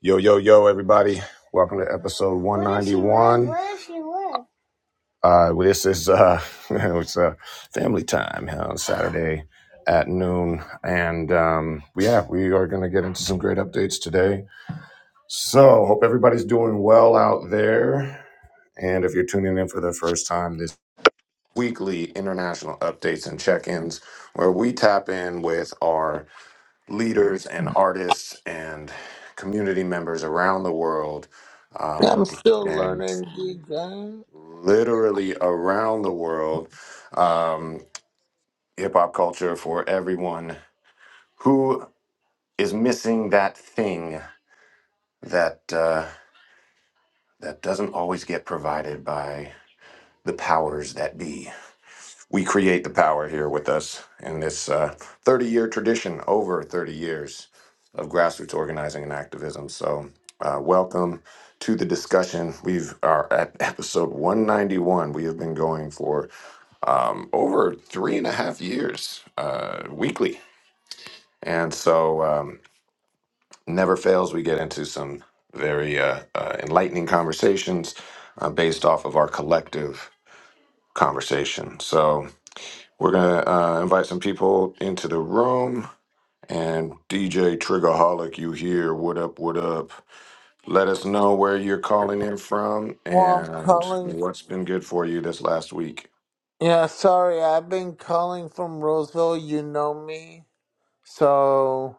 Yo, yo, yo, everybody. Welcome to episode 191. Uh, well, this is uh, it's uh, family time you know, Saturday at noon. And um, yeah, we are going to get into some great updates today. So, hope everybody's doing well out there. And if you're tuning in for the first time, this weekly international updates and check ins where we tap in with our leaders and artists and community members around the world um, I'm still and learning, DJ. literally around the world um, hip hop culture for everyone who is missing that thing that uh, that doesn't always get provided by the powers that be. we create the power here with us in this uh, 30 year tradition, over 30 years of grassroots organizing and activism. So, uh, welcome to the discussion. We are at episode 191. We have been going for um, over three and a half years uh, weekly. And so, um, never fails, we get into some very uh, uh, enlightening conversations uh, based off of our collective conversation. So, We're going to uh, invite some people into the room. And DJ Triggerholic, you here. What up? What up? Let us know where you're calling in from Well, I'm and calling. what's been good for you this last week. Yeah, sorry, I've been calling from Roseville. You know me, so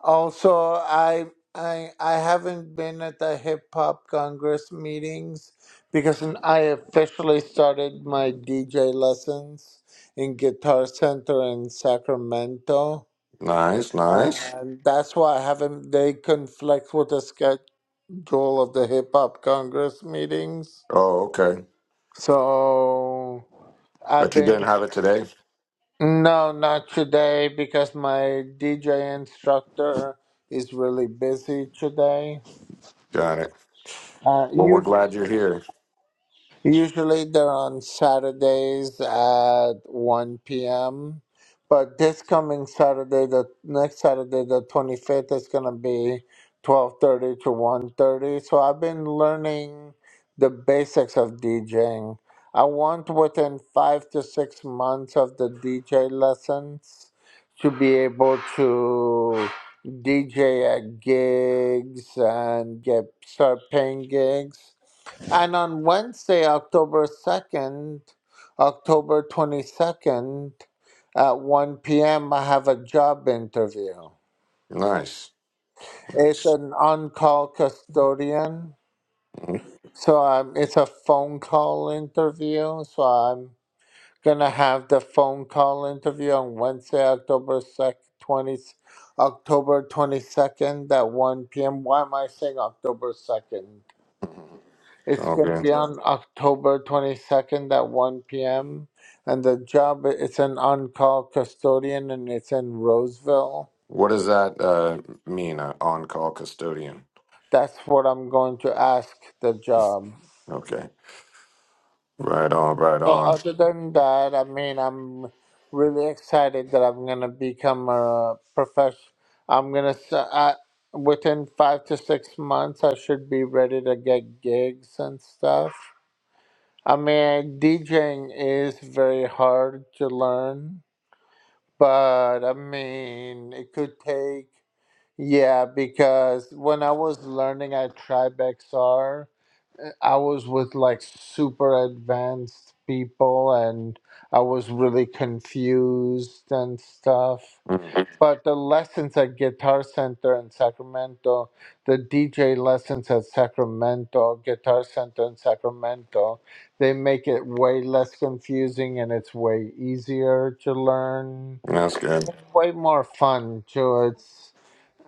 also I I I haven't been at the Hip Hop Congress meetings because I officially started my DJ lessons in Guitar Center in Sacramento. Nice, nice. And that's why I haven't. They conflict with the schedule of the Hip Hop Congress meetings. Oh, okay. So I've But you been didn't have it today? no, not today because my DJ instructor is really busy today. Got it. Uh, Well, we're you glad you're here. Usually they're on Saturdays at 1 p.m. But this coming Saturday, the next Saturday, the 25th, is going to be 12:30 to 1:30. So I've been learning the basics of DJing. I want within five to six months of the DJ lessons to be able to DJ at gigs and get start paying gigs and on Wednesday, October 2nd, October 22nd, at 1 p.m., I have a job interview. Nice, It's nice. an on call custodian. So um, it's a phone call interview. So I'm going to have the phone call interview on Wednesday, October 2nd. 20, October 22nd at 1 p.m. Why am I saying October 2nd? It's It's all going to good. be on October 22nd at 1 p.m. And the job, it's an on call custodian and it's in Roseville. What does that uh, mean? Uh, on call custodian. That's what I'm going to ask the job. Okay. Right on. Right So, on. other than that, I mean, I'm really excited that I'm going to become a professional. I'm going to, within five to six months, I should be ready to get gigs and stuff. I mean, DJing is very hard to learn But I mean, it could take, yeah, because when I was learning at TribeXR, I was with like super advanced people and I was really confused and stuff. Mm, But the lessons at Guitar Center in Sacramento, the DJ lessons at Sacramento, Guitar Center in Sacramento, they make it way less confusing and it's way easier to learn that's good. way more fun too. It's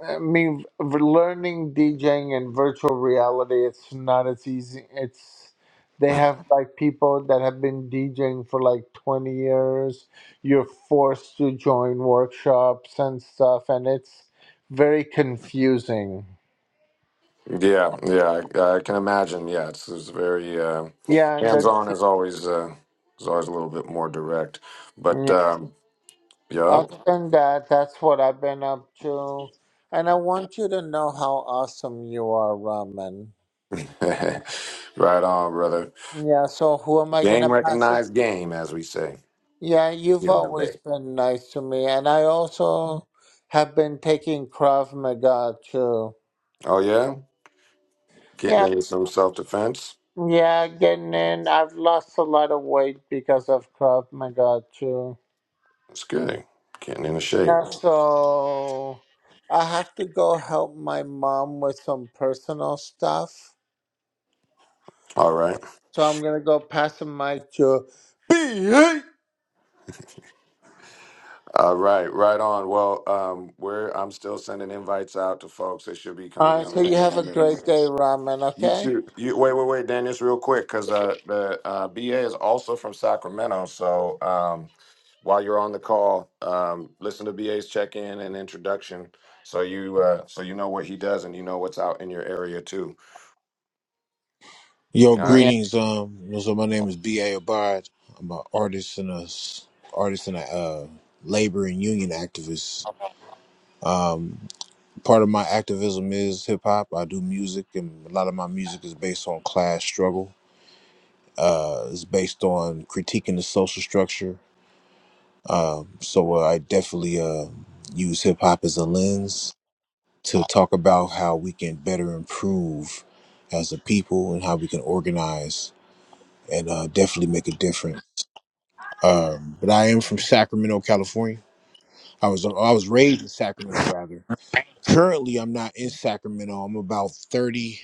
I mean, v- learning DJing and virtual reality, it's not as easy. It's they have like people that have been DJing for like 20 years. You're forced to join workshops and stuff, and it's very confusing. Yeah. Yeah. I, I can imagine. Yeah. It's, it's very uh, Yeah, and hands the, on. Is always uh, is always a little bit more direct. But yeah. um, yup. other than that, that's what I've been up to. And I want you to know how awesome you are, Raman. right on, brother. Yeah, so who am I gonna Game pass it recognized game, as we say Yeah, you've here in the always Bay. been nice to me, and I also have been taking Krav Maga too. Oh yeah. Getting Yeah, into some self defense. yeah, getting in. I've lost a lot of weight because of Krav Maga too. That's good. Getting into shape. Yeah, so I have to go help my mom with some personal stuff. All right. So I'm gonna go pass the mic to B. All right, right on. Well, um, we're I'm still sending invites out to folks. They should be coming All right, in the so you next have few a minutes. great day, Ramen. You Okay? too. You wait, wait, wait, Dan, just real quick, because uh, the uh, BA is also from Sacramento. So um, while you're on the call, um, listen to BA's check-in and introduction, so you uh, so you know what he does and you know what's out in your area too. Yo, All right. Yeah. greetings. Um, so my name is B. A. Abad. I'm an artist and a s- artist and a uh, labor and union activist. Part of my activism is hip hop. I do music, and a lot of my music is based on class struggle. Uh, it's based on critiquing the social structure. Um, so uh, I definitely uh, use hip hop as a lens to talk about how we can better improve as a people and how we can organize and uh, definitely make a difference. Um, but I am from Sacramento, California. I was I was raised in Sacramento rather. Currently, I'm not in Sacramento. I'm about 30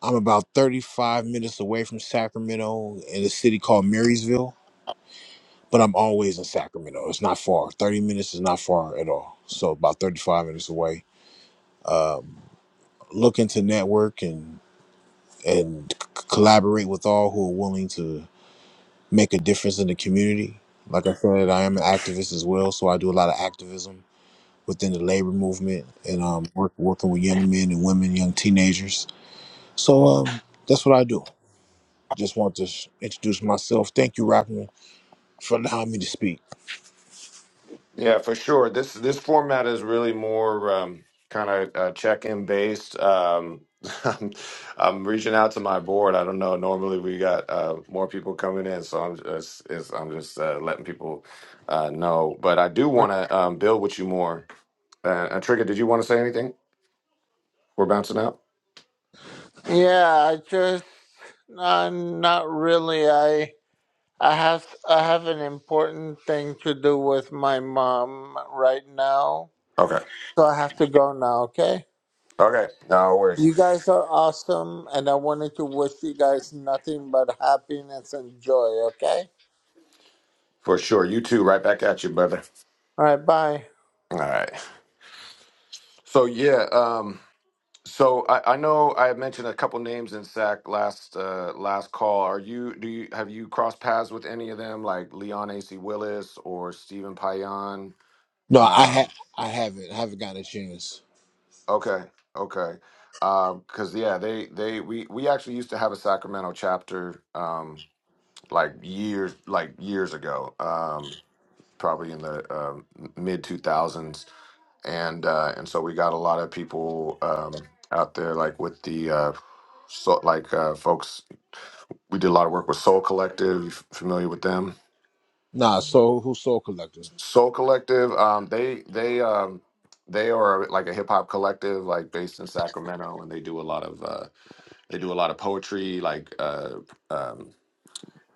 I'm about 35 minutes away from Sacramento in a city called Marysville, but I'm always in Sacramento. It's not far. 30 minutes is not far at all. So about 35 minutes away. Um, looking to network and and c- collaborate with all who are willing to make a difference in the community. Like I said, I am an activist as well, so I do a lot of activism within the labor movement and um, work, working with young men and women, young teenagers. So um, that's what I do. Just want to s- introduce myself. Thank you, Rockman, for allowing me to speak. Yeah, for sure. This this format is really more um, kind of uh, check-in based. Um, I'm, I'm reaching out to my board. I don't know. Normally we got uh, more people coming in, so I'm just it's, I'm just uh, letting people uh, know. But I do want to um, build with you more. Uh, uh, Trigger, did you want to say anything? We're bouncing out. Yeah, I just. Uh, not really. I I have I have an important thing to do with my mom right now, Okay. so I have to go now. Okay. Okay. No worries. You guys are awesome, and I wanted to wish you guys nothing but happiness and joy. Okay. For sure. You too. Right back at you, brother. All right. Bye. All right. So yeah. Um, So I, I know I had mentioned a couple names in SAC last uh, last call. Are you do you have you crossed paths with any of them, like Leon AC Willis or Stephen Payan? No, I Um, ha- I haven't. I haven't gotten a chance. okay, okay, because yeah, they they we we actually used to have a Sacramento chapter um, like years like years ago, um, probably in the um mid two thousands, and uh, and so we got a lot of people um, out there like with the uh, so like uh, folks we did a lot of work with Soul Collective. Familiar with them? Nah, so who's Soul Collective? Soul Collective. Um, they they um, they are like a hip hop collective, like based in Sacramento, and they do a lot of uh, they do a lot of poetry, like uh, um,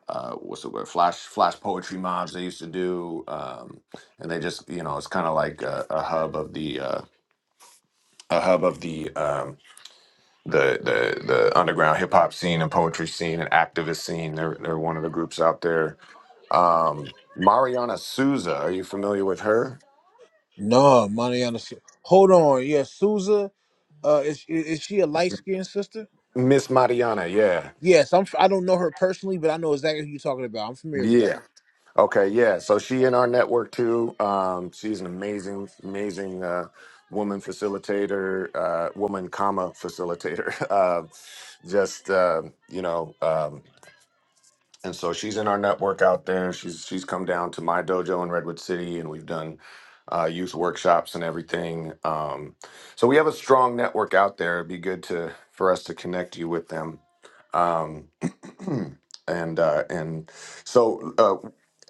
uh, what's the word? Flash flash poetry mobs. They used to do, um, and they just you know it's kind of like a, a hub of the uh, a hub of the um, the the the underground hip hop scene and poetry scene and activist scene. They're they're one of the groups out there Um, Mariana Souza, are you familiar with her? No, Mariana. Su- Hold on. Yeah, Souza. Uh, is, is is she a light skinned sister? Miss Mariana, yeah. Yes, I'm. f- I don't know her personally, but I know exactly who you're talking about. I'm familiar with her. Yeah. Okay, yeah. So she in our network too. Um, she's an amazing, amazing uh, woman facilitator, uh, woman comma facilitator. Uh, just uh, you know, um, and so she's in our network out there. She's she's come down to my dojo in Redwood City, and we've done uh, youth workshops and everything. Um, so we have a strong network out there. It'd be good to for us to connect you with them. Um, and uh, and so uh,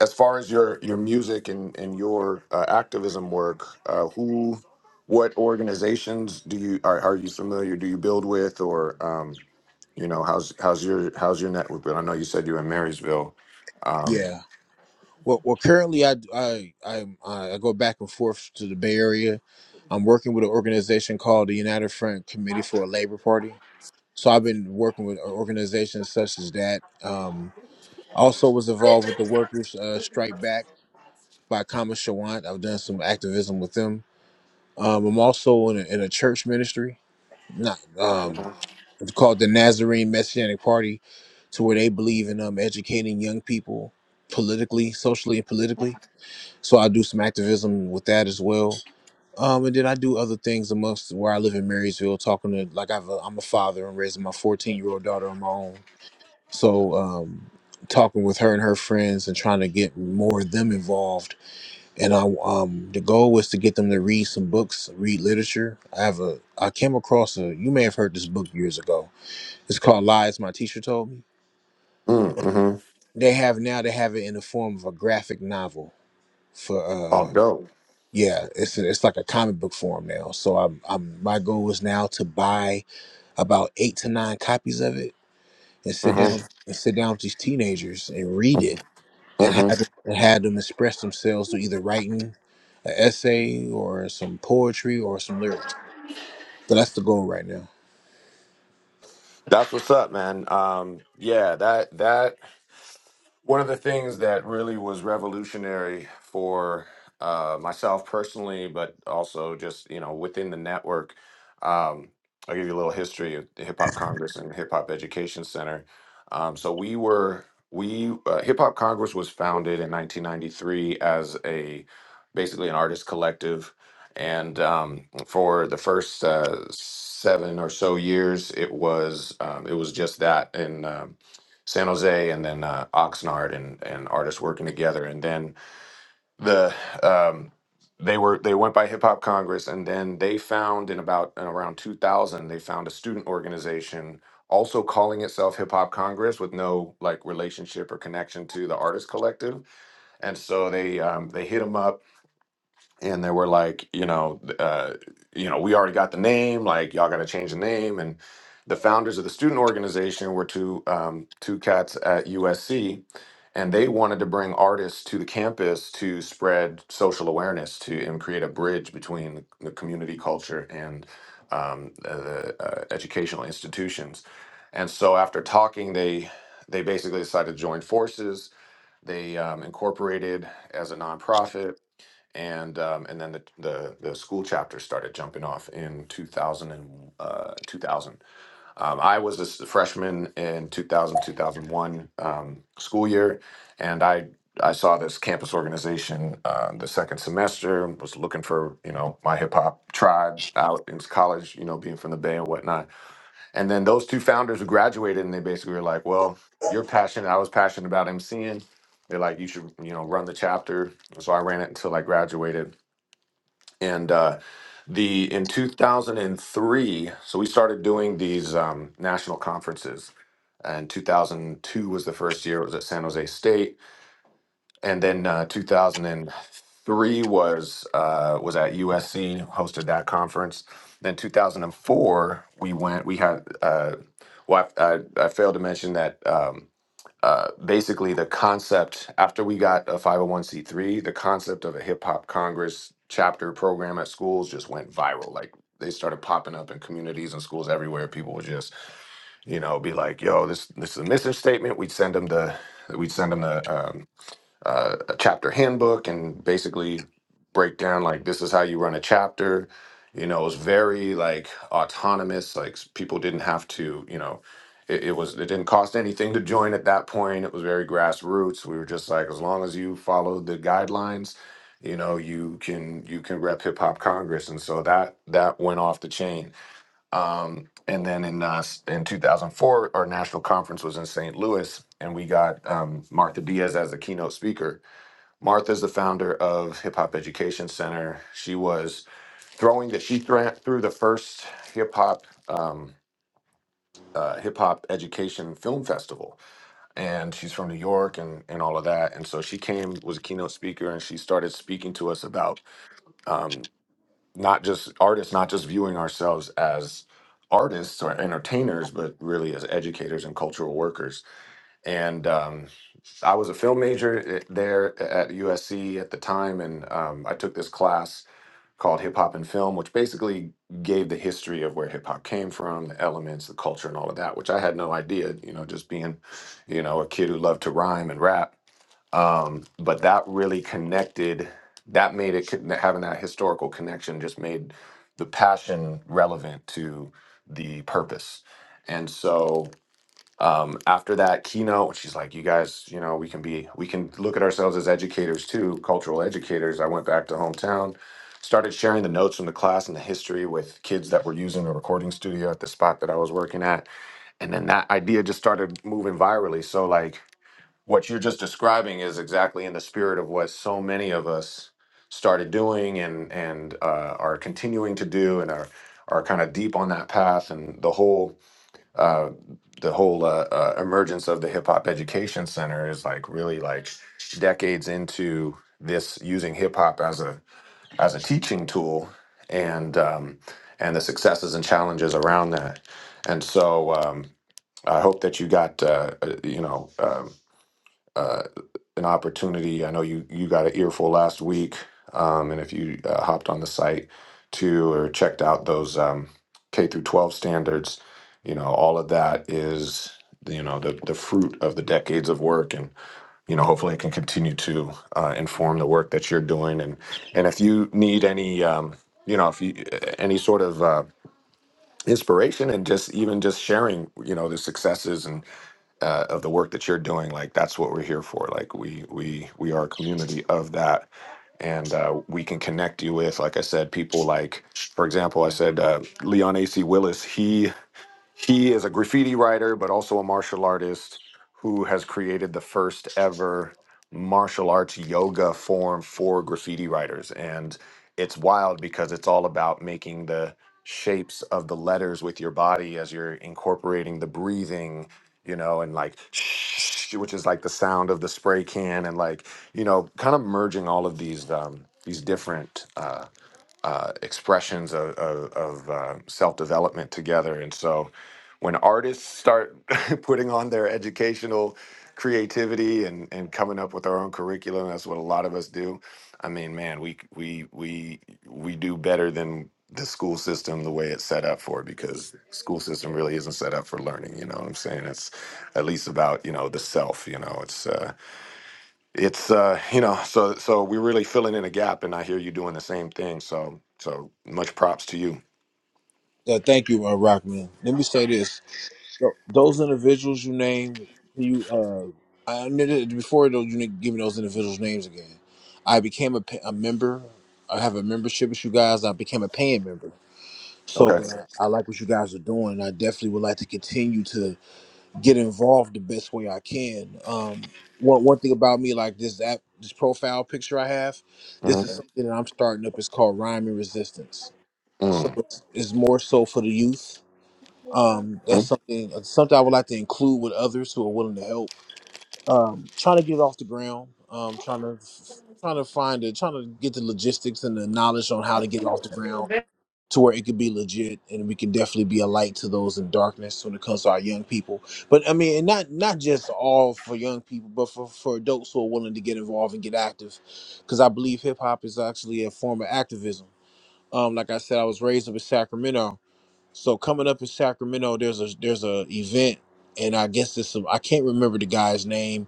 as far as your your music and and your uh, activism work, uh, who what organizations do you are, are you familiar? Do you build with or um, you know how's how's your how's your network? But I know you said you're in Marysville um, Yeah. Well, well, currently I I I, I go back and forth to the Bay Area. I'm working with an organization called the United Front Committee for a Labor Party. So I've been working with organizations such as that. Um, I also was involved with the Workers uh, Strike Back by Kama Shawant. I've done some activism with them. Um, I'm also in a, in a church ministry, not um, it's called the Nazarene Messianic Party, to where they believe in um, educating young people politically, socially, and politically. So I do some activism with that as well. Um, and then I do other things amongst where I live in Marysville, talking to like I've a, I'm a father and raising my 14 year old daughter on my own. So um, talking with her and her friends and trying to get more of them involved. And I um, the goal was to get them to read some books, read literature. I have a I came across a you may have heard this book years ago. It's called Lies My Teacher Told Me. mm, hmm They have now they have it in the form of a graphic novel for Oh, uh, dope. Yeah, it's it's like a comic book form now. So I'm I'm my goal is now to buy about eight to nine copies of it and sit down Mm-hmm. and sit down with these teenagers and read it and Mm-hmm. have them- and have them express themselves through either writing an essay or some poetry or some lyrics. So that's the goal right now. That's what's up, man. Um, yeah, that that One of the things that really was revolutionary for uh, myself personally, but also just you know within the network, um, I'll give you a little history of the Hip Hop Congress and Hip Hop Education Center. Um, so we were we uh, Hip Hop Congress was founded in 1993 as a basically an artist collective, and um, for the first uh, seven or so years, it was um, it was just that and. um, San Jose and then uh, Oxnard and and artists working together. And then the um, they were they went by Hip Hop Congress and then they found in about in around 2000 they found a student organization also calling itself Hip Hop Congress with no like relationship or connection to the artist collective. And so they um, they hit them up and they were like, you know, uh, you know, we already got the name, like y'all got to change the name. And the founders of the student organization were two um, two cats at USC, and they wanted to bring artists to the campus to spread social awareness to and create a bridge between the community culture and um, uh, the uh, educational institutions. And so after talking, they they basically decided to join forces. They um, incorporated as a nonprofit and um, and then the, the the school chapter started jumping off in 2000 and uh, 2000 um, i was a s- freshman in 2000 2001 um, school year and i i saw this campus organization uh, the second semester was looking for you know my hip-hop tribe out in college you know being from the bay and whatnot and then those two founders who graduated and they basically were like well you're passionate i was passionate about mc'ing they're like you should you know run the chapter so i ran it until i graduated and uh, the in 2003 so we started doing these um, national conferences and 2002 was the first year it was at san jose state and then uh, 2003 was uh, was at usc hosted that conference then 2004 we went we had uh, well I, I, I failed to mention that um, uh, basically the concept after we got a 501c3 the concept of a hip hop congress chapter program at schools just went viral like they started popping up in communities and schools everywhere people would just you know be like yo this this is a mission statement we'd send them the we'd send them the um, uh, a chapter handbook and basically break down like this is how you run a chapter. You know, it was very like autonomous. Like s- people didn't have to, you know, it, it was it didn't cost anything to join at that point. It was very grassroots. We were just like, as long as you follow the guidelines, you know, you can you can rep hip hop Congress, and so that that went off the chain. Um, and then in uh, s- in 2004, our national conference was in St. Louis, and we got um, Martha Diaz as a keynote speaker Martha's the founder of Hip Hop Education Center. She was throwing the she thra- threw the first hip hop um, uh, hip hop education film festival, and she's from New York and and all of that. And so she came was a keynote speaker, and she started speaking to us about um, not just artists, not just viewing ourselves as artists or entertainers, but really as educators and cultural workers and um, I was a film major at- there at USC at the time, and um, I took this class called Hip Hop and Film, which basically gave the history of where hip hop came from, the elements, the culture, and all of that, which I had no idea. You know, just being, you know, a kid who loved to rhyme and rap, um, but that really connected. That made it con- having that historical connection just made the passion relevant to the purpose, and so um, after that keynote, she's like, "You guys, you know, we can be, we can look at ourselves as educators too, cultural educators." I went back to hometown, started sharing the notes from the class and the history with kids that were using the recording studio at the spot that I was working at, and then that idea just started moving virally. So, like, what you're just describing is exactly in the spirit of what so many of us started doing and and uh, are continuing to do, and are are kind of deep on that path, and the whole uh, the whole uh, uh, emergence of the Hip Hop Education Center is like really like decades into this using hip hop as a as a teaching tool, and um, and the successes and challenges around that. And so um, I hope that you got uh, uh, you know. Um, uh, an opportunity. I know you you got an earful last week, um, and if you uh, hopped on the site too or checked out those um, K through 12 standards, you know all of that is you know the the fruit of the decades of work, and you know hopefully it can continue to uh, inform the work that you're doing. And and if you need any um, you know if you any sort of uh, inspiration and just even just sharing you know the successes uh, of the work that you're doing like that's what we're here for like we we we are a community of that and uh, we can connect you with like i said people like for example i said uh, leon ac willis he he is a graffiti writer, but also a martial artist who has created the first ever martial arts yoga form for graffiti writers. And it's wild because it's all about making the shapes of the letters with your body as you're incorporating the breathing, you know, and like, which is like the sound of the spray can, and like, you know, kind of merging all of these um, these different uh, uh, expressions of, of, of uh, self development together. And so when artists start putting on their educational creativity and, and coming up with our own curriculum, that's what a lot of us do. I mean, man, we we we we do better than the school system the way it's set up for because school system really isn't set up for learning you know what i'm saying it's at least about you know the self you know it's uh it's uh you know so so we're really filling in a gap and i hear you doing the same thing so so much props to you So thank you, uh, Rockman. Let me say this. Th- Those individuals you named, can you uh, I knew that before though you didn't give me those individuals' names again. I became a, pa- a member. I have a membership with you guys. I became a paying member. So okay uh, I like what you guys are doing. and I definitely would like to continue to get involved the best way I can. Um, one one thing about me, like this app, this profile picture I have, this hmm is something that I'm starting up. It's called Rhyme and Resistance. So hmm it's, it's more so for the youth um, that's something something I would like to include with others who are willing to help. Um, trying to get it off the ground. Um, trying to trying to find it, trying to get the logistics and the knowledge on how to get it off the ground to where it could be legit and we can definitely be a light to those in darkness when it comes to our young people. But I mean, and not not just all for young people, but for for adults who are willing to get involved and get active, because I believe hip hop is actually a form of activism. Um, like I said, I was raised up in Sacramento so coming up in Sacramento, there's a there's a event, and I guess it's some I can't remember the guy's name,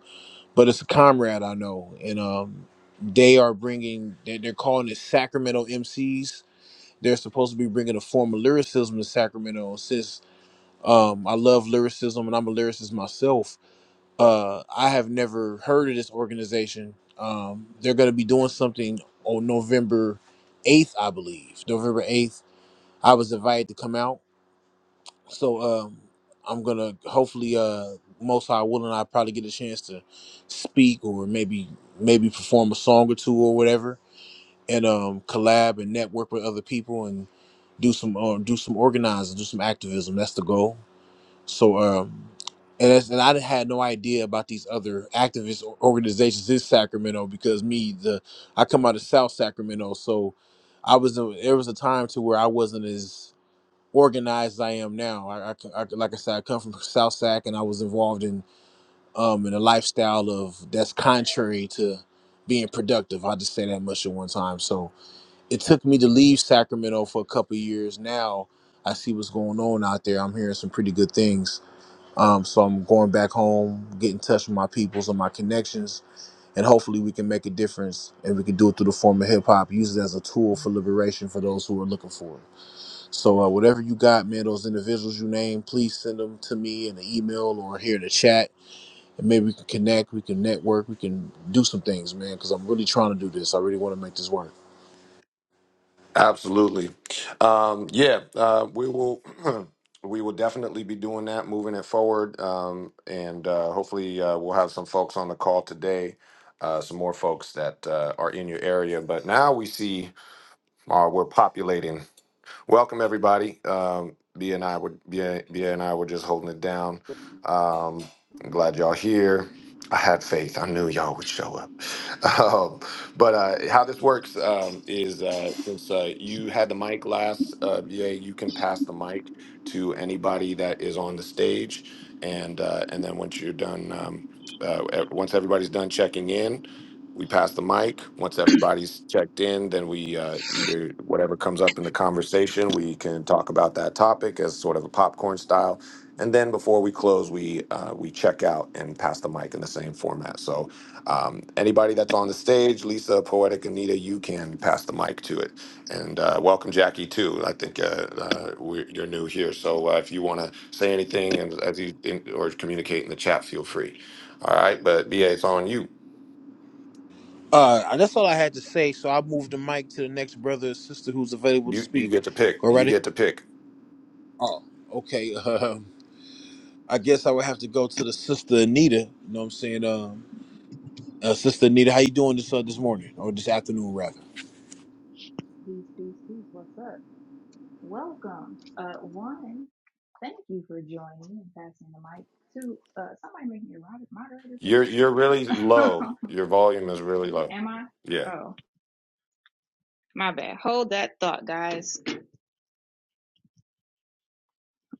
but it's a comrade I know, and um, they are bringing they're, they're calling it Sacramento MCs. They're supposed to be bringing a form of lyricism to Sacramento. Since um, I love lyricism and I'm a lyricist myself, uh, I have never heard of this organization. Um, they're going to be doing something on November 8th, I believe. November 8th, I was invited to come out so um, I'm gonna hopefully uh, most high willing, I probably get a chance to speak or maybe maybe perform a song or two or whatever, and um, collab and network with other people and do some uh, do some organizing, do some activism. That's the goal. So um, and that's, and I didn't- had no idea about these other activist or- organizations in Sacramento because me the I come out of South Sacramento, so I was there was a time to where I wasn't as organized as I am now. I, I, I like I said, I come from South Sac, and I was involved in um in a lifestyle of that's contrary to being productive. i just say that much at one time. So it took me to leave Sacramento for a couple of years. Now I see what's going on out there. I'm hearing some pretty good things. Um, so I'm going back home, get in touch with my peoples and my connections, and hopefully we can make a difference and we can do it through the form of hip hop, use it as a tool for liberation for those who are looking for it. So uh, whatever you got, man, those individuals you name, please send them to me in the email or here in the chat, and maybe we can connect, we can network, we can do some things, man. Because I'm really trying to do this. I really want to make this work. absolutely um yeah uh we will we will definitely be doing that moving it forward um and uh hopefully uh, we'll have some folks on the call today uh some more folks that uh, are in your area but now we see uh, we're populating Welcome everybody. Um, Bia and I would Bia, Bia and I were just holding it down. Um, I'm glad y'all here. I had faith. I knew y'all would show up. Um, but uh, how this works um, is uh, since uh, you had the mic last, uh, Bia, you can pass the mic to anybody that is on the stage, and uh, and then once you're done, um, uh, e- once everybody's done checking in, we pass the mic once everybody's checked in then we uh, either whatever comes up in the conversation we can talk about that topic as sort of a popcorn style and then before we close we uh, we check out and pass the mic in the same format so um, anybody that's on the stage lisa poetic anita you can pass the mic to it and uh, welcome jackie too i think uh, uh, we're, you're new here so uh, if you want to say anything and as you in, or communicate in the chat feel free all right but ba it's on you Uh, that's all I had to say. So I moved the mic to the next brother or sister who's available to You you speak. get to pick. Go You right ahead. get to pick. Oh, okay. Um, I guess I would have to go to the sister Anita. You know what I'm saying? Um, uh, sister Anita, how you doing this uh, this morning or this afternoon rather? BCCs, what's up? Welcome. Uh, one, thank you for joining and passing the mic. Two, uh, somebody make me a moderator, You're you're really low. please. Your volume is really low. Am I? Yeah. Oh, my bad. Hold that thought, guys.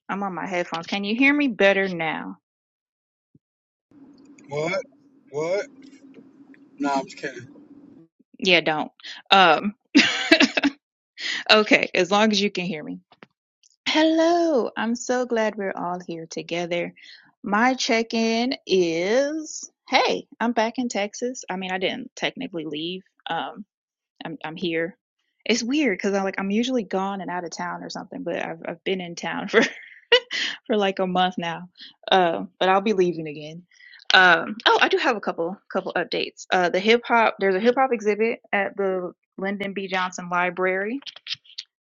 I'm on my headphones. Can you hear me better now? What? What? Nah, I'm just kidding. Yeah, don't. Um, okay, as long as you can hear me. Hello. I'm so glad we're all here together. My check in is hey, I'm back in Texas. I mean, I didn't technically leave. Um, I'm I'm here. It's weird because I'm like I'm usually gone and out of town or something, but I've I've been in town for for like a month now. Um, but I'll be leaving again. Um, oh, I do have a couple couple updates. Uh, the hip hop there's a hip hop exhibit at the Lyndon B. Johnson Library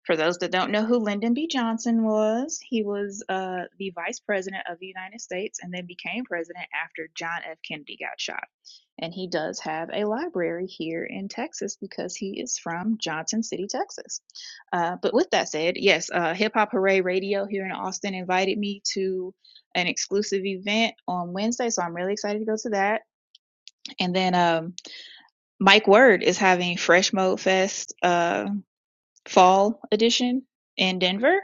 for those that don't know who Lyndon B. Johnson was, he was uh, the vice president of the United States and then became president after John F. Kennedy got shot. And he does have a library here in Texas because he is from Johnson City, Texas. Uh, but with that said, yes, uh, Hip Hop Hooray Radio here in Austin invited me to an exclusive event on Wednesday, so I'm really excited to go to that. And then um, Mike Word is having Fresh Mode Fest. Uh, fall edition in Denver.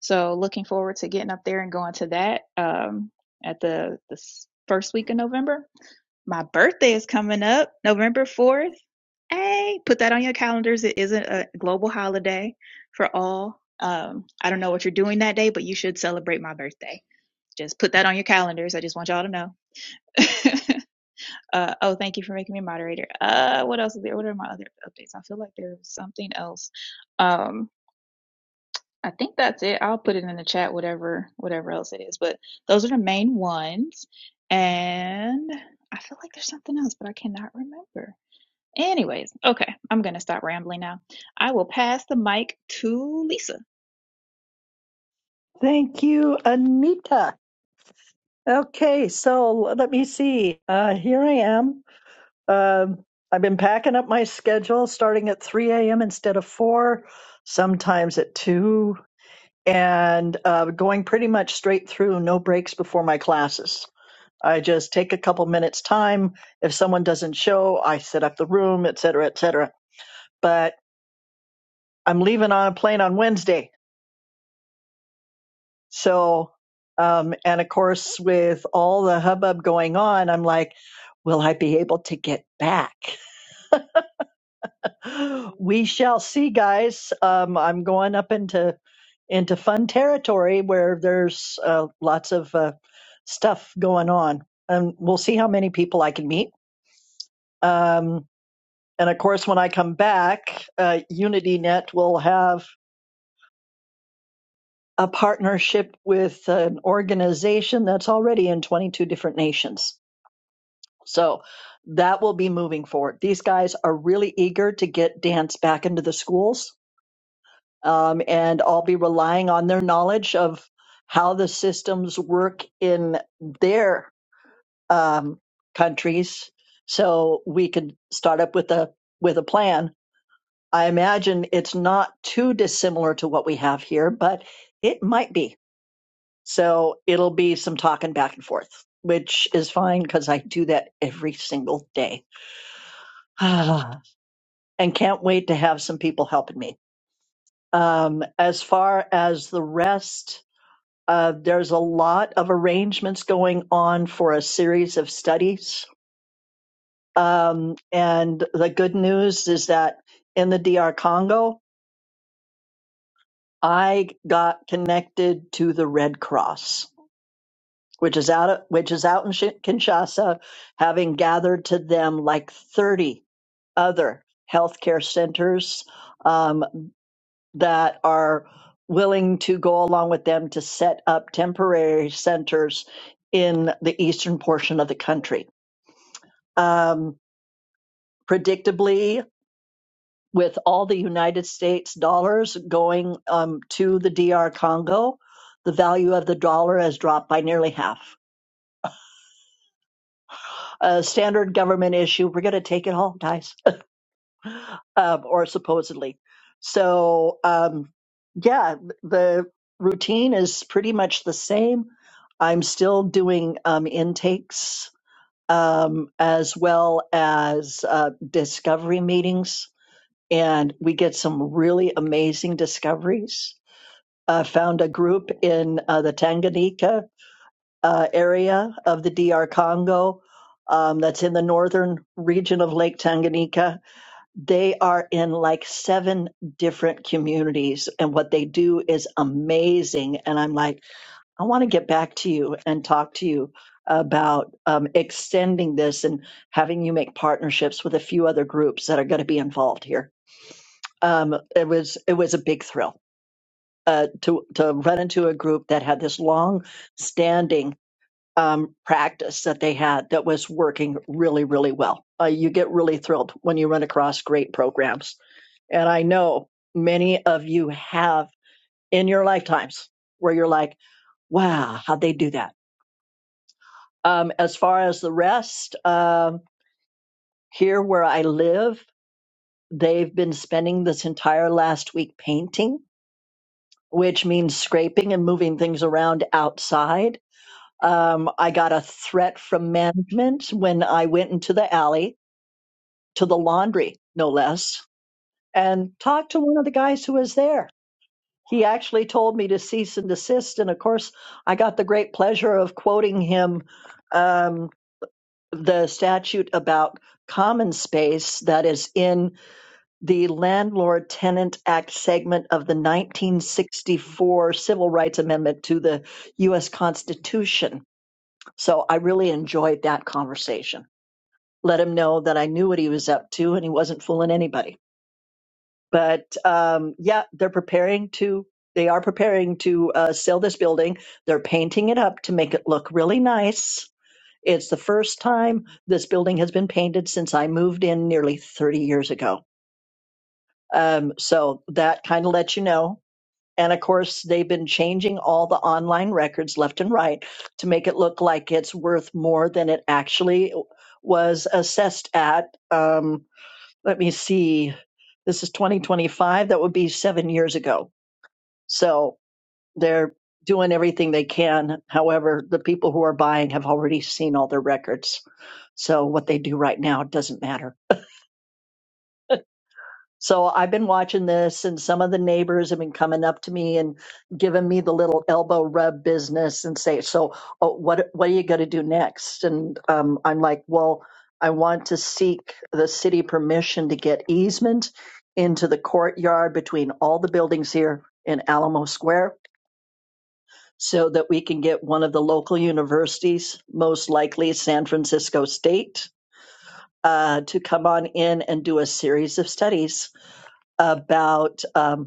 So looking forward to getting up there and going to that um, at the, the first week of November. My birthday is coming up November 4th. Hey, put that on your calendars. It isn't a global holiday for all. Um, I don't know what you're doing that day, but you should celebrate my birthday. Just put that on your calendars. I just want y'all to know. uh, oh, thank you for making me a moderator. Uh, what else is there? What are my other updates? I feel like there's something else. Um, I think that's it. I'll put it in the chat, whatever whatever else it is. But those are the main ones. And I feel like there's something else, but I cannot remember. Anyways, okay, I'm gonna stop rambling now. I will pass the mic to Lisa. Thank you, Anita. Okay, so let me see. Uh, here I am. Um, I've been packing up my schedule starting at 3 a.m. instead of 4, sometimes at 2, and uh, going pretty much straight through, no breaks before my classes. I just take a couple minutes' time. If someone doesn't show, I set up the room, et cetera, et cetera. But I'm leaving on a plane on Wednesday So, um, and of course, with all the hubbub going on, I'm like, will I be able to get back? We shall see, guys. Um, I'm going up into into fun territory where there's uh, lots of uh, stuff going on, and we'll see how many people I can meet. Um, and of course, when I come back, uh, UnityNet will have a partnership with an organization that's already in 22 different nations. So that will be moving forward. These guys are really eager to get dance back into the schools, um, and I'll be relying on their knowledge of how the systems work in their um, countries, so we could start up with a with a plan. I imagine it's not too dissimilar to what we have here, but it might be. So it'll be some talking back and forth, which is fine because I do that every single day. and can't wait to have some people helping me. Um, as far as the rest, uh, there's a lot of arrangements going on for a series of studies. Um, and the good news is that in the DR Congo, I got connected to the Red Cross, which is out, which is out in Shi- Kinshasa, having gathered to them like 30 other healthcare centers um, that are willing to go along with them to set up temporary centers in the eastern portion of the country. Um, predictably, with all the United States dollars going um, to the DR Congo, the value of the dollar has dropped by nearly half. A standard government issue, we're going to take it home, guys um, or supposedly. So, um, yeah, the routine is pretty much the same. I'm still doing um, intakes um, as well as uh, discovery meetings, and we get some really amazing discoveries. I found a group in uh, the Tanganyika uh, area of the DR Congo um, that's in the northern region of Lake Tanganyika they are in like seven different communities and what they do is amazing and i'm like i want to get back to you and talk to you about um, extending this and having you make partnerships with a few other groups that are going to be involved here um, it was it was a big thrill uh, to to run into a group that had this long standing um, practice that they had that was working really really well uh, you get really thrilled when you run across great programs and I know many of you have in your lifetimes where you're like, wow, how'd they do that? Um, as far as the rest, um, here where I live, they've been spending this entire last week painting, which means scraping and moving things around outside. Um, I got a threat from management when I went into the alley to the laundry, no less, and talked to one of the guys who was there He actually told me to cease and desist. And of course, I got the great pleasure of quoting him um, the statute about common space that is in the Landlord Tenant Act segment of the 1964 Civil Rights Amendment to the U.S. Constitution. So I really enjoyed that conversation. Let him know that I knew what he was up to and he wasn't fooling anybody but um, yeah, they're preparing to. They are preparing to uh, sell this building. They're painting it up to make it look really nice. It's the first time this building has been painted since I moved in nearly 30 years ago. Um, so that kind of lets you know. And of course, they've been changing all the online records left and right to make it look like it's worth more than it actually was assessed at. Um, let me see, this is 2025. That would be seven years ago. So they're doing everything they can. However, the people who are buying have already seen all their records. So what they do right now doesn't matter. So I've been watching this, and some of the neighbors have been coming up to me and giving me the little elbow rub business and say, "So, oh, what what are you going to do next?" And um, I'm like, "Well, I want to seek the city permission to get easement into the courtyard between all the buildings here in Alamo Square." So that we can get one of the local universities, most likely San Francisco State, uh, to come on in and do a series of studies about um,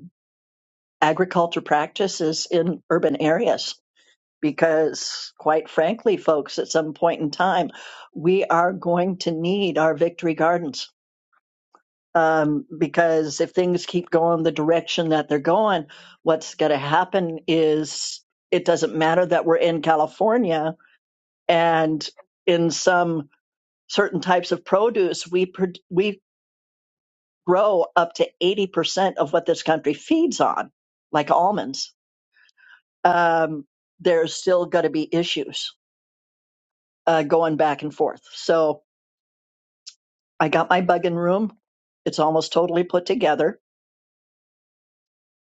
agriculture practices in urban areas because quite frankly folks at some point in time we are going to need our victory gardens um, because if things keep going the direction that they're going what's going to happen is it doesn't matter that we're in california and in some certain types of produce we pro- we grow up to 80% of what this country feeds on like almonds um, there's still going to be issues uh, going back and forth. So I got my bug in room. It's almost totally put together.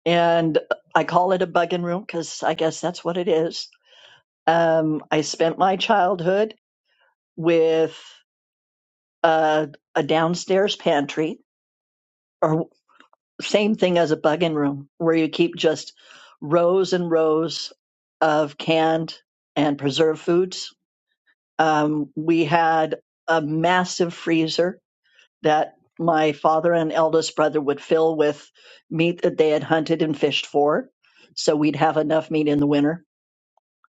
And I call it a bug in room because I guess that's what it is. Um, I spent my childhood with uh, a downstairs pantry, or same thing as a bug in room, where you keep just rows and rows of canned and preserved foods. Um, we had a massive freezer that my father and eldest brother would fill with meat that they had hunted and fished for. So we'd have enough meat in the winter.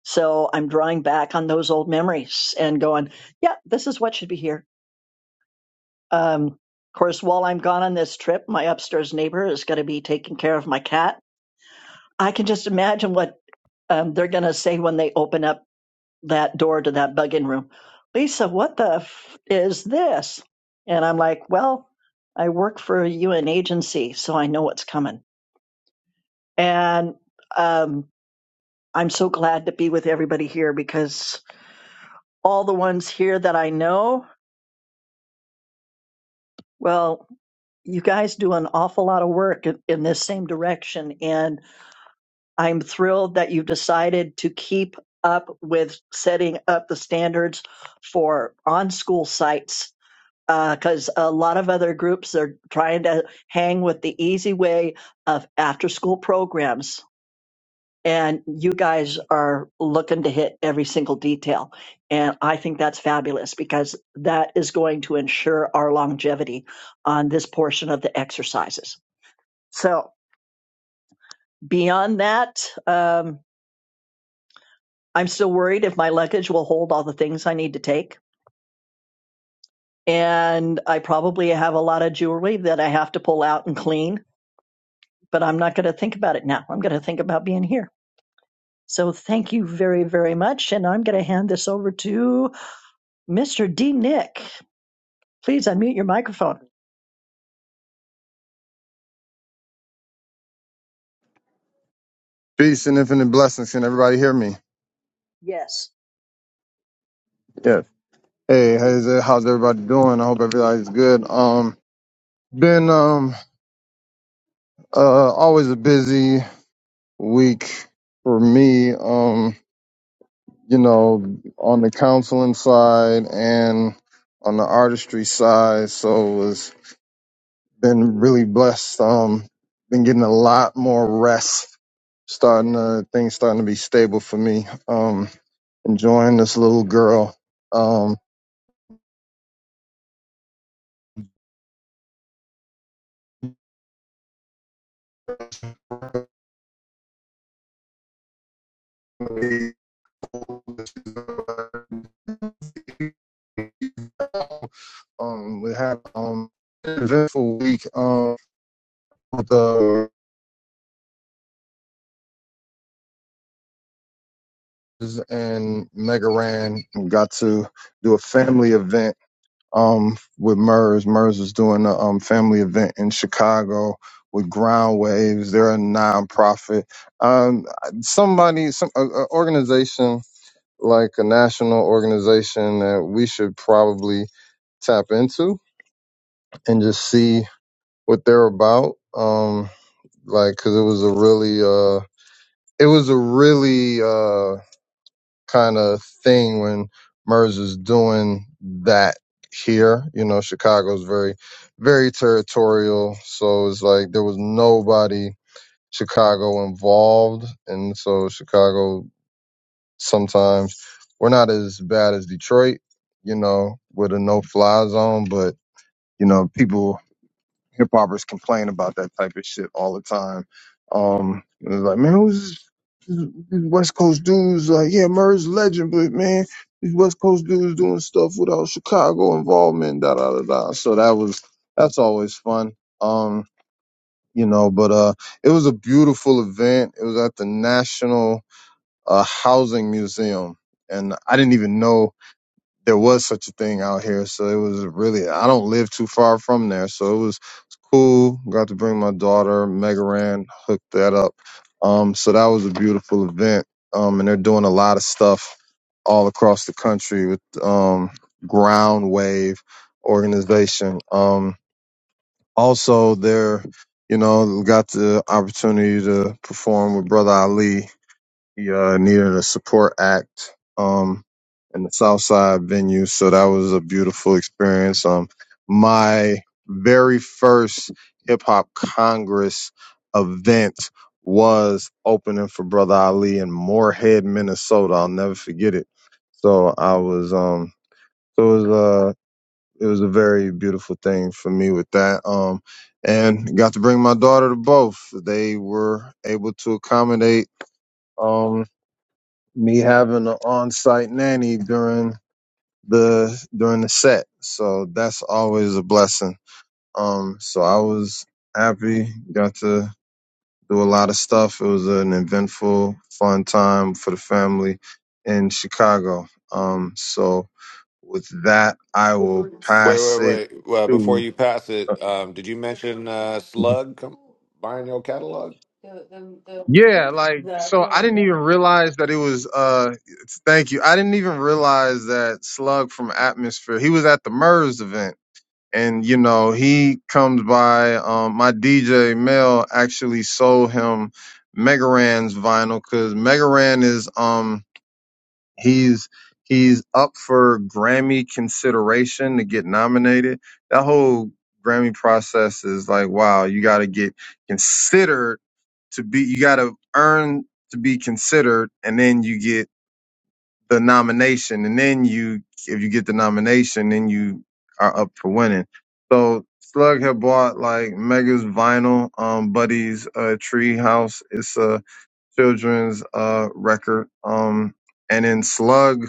So I'm drawing back on those old memories and going, yeah, this is what should be here. Um, of course, while I'm gone on this trip, my upstairs neighbor is going to be taking care of my cat. I can just imagine what um, they're going to say when they open up that door to that bug in room. Lisa, what the f- is this? And I'm like, well, I work for a UN agency, so I know what's coming. And um, I'm so glad to be with everybody here because all the ones here that I know, well, you guys do an awful lot of work in, in this same direction. And I'm thrilled that you decided to keep up with setting up the standards for on school sites because a lot of other groups are trying to hang with the easy way of after school programs. And you guys are looking to hit every single detail. And I think that's fabulous because that is going to ensure our longevity on this portion of the exercises. So, beyond that, um, I'm still worried if my luggage will hold all the things I need to take. And I probably have a lot of jewelry that I have to pull out and clean but I'm not going to think about it now. I'm going to think about being here. So thank you very, very much. And I'm going to hand this over to Mr. D. Nick. Please unmute your microphone. Peace and infinite blessings. Can everybody hear me? Yes. Yes. Hey, how's, how's everybody doing? I hope everybody's good. Um, been um uh always a busy week for me. Um, you know, on the counseling side and on the artistry side. So was been really blessed. Um, been getting a lot more rest. Starting to things starting to be stable for me. Um, enjoying this little girl. Um. um, we had um an eventful week um with the and Megaran We got to do a family event um with MERS. MERS was doing a um family event in Chicago with Ground Waves. They're a nonprofit. Um, somebody, some a, a organization like a national organization that we should probably tap into and just see what they're about. Um, like, cause it was a really, uh, it was a really, uh, kind of thing when Murs is doing that here. You know, Chicago's very, very territorial. So it's like there was nobody Chicago involved. And so Chicago sometimes we're not as bad as Detroit, you know, with a no fly zone, but you know, people hip hoppers complain about that type of shit all the time. Um, it was like, man, who's these West Coast dudes? Like, yeah, Murray's a legend, but man, these West Coast dudes doing stuff without Chicago involvement, da da da da. So that was that's always fun. Um, you know, but uh, it was a beautiful event. It was at the National uh, Housing Museum, and I didn't even know there was such a thing out here. So it was really I don't live too far from there. So it was, it's cool. Got to bring my daughter Megaran, hooked that up. Um, so that was a beautiful event. Um, and they're doing a lot of stuff all across the country with um Ground Wave organization. Um, also they're you know got the opportunity to perform with Brother Ali he uh, needed a support act um, in the Southside venue, so that was a beautiful experience. Um, my very first hip hop congress event was opening for Brother Ali in Moorhead, Minnesota. I'll never forget it. So I was um, so it was uh, it was a very beautiful thing for me with that. Um, and got to bring my daughter to both. They were able to accommodate. um me having an on-site nanny during the during the set. So that's always a blessing. Um, so I was happy, got to do a lot of stuff. It was an eventful, fun time for the family in Chicago. Um, so with that, I will Wait, pass wait, it wait. Well, before to. you pass uh, it, um, did you mention uh, mm-hmm. Slug com- buying your catalog? Yeah, like so I didn't even realize that it was uh it's- thank you. I didn't even realize that Slug from Atmosphere, he was at the MERS event and you know he comes by um my dj mel actually sold him megaran's vinyl because megaran is um he's he's up for grammy consideration to get nominated that whole grammy process is like wow you got to get considered to be you got to earn to be considered and then you get the nomination, and then you, if you get the nomination, then you are up for winning. So Slug had bought like Mega's vinyl, um, Buddy's uh, Tree It's a children's uh record. Um, and then Slug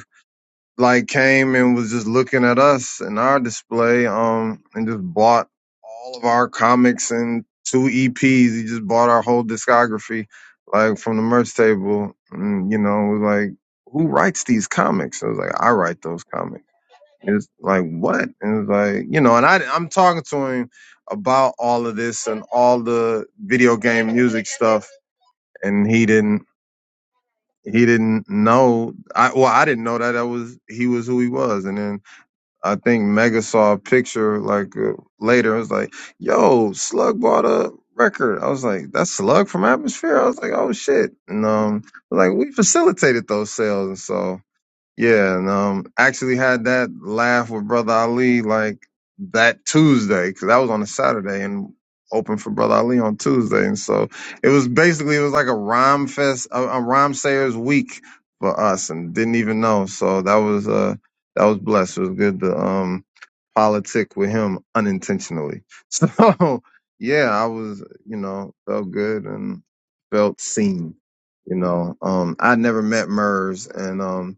like came and was just looking at us and our display, um, and just bought all of our comics and two EPs. He just bought our whole discography, like from the merch table. And you know, was like, who writes these comics? I was like, I write those comics. It's like what? And it's like, you know, and I I'm talking to him about all of this and all the video game music stuff, and he didn't he didn't know. I well, I didn't know that that was he was who he was, and then I think Mega saw a picture like uh, later. It was like, "Yo, Slug bought a record." I was like, "That's Slug from Atmosphere." I was like, "Oh shit!" And um, like we facilitated those sales, and so. Yeah, and um, actually had that laugh with Brother Ali like that Tuesday because that was on a Saturday and opened for Brother Ali on Tuesday, and so it was basically it was like a rhyme fest, a, a rhyme sayers week for us, and didn't even know. So that was uh that was blessed. It was good to um politic with him unintentionally. So yeah, I was you know felt good and felt seen. You know, um, I never met Murs and um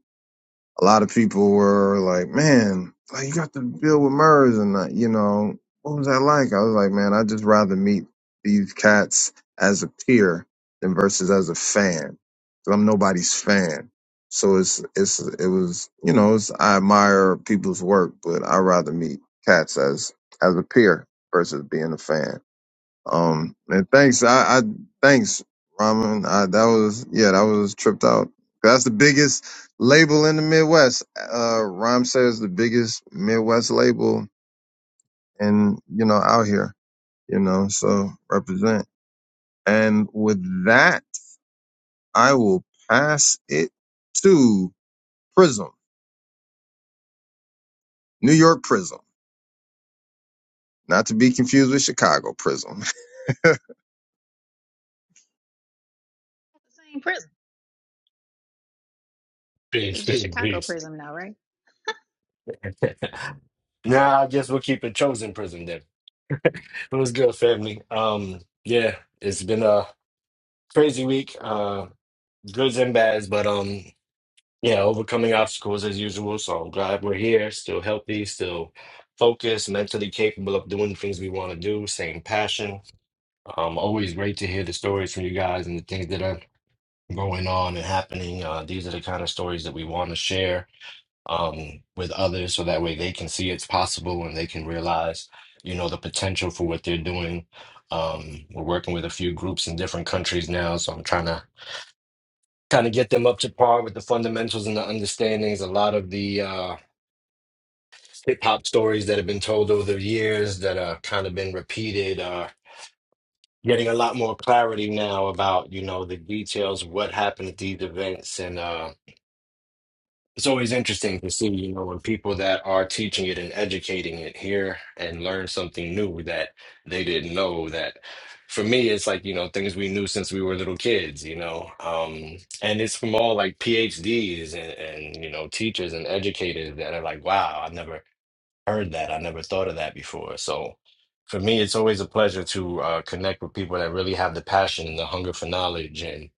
a lot of people were like, man, like you got to deal with Murs and that, you know, what was that like? I was like, man, I'd just rather meet these cats as a peer than versus as a fan. i I'm nobody's fan. So it's, it's, it was, you know, it's, I admire people's work, but I'd rather meet cats as, as a peer versus being a fan. Um, and thanks. I, I thanks, Ramen. I, that was yeah, that was tripped out. That's the biggest label in the Midwest. Uh, Rhyme says the biggest Midwest label, and you know out here, you know, so represent. And with that, I will pass it to Prism, New York Prism, not to be confused with Chicago Prism. Same prison. Hey, Peace, just peace, Chicago peace. Prism now, right? Nah, I guess we'll keep it chosen prison then. It was good, family. Um, yeah, it's been a crazy week, uh, goods and bads, but um, yeah, overcoming obstacles as usual. So I'm glad we're here, still healthy, still focused, mentally capable of doing the things we want to do, same passion. Um, always great to hear the stories from you guys and the things that are going on and happening. Uh, these are the kind of stories that we want to share um, with others so that way they can see it's possible and they can realize, you know, the potential for what they're doing. Um, we're working with a few groups in different countries now, so I'm trying to kind of get them up to par with the fundamentals and the understandings. A lot of the uh, hip hop stories that have been told over the years that are kind of been repeated are getting a lot more clarity now about, you know, the details of what happened at these events and uh, It's always interesting to see, you know, when people that are teaching it and educating it here and learn something new that they didn't know. That for me, it's like, you know, things we knew since we were little kids, you know. Um, and it's from all like PhDs and, and, you know, teachers and educators that are like, wow, I never heard that. I never thought of that before. So for me, it's always a pleasure to uh, connect with people that really have the passion and the hunger for knowledge and,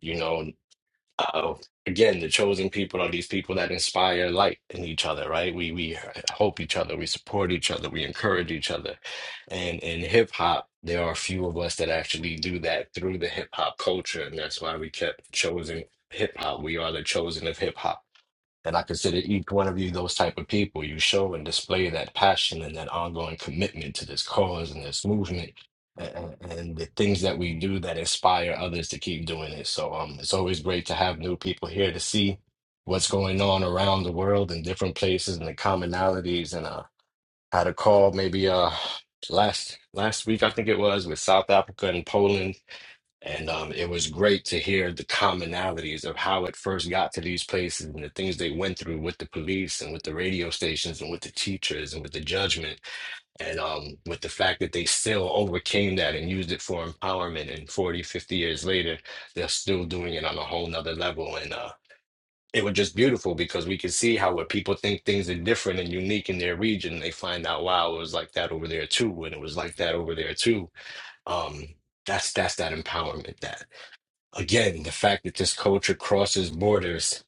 you know uh, again, the chosen people are these people that inspire light in each other, right? We we hope each other, we support each other, we encourage each other. And in hip hop, there are a few of us that actually do that through the hip hop culture, and that's why we kept chosen hip hop. We are the chosen of hip hop and I consider each one of you those type of people. You show and display that passion and that ongoing commitment to this cause and this movement and, and the things that we do that inspire others to keep doing it. So um, it's always great to have new people here to see what's going on around the world in different places and the commonalities. And uh, had a call maybe uh last last week I think it was with South Africa and Poland and um, it was great to hear the commonalities of how it first got to these places and the things they went through with the police and with the radio stations and with the teachers and with the judgment and um, with the fact that they still overcame that and used it for empowerment. And 40, 50 years later, they're still doing it on a whole nother level. And uh, it was just beautiful because we could see how when people think things are different and unique in their region, they find out, wow, it was like that over there too. And it was like that over there too. Um, that's that's that empowerment that again, the fact that this culture crosses borders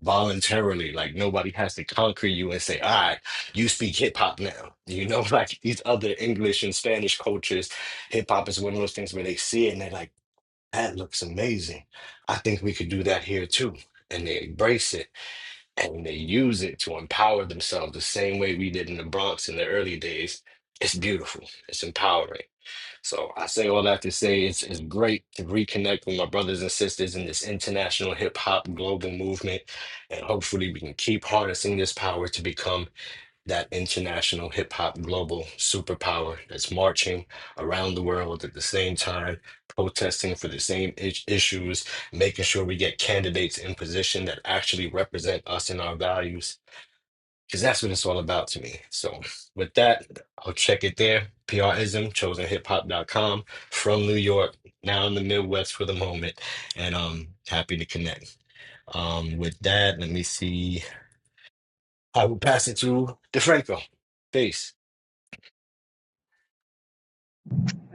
voluntarily, like nobody has to conquer you and say, all right, you speak hip hop now. You know, like these other English and Spanish cultures, hip hop is one of those things where they see it and they're like, that looks amazing. I think we could do that here too. And they embrace it and they use it to empower themselves the same way we did in the Bronx in the early days. It's beautiful. It's empowering. So I say all that to say it's, it's great to reconnect with my brothers and sisters in this international hip hop global movement. And hopefully we can keep harnessing this power to become that international hip hop global superpower that's marching around the world at the same time, protesting for the same is- issues, making sure we get candidates in position that actually represent us and our values because that's what it's all about to me. So with that, I'll check it there. PRism, com. from New York, now in the Midwest for the moment, and um happy to connect. Um with that, let me see. I will pass it to DeFranco. Peace.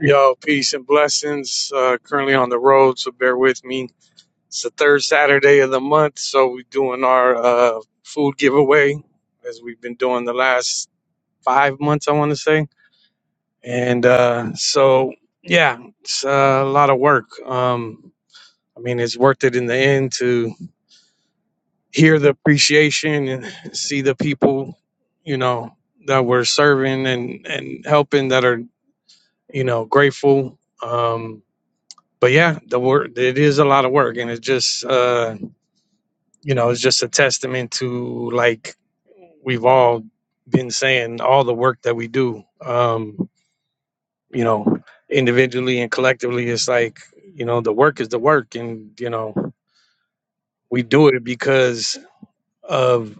Yo, peace and blessings. Uh, currently on the road, so bear with me. It's the third Saturday of the month, so we're doing our uh, food giveaway as we've been doing the last five months, I want to say. And uh, so, yeah, it's uh, a lot of work. Um, I mean, it's worth it in the end to hear the appreciation and see the people, you know, that we're serving and, and helping that are, you know, grateful. Um, but yeah, the work it is a lot of work, and it's just uh, you know it's just a testament to like we've all been saying all the work that we do, um, you know, individually and collectively. It's like you know the work is the work, and you know we do it because of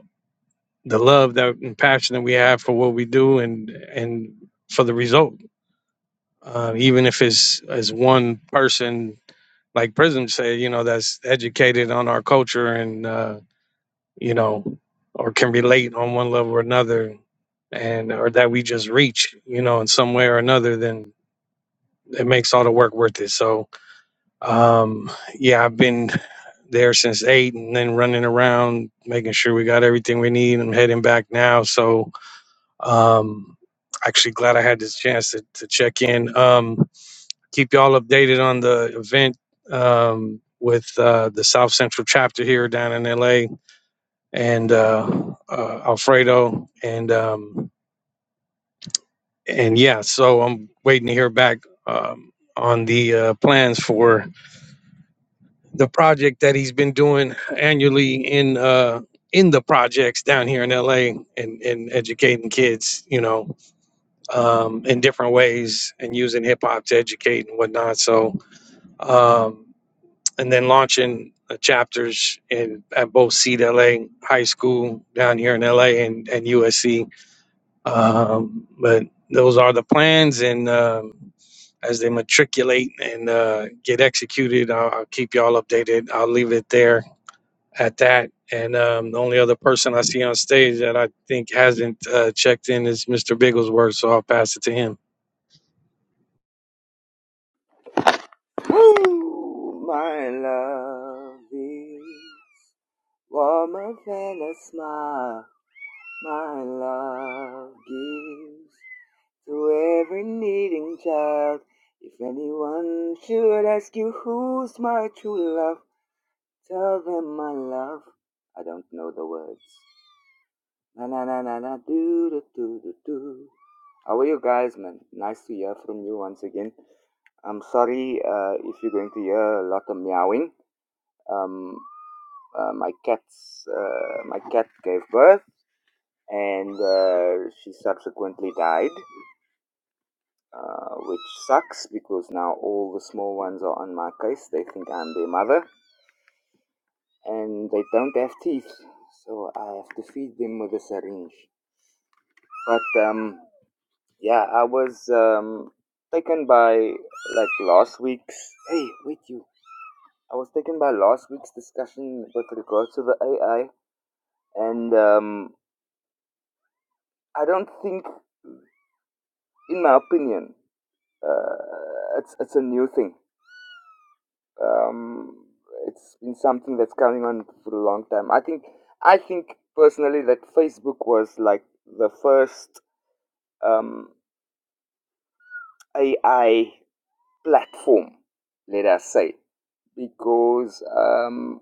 the love that and passion that we have for what we do, and and for the result, uh, even if it's as one person like Prism said, you know, that's educated on our culture and uh, you know, or can relate on one level or another, and or that we just reach, you know, in some way or another, then it makes all the work worth it. So, um, yeah, I've been there since eight, and then running around making sure we got everything we need. I'm heading back now, so um, actually glad I had this chance to, to check in. Um, keep y'all updated on the event um, with uh, the South Central chapter here down in LA and uh, uh, Alfredo and um, and yeah, so I'm waiting to hear back um, on the uh, plans for the project that he's been doing annually in uh, in the projects down here in LA and, and educating kids, you know, um, in different ways and using hip hop to educate and whatnot. So. Um, and then launching uh, chapters in at both CLA High School down here in LA and, and USC. Um, but those are the plans, and um, as they matriculate and uh, get executed, I'll, I'll keep y'all updated. I'll leave it there at that. And um, the only other person I see on stage that I think hasn't uh, checked in is Mr. Bigglesworth, so I'll pass it to him. Woo! My love is warmer than a smile. My love gives to every needing child. If anyone should ask you who's my true love, tell them my love. I don't know the words. Na na na na na do do do do do. How are you guys, man? Nice to hear from you once again. I'm sorry uh, if you're going to hear a lot of meowing um, uh, my cat's uh, my cat gave birth and uh, she subsequently died uh, which sucks because now all the small ones are on my case they think i'm their mother and they don't have teeth so i have to feed them with a syringe but um, yeah i was um, taken by like last week's hey wait you i was taken by last week's discussion with regards to the ai and um, I don't think in my opinion, uh, it's it's a new thing. Um, it's been something that's coming on for a long time. I think I think personally that Facebook was like the first um, AI platform, let us say, because um,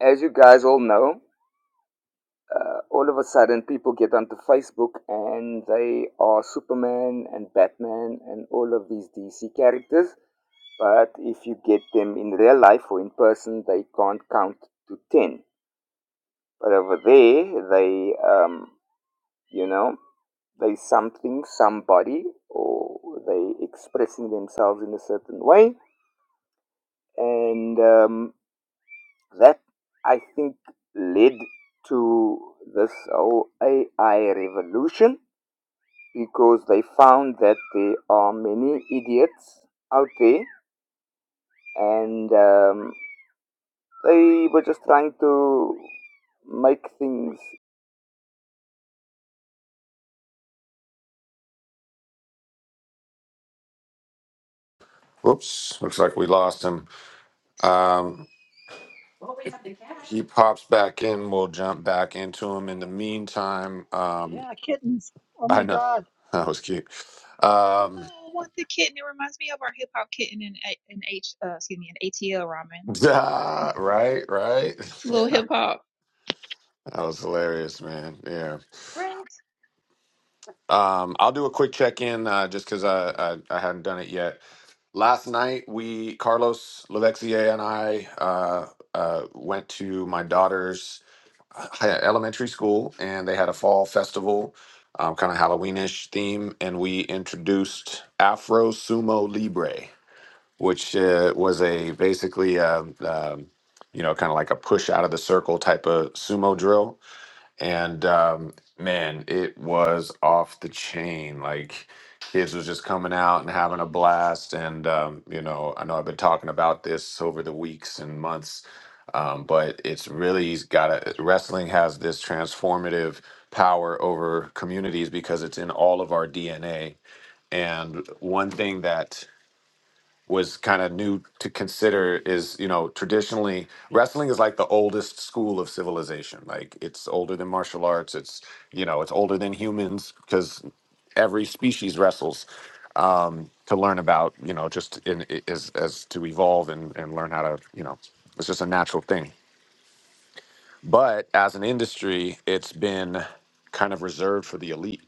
as you guys all know. Uh, all of a sudden, people get onto Facebook and they are Superman and Batman and all of these DC characters But if you get them in real life or in person, they can't count to 10. But over there, they, um, you know, they something, somebody, or they expressing themselves in a certain way. And um, that, I think, led to this whole AI revolution because they found that there are many idiots out there and um, They were just trying to make things. Whoops. Looks like we lost him. Um, he pops back in, we'll jump back into him. In the meantime, um, Yeah, kittens. Oh I my know God. that was cute. No, Um, I want the kitten. It reminds me of our hip hop kitten in A- in H uh, excuse me, in ATL ramen. right, right. Little that hip hop. was hilarious, man. Yeah. Rings. Um, I'll do a quick check in uh, just because I, I I hadn't done it yet. Last night, we Carlos Levexier and I uh, uh, went to my daughter's uh, hi- elementary school, and they had a fall festival, um, kind of Halloweenish theme, and we introduced Afro Sumo Libre, which uh, was a basically um um, you know kind of like a push out of the circle type of sumo drill and um, man, it was off the chain. Like kids was just coming out and having a blast, and um, you know, I know I've been talking about this over the weeks and months, um, but it's really got a, wrestling has this transformative power over communities because it's in all of our DNA. And one thing that was kind of new to consider is you know traditionally wrestling is like the oldest school of civilization like it's older than martial arts it's you know it's older than humans because every species wrestles um to learn about you know just in as as to evolve and and learn how to you know it's just a natural thing but as an industry, it's been kind of reserved for the elite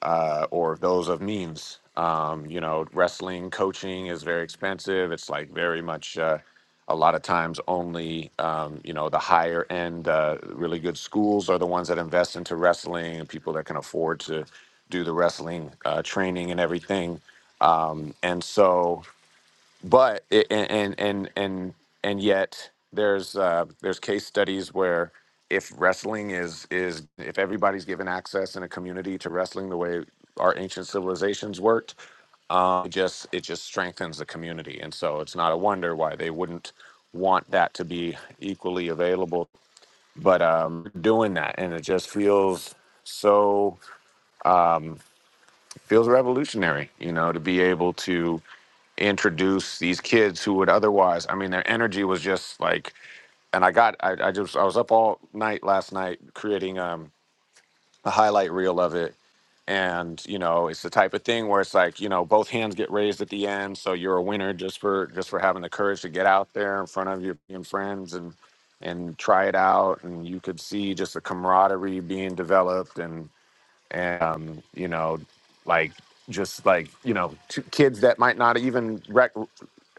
uh, or those of means. Um, you know, wrestling coaching is very expensive. It's like very much uh, a lot of times only, um, you know, the higher end, uh, really good schools are the ones that invest into wrestling and people that can afford to do the wrestling uh, training and everything. Um, and so, but it, and and and and yet there's uh, there's case studies where if wrestling is is if everybody's given access in a community to wrestling the way our ancient civilizations worked, um, it just it just strengthens the community, and so it's not a wonder why they wouldn't want that to be equally available. But um, doing that, and it just feels so feels revolutionary, you know, to be able to introduce these kids who would otherwise i mean their energy was just like and i got i, I just i was up all night last night creating um a highlight reel of it and you know it's the type of thing where it's like you know both hands get raised at the end so you're a winner just for just for having the courage to get out there in front of your your friends and and try it out and you could see just the camaraderie being developed and and um, you know, like just like you know, t- kids that might not even rec-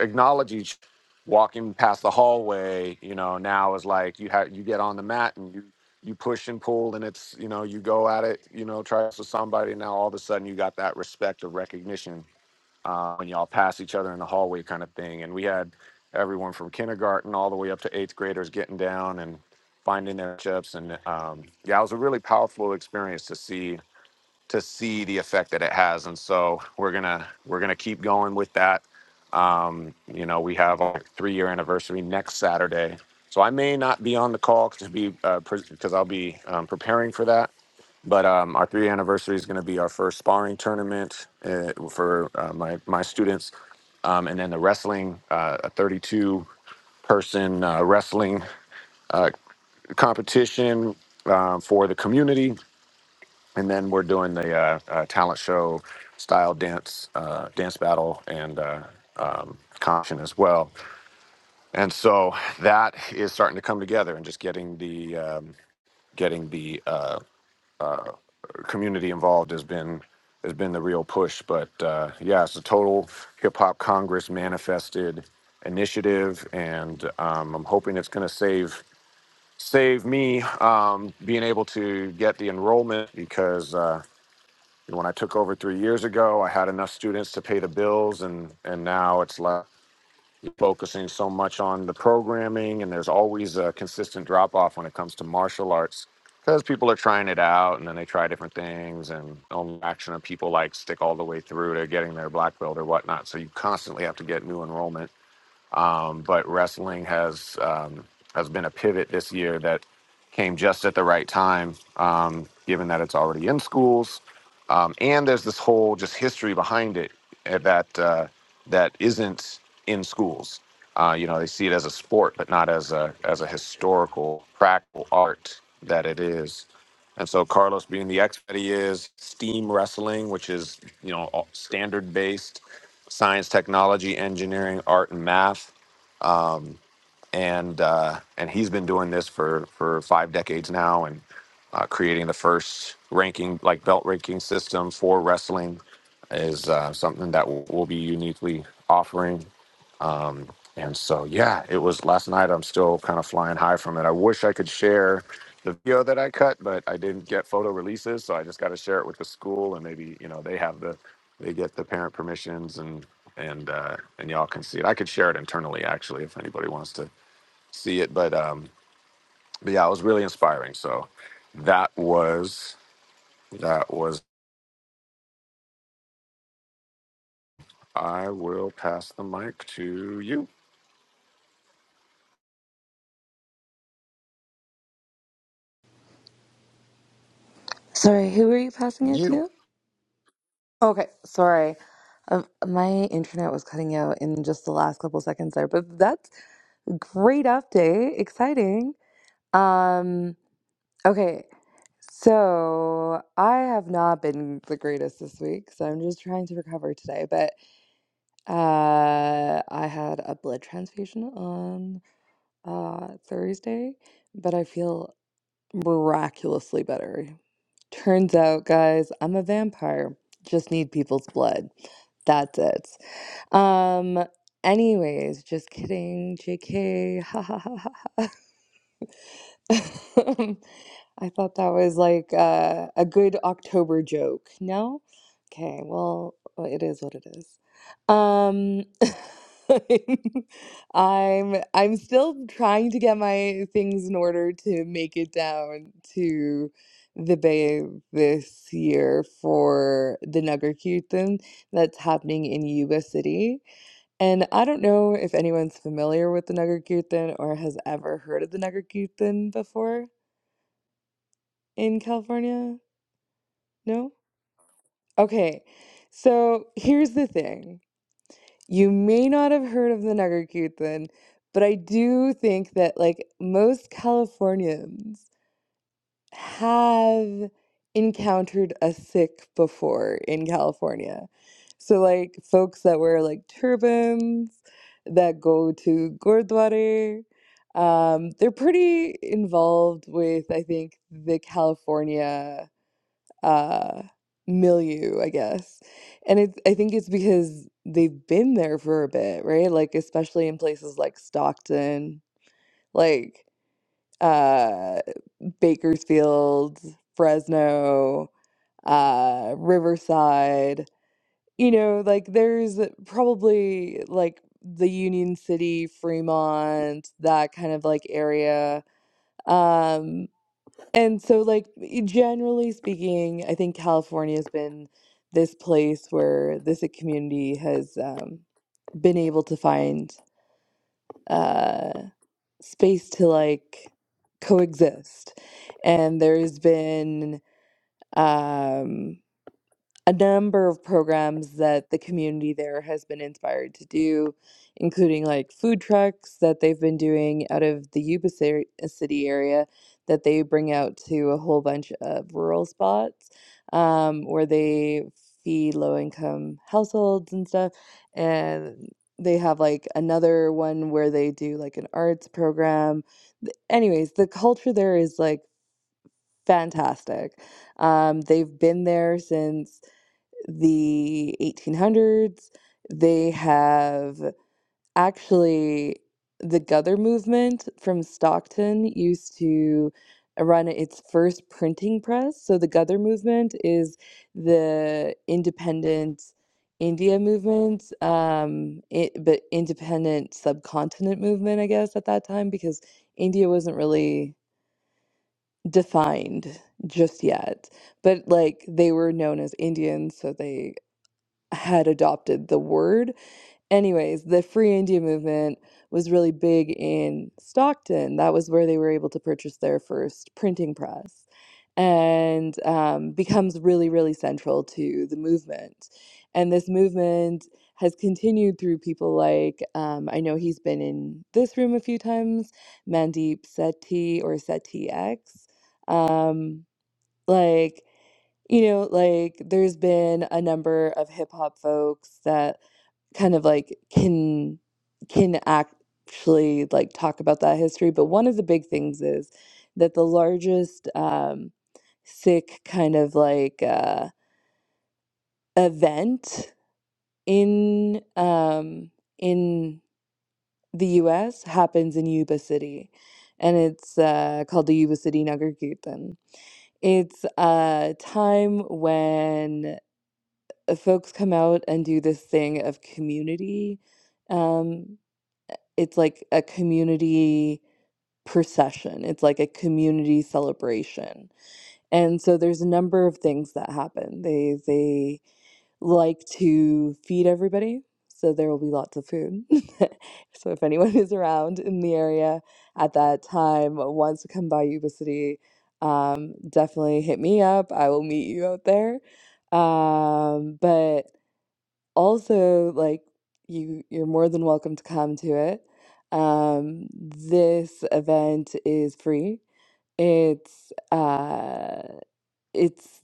acknowledge each walking past the hallway. You know, now is like you have you get on the mat and you you push and pull, and it's you know you go at it. You know, try to somebody. Now all of a sudden you got that respect of recognition uh, when y'all pass each other in the hallway, kind of thing. And we had everyone from kindergarten all the way up to eighth graders getting down and finding their chips and um, yeah it was a really powerful experience to see to see the effect that it has and so we're gonna we're gonna keep going with that um you know we have our three year anniversary next saturday so i may not be on the call to be because i'll be um, preparing for that but um, our three year anniversary is going to be our first sparring tournament uh, for uh, my my students um, and then the wrestling uh, a 32 person uh, wrestling uh, competition uh, for the community and then we're doing the uh, uh, talent show style dance uh, dance battle and uh, um, competition as well and so that is starting to come together and just getting the um, getting the uh, community involved has been has been the real push but uh, yeah it's a total hip-hop congress manifested initiative and um, i'm hoping it's going to save save me um, being able to get the enrollment because Uh, And when I took over three years ago, I had enough students to pay the bills, and and now it's like focusing so much on the programming, and there's always a consistent drop off when it comes to martial arts because people are trying it out, and then they try different things, and only action of people like stick all the way through to getting their black belt or whatnot. So you constantly have to get new enrollment um, but wrestling has um, has been a pivot this year that came just at the right time, um, given that it's already in schools, um, and there's this whole just history behind it eh, that uh, that isn't in schools. Uh, you know, they see it as a sport, but not as a as a historical, practical art that it is. And so Carlos, being the expert he is, steam wrestling, which is you know standard based science, technology, engineering, art, and math. Um, and uh, and he's been doing this for for five decades now, and uh, creating the first ranking like belt ranking system for wrestling is uh, something that we'll be uniquely offering um, and so, yeah, it was last night. I'm still kind of flying high from it. I wish I could share the video that I cut, but I didn't get photo releases, so I just got to share it with the school, and maybe you know they have the they get the parent permissions, and and uh, and y'all can see it. I could share it internally actually if anybody wants to see it, but um, but yeah, it was really inspiring. So that was that was. I will pass the mic to you. Sorry, who were you passing it You. to? Okay, sorry. Um, my internet was cutting out in just the last couple seconds there, but that's a great update. Exciting. Um, okay, so I have not been the greatest this week, so I'm just trying to recover today, but uh, I had a blood transfusion on uh, Thursday, but I feel miraculously better. Turns out, guys, I'm a vampire. Just need people's blood. That's it. Um, anyways, just kidding, JK. I thought that was like uh, a good October joke. No? Okay, well, uh, it is what it is. Um, I'm I'm still trying to get my things in order to make it down to the Bay this year for the Nugger that's happening in Yuba City. And I don't know if anyone's familiar with the Nagarkirtan or has ever heard of the Nagarkirtan before in California. No? Okay. So here's the thing. You may not have heard of the Nagarkirtan, but I do think that like most Californians have encountered a thick before in California. So, like, folks that wear like turbans, that go to Gurdwara, um, they're pretty involved with, I think, the California uh, milieu, I guess. And it's, I think it's because they've been there for a bit, right? Like, especially in places like Stockton, like, uh Bakersfield, Fresno, uh, Riverside. You know, like there's probably like the Union City, Fremont, that kind of like area. Um, and so, like, generally speaking, I think California has been this place where this uh, community has um, been able to find uh, space to like coexist. And there's been um, a number of programs that the community there has been inspired to do, including like food trucks that they've been doing out of the Yuba ci- uh, City area that they bring out to a whole bunch of rural spots um, where they feed low income households and stuff. And they have like another one where they do like an arts program. Th- Anyways, the culture there is like fantastic. Um, they've been there since the 1800s. They have actually, the Gother movement from Stockton used to run its first printing press. So, the Gother movement is the independent India movement, um, it, but independent subcontinent movement, I guess, at that time, because India wasn't really defined just yet, but like they were known as Indians, so they had adopted the word. Anyways, the Free India movement was really big in Stockton. That was where they were able to purchase their first printing press and um, becomes really, really central to the movement. And this movement has continued through people like, um, I know he's been in this room a few times, Mandeep Sethi or Seti X. Um, like, you know, like there's been a number of hip hop folks that kind of like can can actually like talk about that history. But one of the big things is that the largest um, sick kind of like uh, event in um, in the U.S. happens in Yuba City, and it's uh, called the Yuba City Nagar Kirtan. It's a time when uh, folks come out and do this thing of community. Um, it's like a community procession, it's like a community celebration. And so there's a number of things that happen. They they like to feed everybody, so there will be lots of food. so if anyone is around in the area at that time wants to come by Yuba City, um, definitely hit me up. I will meet you out there. Um, but also like you you're more than welcome to come to it um this event is free it's uh it's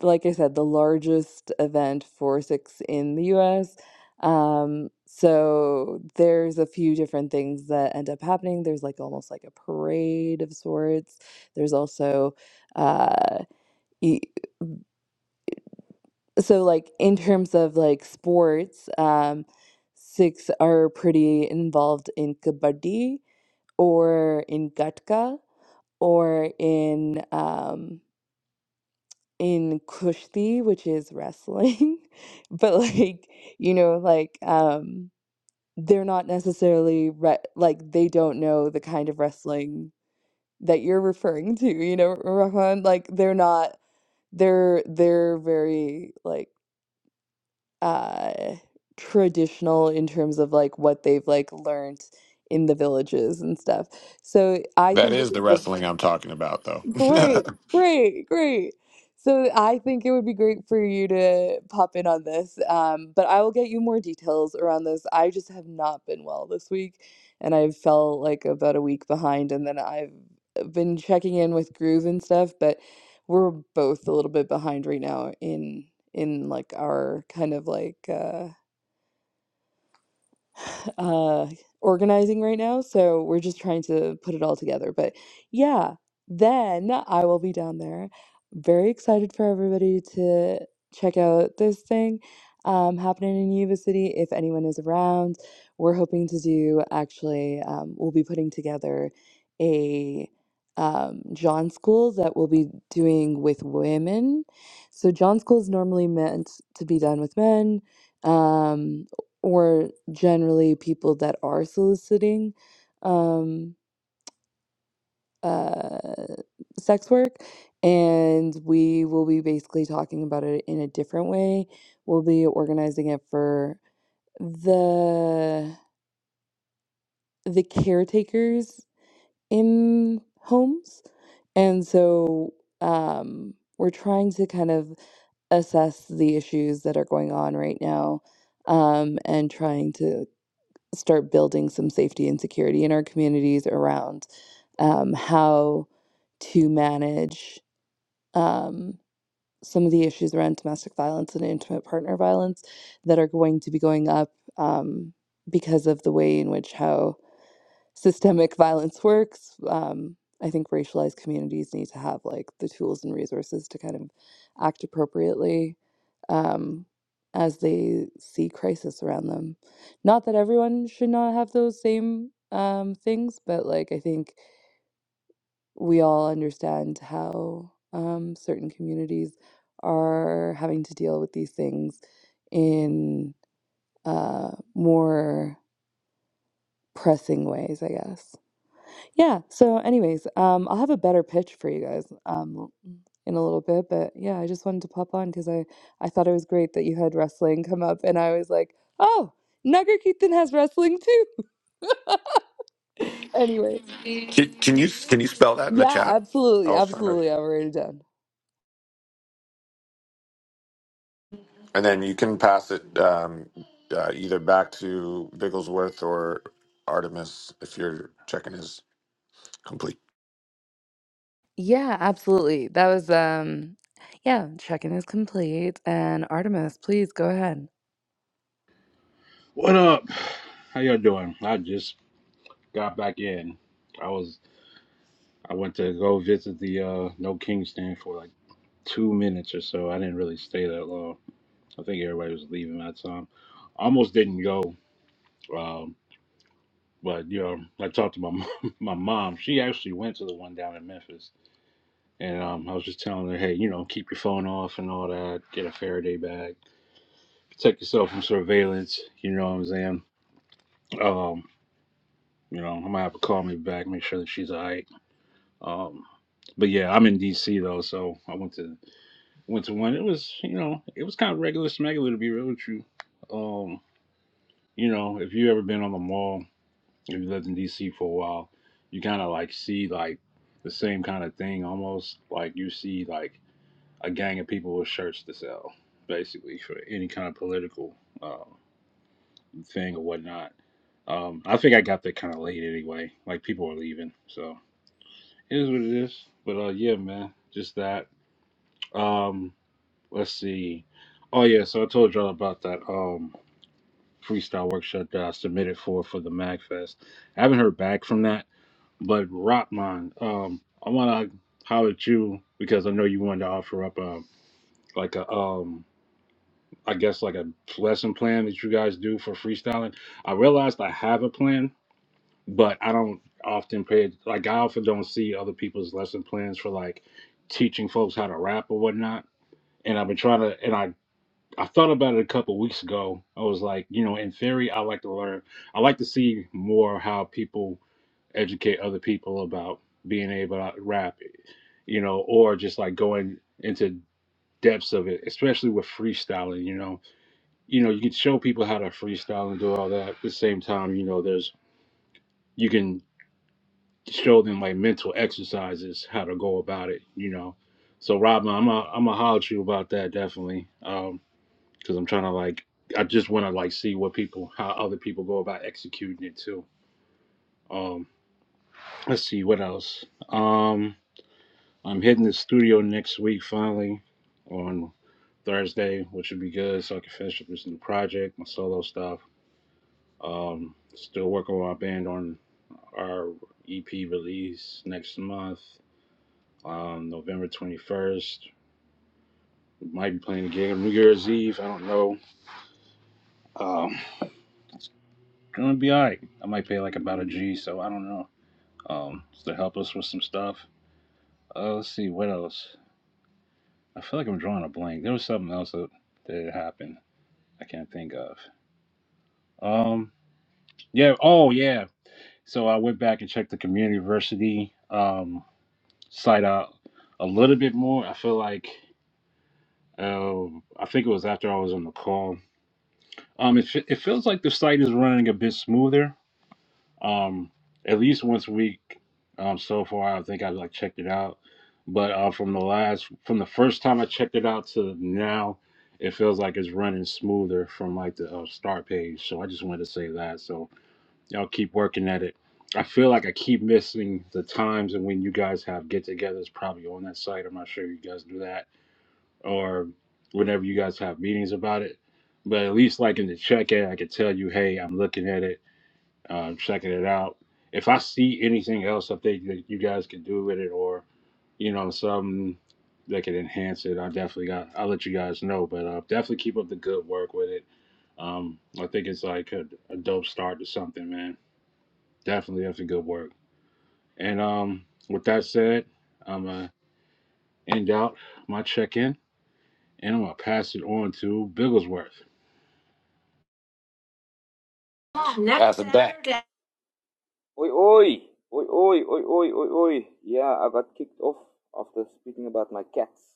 like i said the largest event for six in the us um so there's a few different things that end up happening there's like almost like a parade of sorts there's also uh e so like in terms of like sports um Sikhs are pretty involved in kabaddi or in gatka or in um in kushti which is wrestling but like you know like um they're not necessarily re- like they don't know the kind of wrestling that you're referring to you know Rahman like they're not they're they're very like uh traditional in terms of like what they've like learned in the villages and stuff. So I That think this is the is a- wrestling I'm talking about, though. great, great, great. So I think it would be great for you to pop in on this. Um, but I will get you more details around this. I just have not been well this week and I've felt like about a week behind and then I've been checking in with Groove and stuff, but we're both a little bit behind right now in in like our kind of like uh uh organizing right now so we're just trying to put it all together but yeah then i will be down there very excited for everybody to check out this thing um, happening in yuba city if anyone is around we're hoping to do actually um, we'll be putting together a um, john school that we'll be doing with women so john school is normally meant to be done with men um or generally people that are soliciting um, uh, sex work. And we will be basically talking about it in a different way. We'll be organizing it for the the caretakers in homes. And so um, we're trying to kind of assess the issues that are going on right now um, and trying to start building some safety and security in our communities around um, how to manage um, some of the issues around domestic violence and intimate partner violence that are going to be going up um, because of the way in which how systemic violence works. Um, I think racialized communities need to have like the tools and resources to kind of act appropriately um, as they see crisis around them. Not that everyone should not have those same um, things, but like I think we all understand how um, certain communities are having to deal with these things in uh, more pressing ways, I guess. Yeah. So, anyways, um, I'll have a better pitch for you guys um, in a little bit, but yeah, I just wanted to pop on because I I thought it was great that you had wrestling come up, and I was like, oh, Nagarkirtan has wrestling too. Anyways, Can, can you can you spell that in the yeah, chat? I absolutely, was trying to, absolutely, I'll write it down. and then you can pass it um, uh, either back to Bigglesworth or Artemis if you're checking his complete. Yeah, absolutely. That was um, yeah, check-in is complete, and Artemis, please go ahead. What up? How y'all doing? I just got back in. I was I went to go visit the uh No King stand for like two minutes or so. I didn't really stay that long. I think everybody was leaving that time. Almost didn't go. Um, but you know, I talked to my mom, my mom. She actually went to the one down in Memphis, and um, I was just telling her, hey, you know, keep your phone off and all that. Get a Faraday bag. Protect yourself from surveillance. You know what I'm saying? Um, you know, I might have to call me back, make sure that she's alright Um, but yeah, I'm in DC though, so I went to went to one. It was you know it was kind of regular smegular to be real with you. Um, you know if you ever been on the mall, if you lived in DC for a while, you kind of like see like the same kind of thing almost like you see like a gang of people with shirts to sell basically for any kind of political uh, thing or whatnot. Um, I think I got there kind of late anyway. Like people were leaving, so it is what it is. But uh, yeah, man, just that. Um, let's see. Oh yeah, so I told y'all about that um freestyle workshop that I submitted for for the Magfest. I haven't heard back from that, but Rotman, um, I want to holler at you because I know you wanted to offer up a like a um I guess like a lesson plan that you guys do for freestyling. I realized I have a plan, but I don't often pay like I often don't see other people's lesson plans for like teaching folks how to rap or whatnot and I've been trying to, and I I thought about it a couple weeks ago. I was like, you know, in theory, I like to learn. I like to see more how people educate other people about being able to rap, you know, or just like going into depths of it, especially with freestyling. You know, you know, you can show people how to freestyle and do all that. At the same time, you know, there's you can show them like mental exercises how to go about it. You know, so Robin, I'm a, I'm gonna holler at you about that definitely. Um, because I'm trying to like I just want to like see what people how other people go about executing it too. Um, let's see what else. Um, I'm hitting the studio next week finally on Thursday, which would be good so I can finish up this new project, my solo stuff. Um, still working with my band on our EP release next month, um, November 21st. Might be playing a gig on New Year's Eve. I don't know. Um, gonna be alright. I might pay like about a G, so I don't know. um, to help us with some stuff. Uh, let's see, what else? I feel like I'm drawing a blank. There was something else that, that happened. I can't think of. Um, yeah. Oh, yeah. So I went back and checked the community university um, site out a little bit more. I feel like uh, I think it was after I was on the call. Um, it, fe- it feels like the site is running a bit smoother um, at least once a week um, so far. I think I've like checked it out, but uh, from the last, from the first time I checked it out to now, it feels like it's running smoother from like the uh, start page. So I just wanted to say that. So y'all keep working at it. I feel like I keep missing the times and when you guys have get-togethers, probably on that site. I'm not sure you guys do that or whenever you guys have meetings about it. But at least like in the check-in, I could tell you, hey, I'm looking at it um, checking it out. If I see anything else I think that you guys can do with it, or you know, something that can enhance it, I definitely got. I'll let you guys know, but uh, definitely keep up the good work with it. Um, I think it's like a, a dope start to something, man. Definitely, that's a good work. And um, with that said, I'm gonna end out my check-in, and I'm gonna pass it on to Bigglesworth. Pass it back. Oi, oi, oi, oi, oi, oi, oi, oi. Yeah, I got kicked off after speaking about my cats.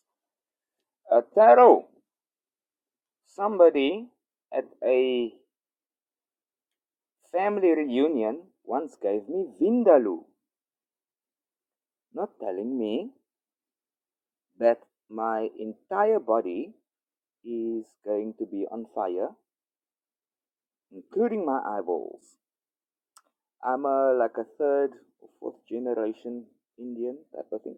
Uh, Taro, somebody at a family reunion once gave me Vindaloo, not telling me that my entire body is going to be on fire, including my eyeballs. I'm a, like a third or fourth generation Indian type of thing.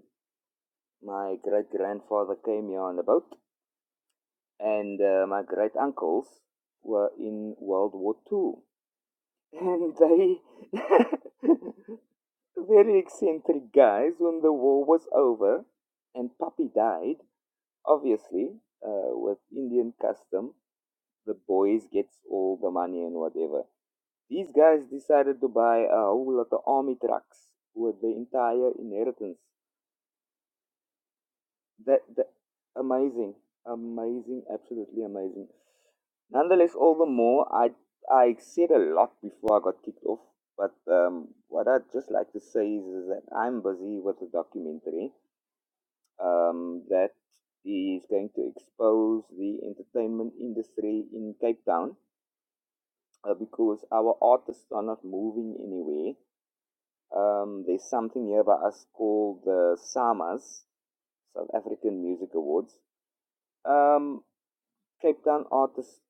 My great grandfather came here on a boat, and uh, my great uncles were in World War Two, and they very eccentric guys. When the war was over, and Puppy died, obviously, uh, with Indian custom, the boys gets all the money and whatever. These guys decided to buy a whole lot of army trucks with the entire inheritance That, that amazing, amazing, absolutely amazing. Nonetheless, all the more, I I said a lot before I got kicked off. But um, what I'd just like to say is, is that I'm busy with a documentary um, that is going to expose the entertainment industry in Cape Town uh, because our artists are not moving anywhere. Um, there's something here by us called the SAMAs, South African Music Awards. Um, Cape Town artists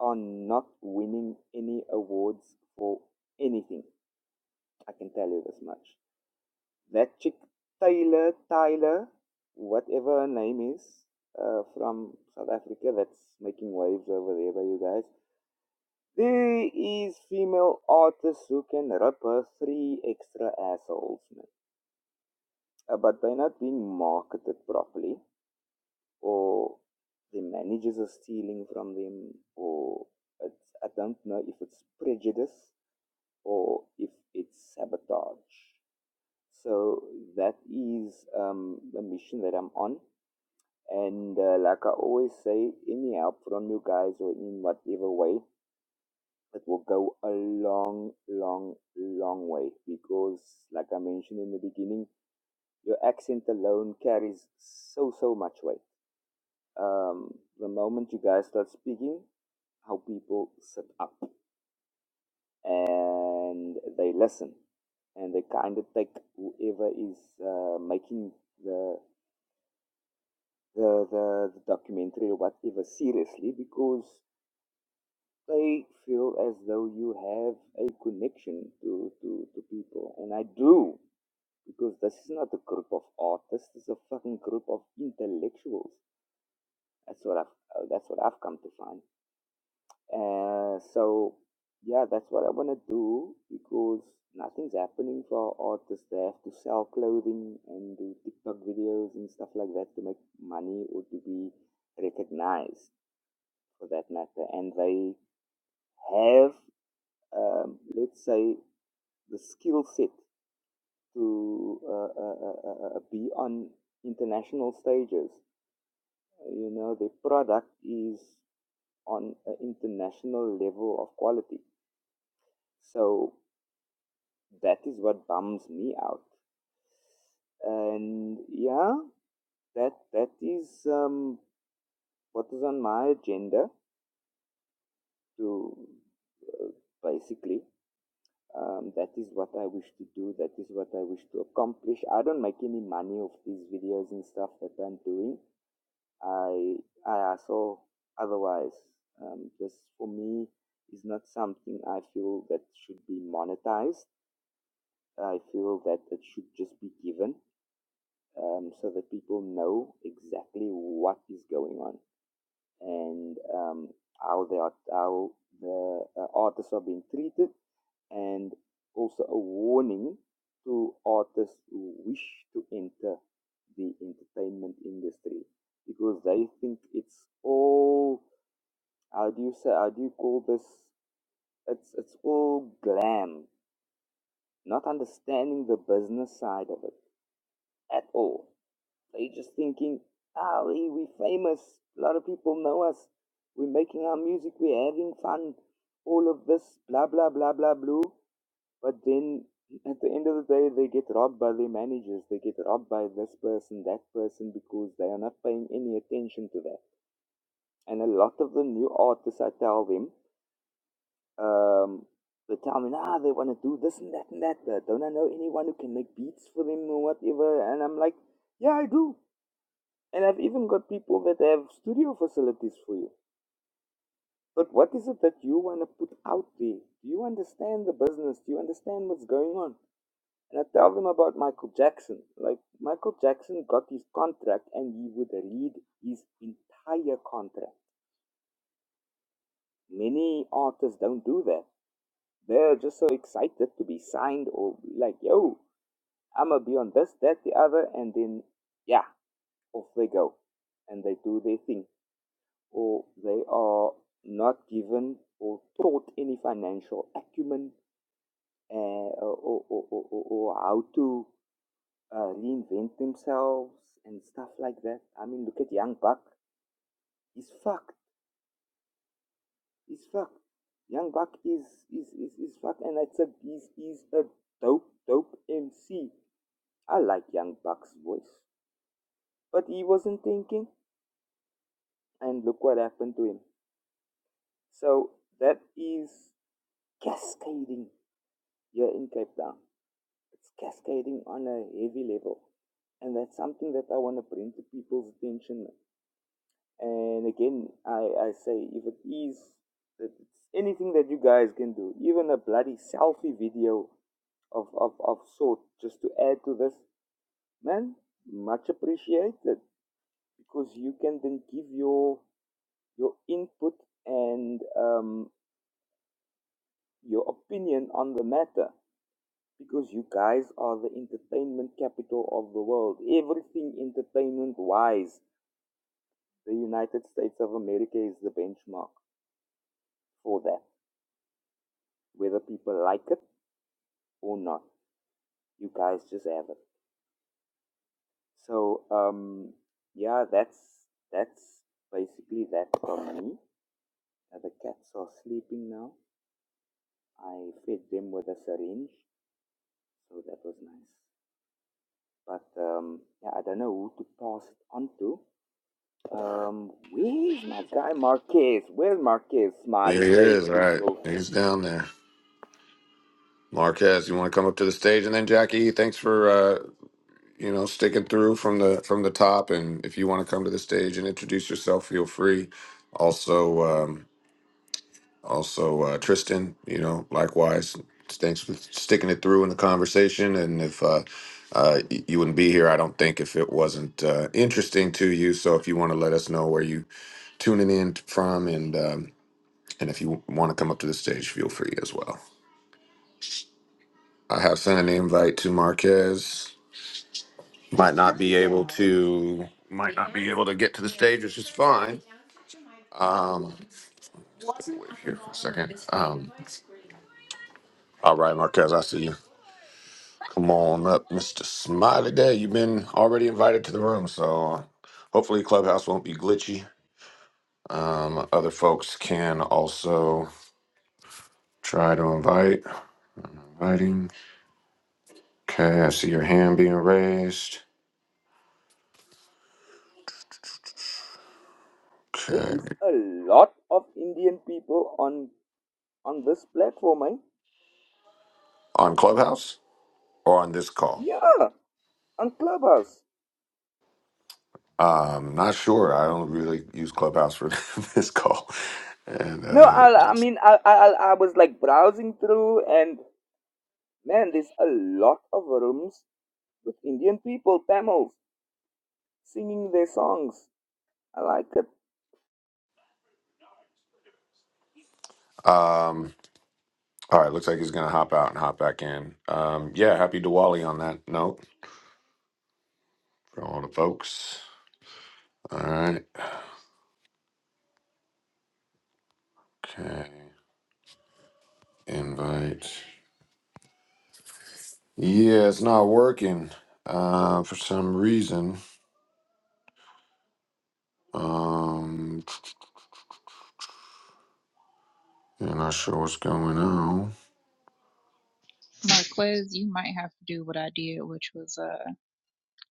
are not winning any awards for anything. I can tell you this much. That chick, Taylor, Tyler, whatever her name is, uh, from South Africa, that's making waves over there by you guys. There is female artists who can rip her three extra assholes, man. Uh, but they're not being marketed properly. or the managers are stealing from them, or it's, I don't know if it's prejudice or if it's sabotage. So that is um, the mission that I'm on. And uh, like I always say, any help from you guys or in whatever way, it will go a long, long, long way because, like I mentioned in the beginning, your accent alone carries so, so much weight. um, the moment you guys start speaking, how people sit up and they listen and they kind of take whoever is uh, making the, the the the documentary or whatever seriously because they feel as though you have a connection to to, to people and I do because this is not a group of artists this is a fucking group of intellectuals that's what I've uh, that's what I've come to find Uh, so yeah, that's what I wanna do because nothing's happening for artists. They have to sell clothing and do TikTok videos and stuff like that to make money or to be recognized for that matter. And they have, um, let's say, the skill set to uh, uh, uh, uh, uh, be on international stages. You know, the product is on an international level of quality. So that is what bums me out and yeah that that is um, what is on my agenda to uh, basically um, that is what i wish to do that is what i wish to accomplish i don't make any money of these videos and stuff that i'm doing i i also otherwise um, just for me is not something i feel that should be monetized i feel that it should just be given um, so that people know exactly what is going on and um, how they are, how the uh, artists are being treated, and also a warning to artists who wish to enter the entertainment industry because they think it's all how do you say how do you call this it's it's all glam not understanding the business side of it at all They just thinking, Ali, we are famous. A lot of people know us. We're making our music. We're having fun. All of this, blah blah blah blah blue. But then at the end of the day, they get robbed by their managers. They get robbed by this person, that person, because they are not paying any attention to that. And a lot of the new artists, I tell them, um, they tell me, nah, they want to do this and that and that. Uh, don't I know anyone who can make beats for them or whatever? And I'm like, yeah, I do. And I've even got people that have studio facilities for you. But what is it that you want to put out there? Do you understand the business? Do you understand what's going on? And I tell them about Michael Jackson. Like, Michael Jackson got his contract and he would read his entire contract. Many artists don't do that. They're just so excited to be signed or be like, yo, I'm going to be on this, that, the other. And then, yeah, off they go. And they do their thing. or they are not given or taught any financial acumen uh, or, or, or, or, or how to uh, reinvent themselves and stuff like that. I mean, look at Young Buck. He's fucked. He's fucked. Young Buck is is is, is fucked, and it's a he's, he's a dope dope MC. I like Young Buck's voice, but he wasn't thinking, and look what happened to him. So that is cascading here in Cape Town. it's cascading on a heavy level. And that's something that I want to bring to people's attention. And again, I, I say, if it is that it's anything that you guys can do, even a bloody selfie video of, of, of sort, just to add to this, man, much appreciated because you can then give your your input and um, your opinion on the matter Because you guys are the entertainment capital of the world. Everything entertainment wise, the United States of America is the benchmark for that, whether people like it or not. You guys just have it. So, um, yeah, that's that's basically that from me. Uh, the cats are sleeping now. I fed them with a syringe, so that was nice. But um, yeah, I don't know who to pass it on to. Um, where's my guy Marquez? Where's Marquez? There Smiley he Day is. All right, people. he's down there. Marquez, you want to come up to the stage, and then Jackie, thanks for uh, you know sticking through from the from the top. And if you want to come to the stage and introduce yourself, feel free. Also. Um, Also, uh, Tristan, you know, likewise, thanks for sticking it through in the conversation. And if uh, uh, y- you wouldn't be here, I don't think, if it wasn't uh, interesting to you. So if you want to let us know where you tuning in from, and um, and if you want to come up to the stage, feel free as well. I have sent an invite to Marquez. Might not be able to. Might not be able to get to the stage, which is fine. Um, wait here for a second. Um, all right, Marquez, I see you. Come on up, Mr. Smiley Day. You've been already invited to the room, so hopefully Clubhouse won't be glitchy. Um, other folks can also try to invite. Inviting. Okay, I see your hand being raised. There Okay. is a lot of Indian people on on this platform, eh? On Clubhouse or on this call? Yeah, on Clubhouse. Um, not sure. I don't really use Clubhouse for this call. And No, uh, I, I mean, I, I, I was like browsing through, and man, there's a lot of rooms with Indian people, Tamils, singing their songs. I like it. um, all right, looks like he's gonna hop out and hop back in. Um, yeah, happy Diwali on that note for all the folks. All right. Okay. Invite. Yeah, it's not working uh, for some reason. Um, I'm not sure what's going on. Marquez, you might have to do what I did, which was uh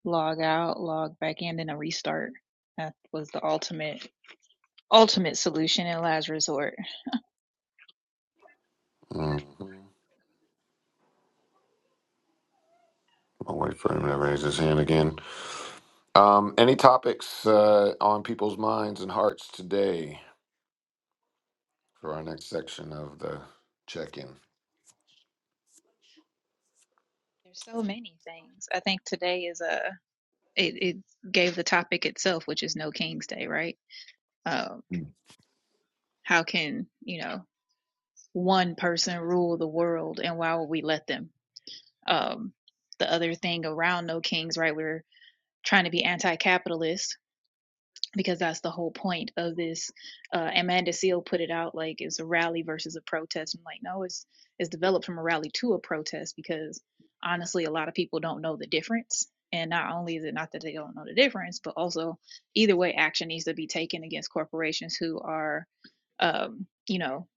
log out, log back in, and a restart. That was the ultimate ultimate solution and last resort. Mhm. I'll wait for him to raise his hand again. Um, any topics uh, on people's minds and hearts today for our next section of the check-in? There's so many things. I think today is a it, it gave the topic itself, which is no King's Day, right? Um, how can you know one person rule the world, and why would we let them? Um, the other thing around no kings, right? We're trying to be anti-capitalist, because that's the whole point of this. Uh, Amanda Seal put it out like it's a rally versus a protest. I'm like, no, it's it's developed from a rally to a protest because honestly, a lot of people don't know the difference. And not only is it not that they don't know the difference, but also either way, action needs to be taken against corporations who are, um, you know,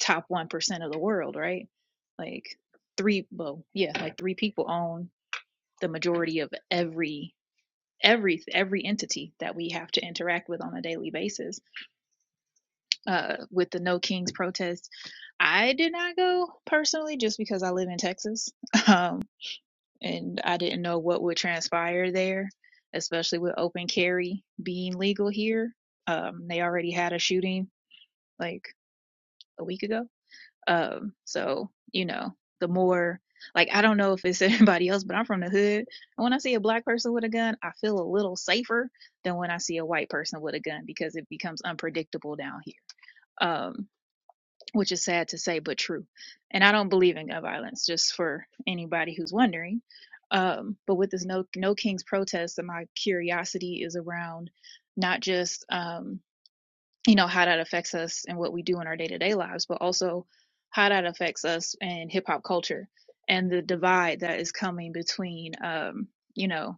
top one percent of the world, right? Like three, well, yeah, like three people own the majority of every every every entity that we have to interact with on a daily basis. Uh, with the No Kings protest, I did not go personally just because I live in Texas, um, and I didn't know what would transpire there, especially with open carry being legal here. Um, they already had a shooting like a week ago Um, so you know, the more like I don't know if it's anybody else, but I'm from the hood. And when I see a black person with a gun, I feel a little safer than when I see a white person with a gun because it becomes unpredictable down here. Um, which is sad to say, but true. And I don't believe in gun violence, just for anybody who's wondering. Um, but with this no no kings protest, my curiosity is around not just um you know how that affects us and what we do in our day-to-day lives but also how that affects us in hip-hop culture and the divide that is coming between um, you know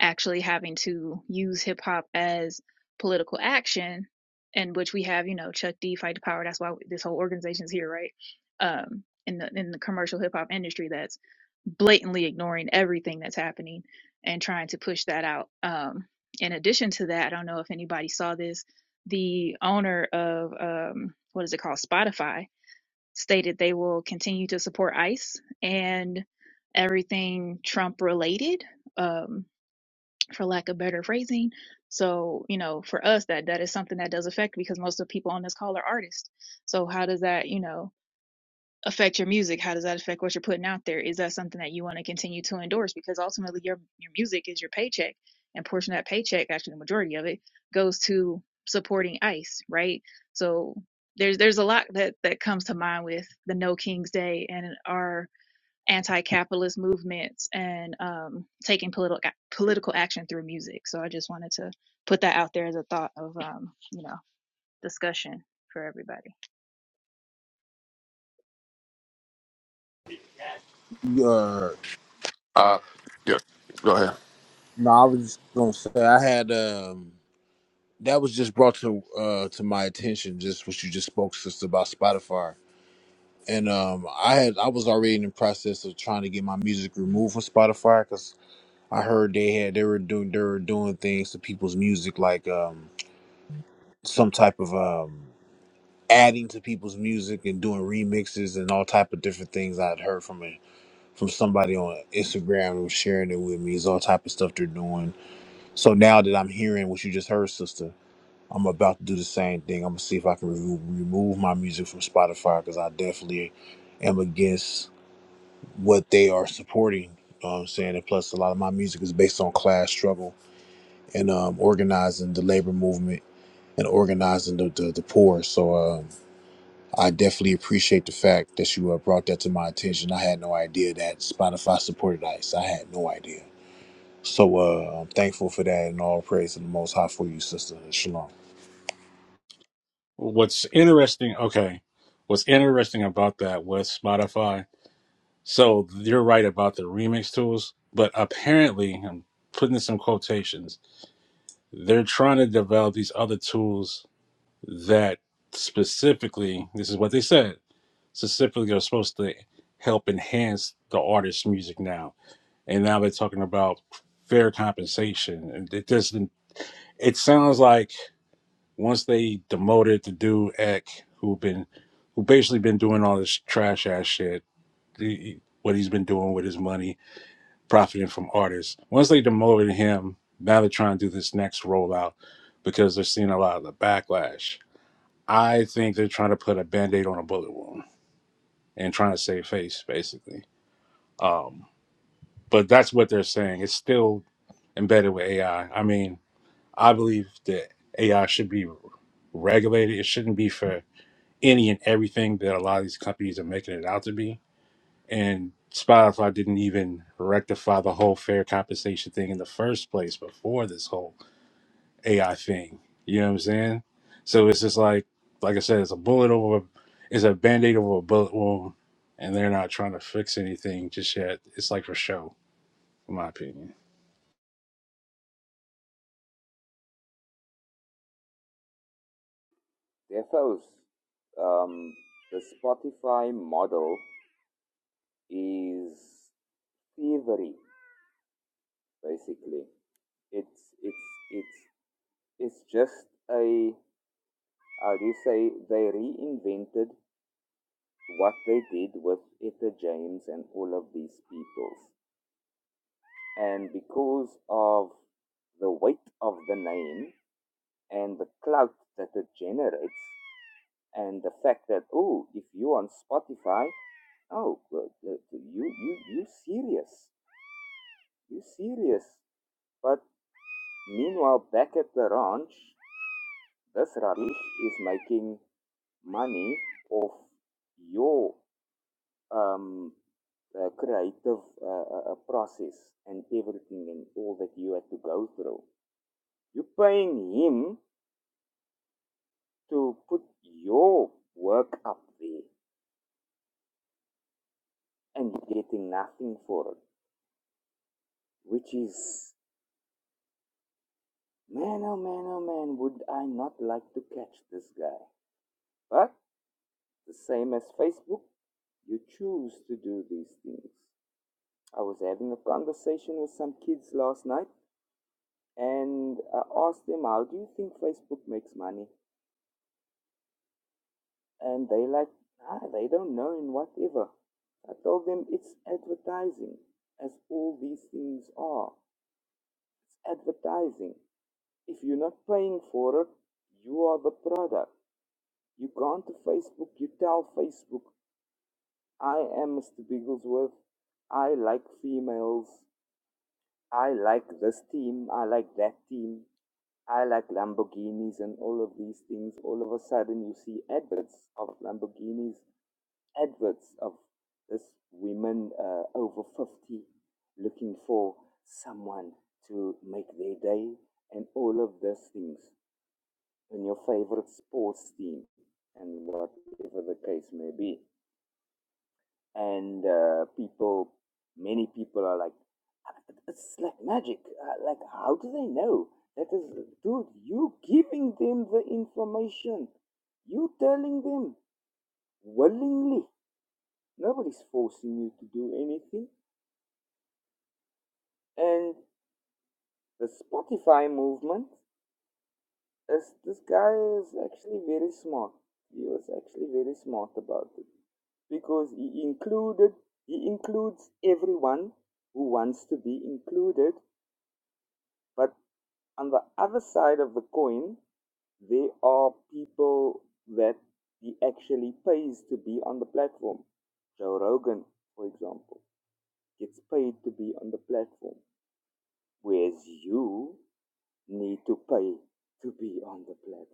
actually having to use hip hop as political action, in which we have, you know, Chuck D fight the power. That's why this whole organization's here, right? Um, in the in the commercial hip hop industry, that's blatantly ignoring everything that's happening and trying to push that out. Um, in addition to that, I don't know if anybody saw this. The owner of um, what is it called, Spotify, stated they will continue to support ICE and everything Trump related. Um, for lack of better phrasing. So, you know, for us that that is something that does affect because most of the people on this call are artists. So how does that, you know, affect your music? How does that affect what you're putting out there? Is that something that you want to continue to endorse? Because ultimately your your music is your paycheck and portion of that paycheck, actually the majority of it, goes to supporting ICE, right? So there's there's a lot that that comes to mind with the No King's Day and our anti-capitalist movements and um, taking political political action through music. So I just wanted to put that out there as a thought of um, you know discussion for everybody. Uh, Uh, yeah. Go ahead. no, I was just gonna say I had um that was just brought to uh to my attention just what you just spoke sister about Spotify. And um I had I was already in the process of trying to get my music removed from Spotify because I heard they had they were doing they were doing things to people's music like um some type of um adding to people's music and doing remixes and all type of different things I'd heard from a, from somebody on Instagram who was sharing it with me is all type of stuff they're doing. So now that I'm hearing what you just heard, sister, I'm about to do the same thing. I'm gonna see if I can remove, remove my music from Spotify because I definitely am against what they are supporting. You know what I'm saying, and plus a lot of my music is based on class struggle and um, organizing the labor movement and organizing the, the, the poor. So. um, I definitely appreciate the fact that you uh, brought that to my attention. I had no idea that Spotify supported ICE. I had no idea. So uh, I'm thankful for that and all praise to the Most High for you, sister. Shalom. What's interesting? Okay, what's interesting about that with Spotify? So you're right about the remix tools, but apparently, I'm putting this in quotations, they're trying to develop these other tools that specifically, this is what they said, specifically are supposed to help enhance the artist's music now. And now they're talking about fair compensation. And it doesn't, it sounds like once they demoted the dude Eck, who been, who basically been doing all this trash ass shit, the- what he's been doing with his money profiting from artists. Once they demoted him, now they're trying to do this next rollout because they're seeing a lot of the backlash. I think they're trying to put a band-aid on a bullet wound and trying to save face, basically. Um, but that's what they're saying. It's still embedded with AI. I I mean, I believe that AI should be regulated. It shouldn't be for any and everything that a lot of these companies are making it out to be and Spotify didn't even rectify the whole fair compensation thing in the first place before this whole AI thing. You know what I'm saying? So it's just like, like I said, it's a bullet over, it's a band aid over a bullet wound, and they're not trying to fix anything just yet. It's like for show, in my opinion. Defos. Um, the Spotify model is thievery, basically. It's it's it's it's just a how do you say they reinvented what they did with Etta James and all of these peoples. And because of the weight of the name and the clout that it generates and the fact that oh if you're on Spotify oh well, the- you you you serious you serious but meanwhile back at the ranch this rubbish is making money of your um, uh, creative uh, uh, uh, process and everything and all that you had to go through. You're paying him to put your work up there and you're getting nothing for it, which is, man, oh man, oh man, would I not like to catch this guy? But the same as Facebook, you choose to do these things. I was having a conversation with some kids last night and I asked them, How do you think Facebook makes money? And they like, ah, they don't know and whatever. I told them it's advertising, as all these things are. It's advertising. If you're not paying for it, you are the product. You go onto Facebook, you tell Facebook, I am Mr. Bigglesworth. I like females. I like this team. I like that team. I like Lamborghinis and all of these things. All of a sudden, you see adverts of Lamborghinis, adverts of this women uh, over 50 looking for someone to make their day, and all of those things, and your favorite sports team, and whatever the case may be. And uh, people, many people are like, It's like magic. Uh, Like, how do they know? That is, dude, you giving them the information. You telling them willingly. Nobody's forcing you to do anything. And the Spotify movement, is, this guy is actually very smart. He was actually very smart about it. Because he included, he includes everyone who wants to be included. But on the other side of the coin, There are people that he actually pays to be on the platform. Joe Rogan, for example, gets paid to be on the platform, whereas you need to pay to be on the platform.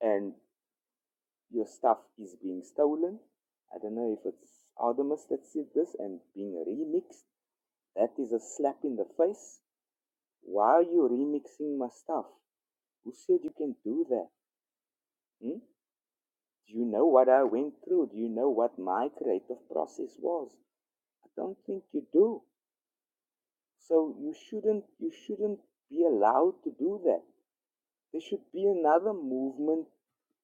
And your stuff is being stolen. I don't know if it's Artemis that said this and being remixed. That is a slap in the face. Why are you remixing my stuff? Who said you can do that? Hmm? Do you know what I went through? Do you know what my creative process was? I don't think you do. So you shouldn't you shouldn't be allowed to do that. There should be another movement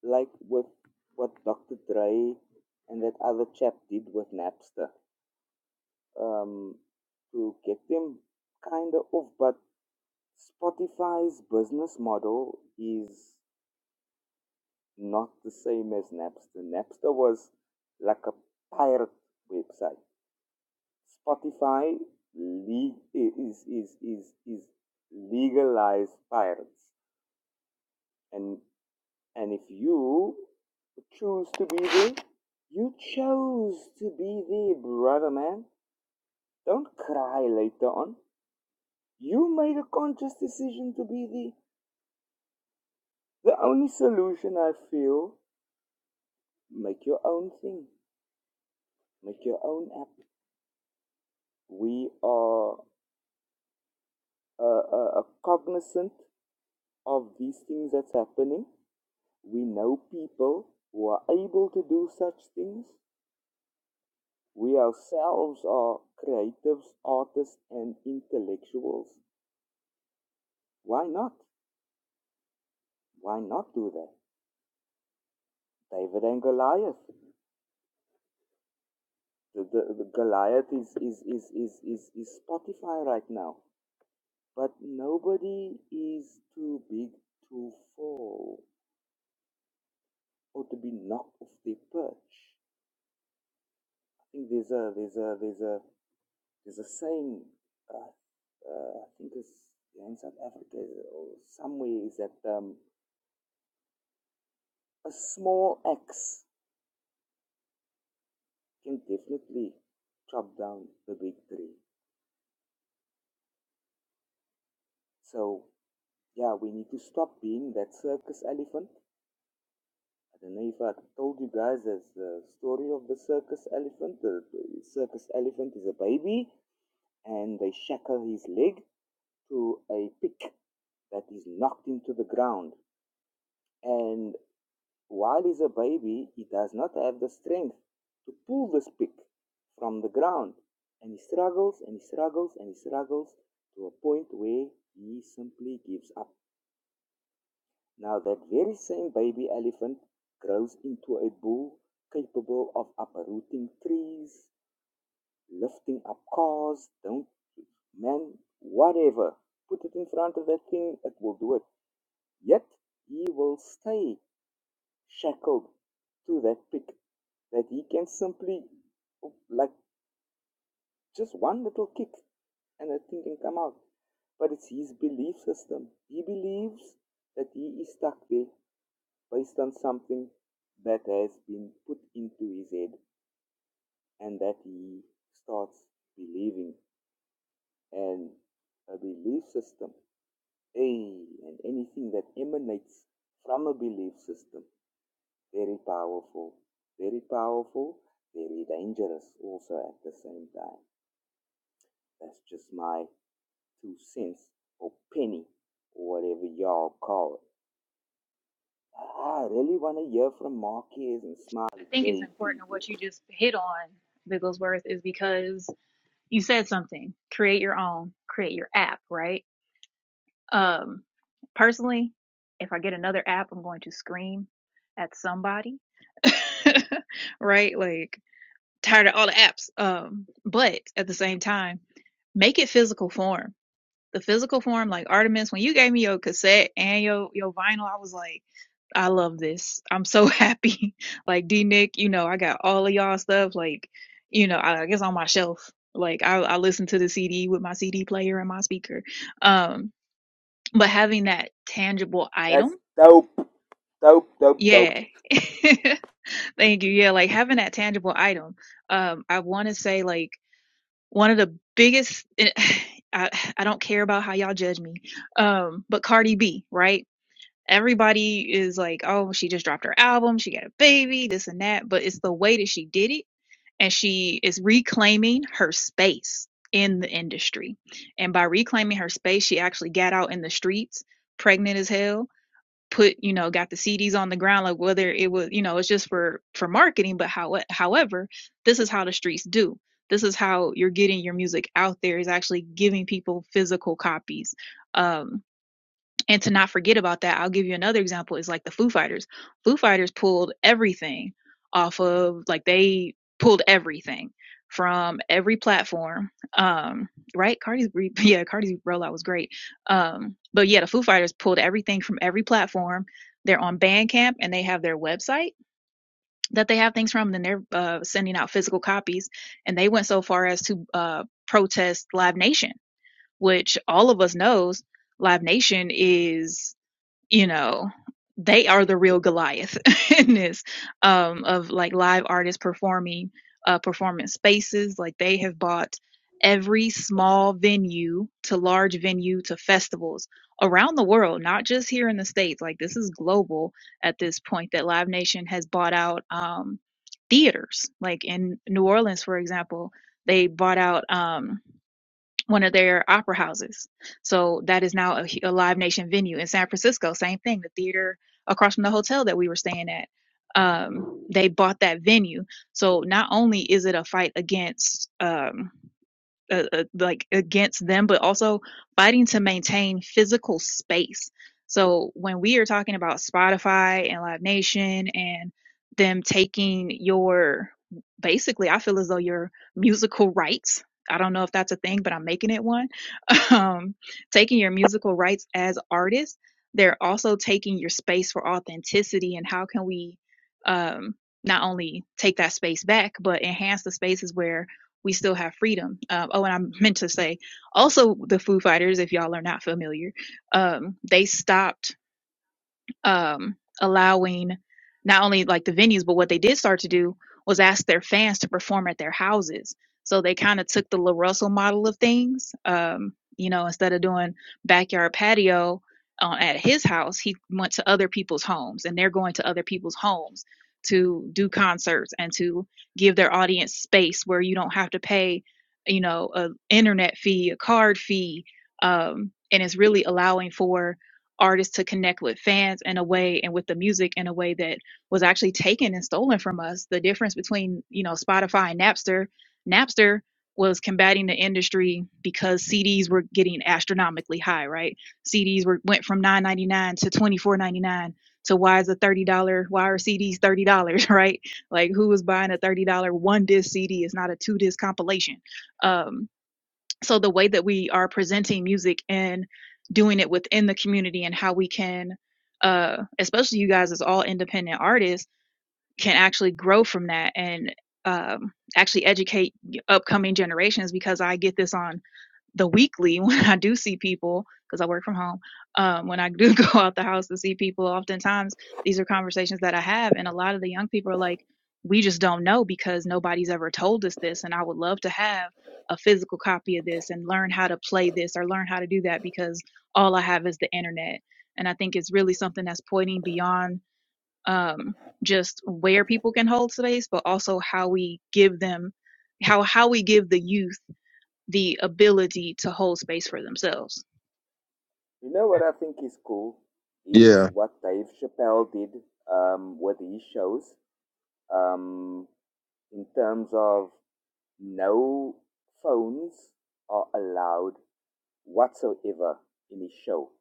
like with what Dr. Dre and that other chap did with Napster. Um, to get them kinda off, but Spotify's business model is not the same as Napster. Napster was like a pirate website Spotify le- is, is, is, is legalized pirates. And, and if you choose to be there, you chose to be there, brother man. Don't cry later on. You made a conscious decision to be there. The only solution I feel, make your own thing. Make your own app. We are uh, uh, uh, cognizant of these things that's happening We know people who are able to do such things. We ourselves are creatives, artists, and intellectuals. Why not? Why not do that? David and Goliath. The, the, the Goliath is, is, is, is, is, is Spotify right now. But nobody is too big to fall or to be knocked off their perch. I think there's a there's a there's a There's a saying, uh, uh, I think it's yeah, in South Africa or somewhere, is that um, a small axe can definitely chop down the big tree. So, yeah, we need to stop being that circus elephant. I don't know if I told you guys there's the story of the circus elephant. the circus elephant is a baby and they shackle his leg to a pick that is knocked into the ground. And While he's a baby, he does not have the strength to pull this pick from the ground. And he struggles and he struggles and he struggles to a point where he simply gives up. Now, that very same baby elephant grows into a bull capable of uprooting trees, lifting up cars, don't, man, whatever. Put it in front of that thing, it will do it. Yet, he will stay shackled to that pick that he can simply, like, just one little kick and that thing can come out. But it's his belief system. He believes that he is stuck there based on something that has been put into his head and that he starts believing. And a belief system, hey, and anything that emanates from a belief system, very powerful, very powerful, very dangerous also at the same time. That's just my two cents or penny or whatever y'all call it. I really want to hear from Marquez and I Smiley think it's Day important people. what you just hit on, Bigglesworth, is because you said something. Create your own, create your app, right? Um, personally, if I get another app, I'm going to scream at somebody, right? Like tired of all the apps. Um, but at the same time, make it physical form. The physical form, like Artemis, when you gave me your cassette and your your vinyl, I was like, I love this. I'm so happy. like D Nick, you know, I got all of y'all stuff. Like, you know, I, I guess on my shelf. Like I, I listen to the CD with my CD player and my speaker. Um, but having that tangible item, That's dope. Dope, dope, dope. yeah. Thank you. Yeah, like having that tangible item. Um, I want to say like one of the biggest eh, I, I don't care about how y'all judge me um but cardi b right everybody is like oh she just dropped her album she got a baby this and that but it's the way that she did it and she is reclaiming her space in the industry and by reclaiming her space she actually got out in the streets pregnant as hell put you know got the CDs on the ground like whether it was you know it's just for for marketing but how however this is how the streets do this is how you're getting your music out there is actually giving people physical copies um and to not forget about that, I'll give you another example is like the Foo Fighters. Foo Fighters pulled everything off of like they pulled everything from every platform. Um, right? Cardi's yeah, Cardi's rollout was great. Um, but yeah, the Foo Fighters pulled everything from every platform. They're on Bandcamp and they have their website that they have things from. And then they're uh, sending out physical copies. And they went so far as to uh, protest Live Nation, which all of us knows Live Nation is you know they are the real goliath in this um of like live artists performing uh performance spaces like they have bought every small venue to large venue to festivals around the world not just here in the states like this is global at this point that live nation has bought out um theaters like in new orleans for example they bought out um one of their opera houses. So that is now a, a Live Nation venue in San Francisco. Same thing, the theater across from the hotel that we were staying at. Um, they bought that venue. So not only is it a fight against um, uh, uh, like against them, but also fighting to maintain physical space. So when we are talking about Spotify and Live Nation and them taking your basically, I feel as though your musical rights. I don't know if that's a thing, but I'm making it one. Um, taking your musical rights as artists, they're also taking your space for authenticity. And how can we um, not only take that space back, but enhance the spaces where we still have freedom. Um, oh, and I meant to say also the Foo Fighters, if y'all are not familiar, um, they stopped um, allowing not only like the venues, but what they did start to do was ask their fans to perform at their houses. So they kind of took the La Russell model of things. Um, you know, instead of doing backyard patio uh, at his house, he went to other people's homes, and they're going to other people's homes to do concerts and to give their audience space where you don't have to pay, you know, a internet fee, a card fee, um, and it's really allowing for artists to connect with fans in a way and with the music in a way that was actually taken and stolen from us. The difference between, you know, Spotify and Napster, Napster was combating the industry because CDs were getting astronomically high, right? CDs were went from 9.99 to 24.99 to why is a $30 why are CDs $30, right? Like who was buying a $30 one disc CD It's not a two disc compilation. Um so the way that we are presenting music and doing it within the community and how we can uh especially you guys as all independent artists can actually grow from that and um actually educate upcoming generations because i get this on the weekly when I do see people because I work from home. Um, when I do go out the house to see people, oftentimes these are conversations that I have, and a lot of the young people are like, "We just don't know because nobody's ever told us this," and I would love to have a physical copy of this and learn how to play this or learn how to do that because all I have is the internet. And I think it's really something that's pointing beyond um, just where people can hold space, but also how we give them, how how we give the youth the ability to hold space for themselves. You know what I think is cool? Is yeah, what Dave Chappelle did um, with his shows um, in terms of no phones are allowed whatsoever in his show.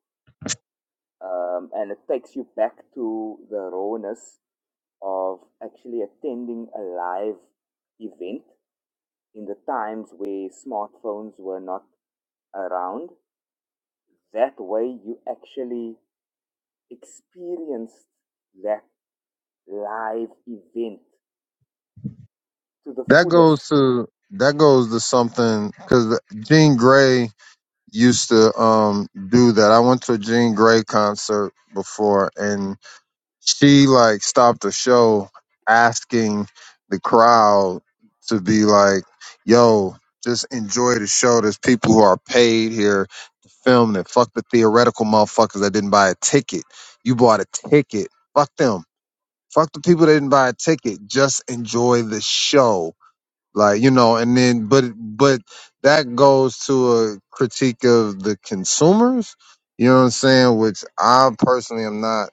Um, and it takes you back to the rawness of actually attending a live event in the times where smartphones were not around. That way, you actually experienced that live event to the that fullest. goes to that goes to something because Gene Gray used to um do that. I went to a Jean Grey concert before and she like stopped the show asking the crowd to be like, yo, just enjoy the show. There's people who are paid here to film it. Fuck the theoretical motherfuckers that didn't buy a ticket. You bought a ticket. Fuck them. Fuck the people that didn't buy a ticket. Just enjoy the show like you know and then but but that goes to a critique of the consumers you know what i'm saying which i personally am not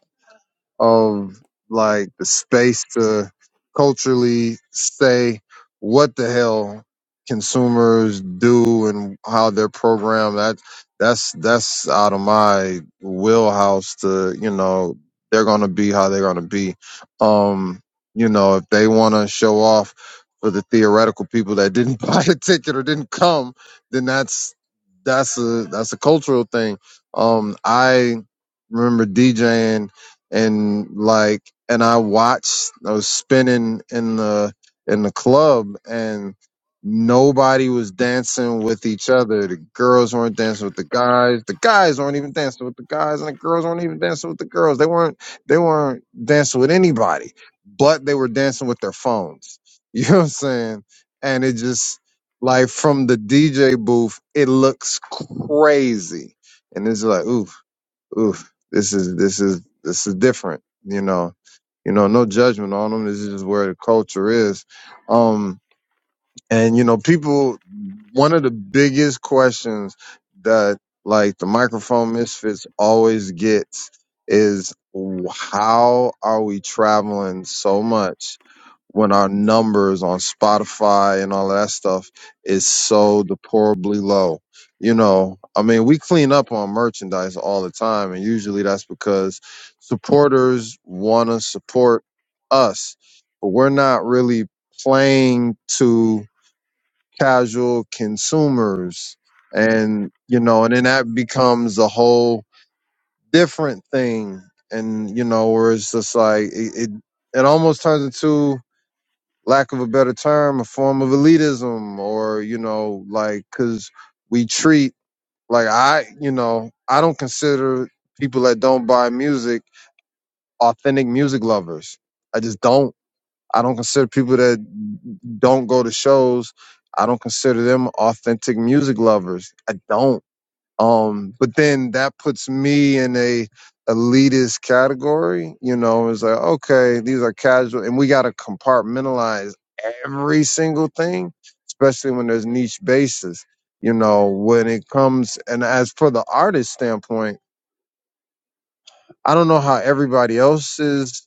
of like the space to culturally say what the hell consumers do and how they're programmed that that's that's out of my wheelhouse to you know they're gonna be how they're gonna be um you know if they want to show off for the theoretical people that didn't buy a ticket or didn't come then that's that's a that's a cultural thing um i remember djing and like and I watched I was spinning in the in the club and nobody was dancing with each other. The girls weren't dancing with the guys. The guys weren't even dancing with the guys and the girls weren't even dancing with the girls. They weren't they weren't dancing with anybody, but they were dancing with their phones. You know what I'm saying? And it just like from the DJ booth, it looks crazy. And it's like, ooh oof, this is this is this is different. You know, you know, no judgment on them. This is just where the culture is. Um. And you know, people, one of the biggest questions that like the microphone misfits always gets is how are we traveling so much when our numbers on Spotify and all of that stuff is so deplorably low? You know, I mean, we clean up on merchandise all the time, and usually that's because supporters want to support us, but we're not really playing to casual consumers and you know and then that becomes a whole different thing and you know where it's just like it, it it almost turns into lack of a better term a form of elitism or you know like because we treat like i you know i don't consider people that don't buy music authentic music lovers i just don't I don't consider people that don't go to shows. I don't consider them authentic music lovers. I don't. Um, but then that puts me in a elitist category. You know, it's like okay, these are casual, and we got to compartmentalize every single thing, especially when there's niche bases. You know, when it comes and as for the artist standpoint, I don't know how everybody else's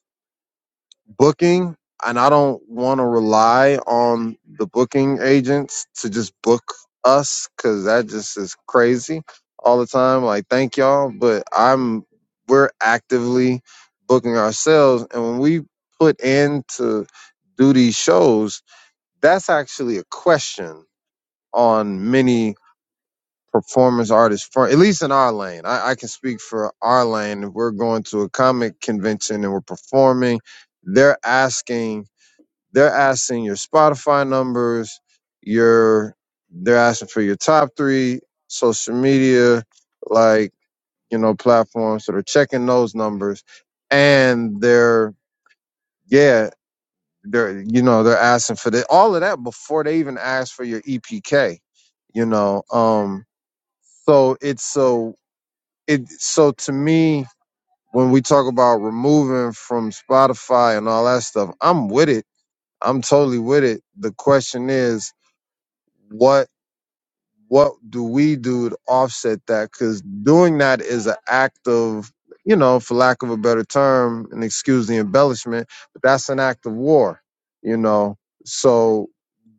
booking and I don't want to rely on the booking agents to just book us cuz that just is crazy all the time like thank y'all but I'm we're actively booking ourselves and when we put in to do these shows that's actually a question on many performance artists front at least in our lane I, I can speak for our lane if we're going to a comic convention and we're performing they're asking they're asking your Spotify numbers, your they're asking for your top three social media, like, you know, platforms. So they're checking those numbers. And they're yeah, they're you know, they're asking for the all of that before they even ask for your EPK, you know. Um so it's so it so to me when we talk about removing from Spotify and all that stuff, I'm with it. I'm totally with it. The question is, what what do we do to offset that because doing that is an act of you know for lack of a better term and excuse the embellishment but that's an act of war you know so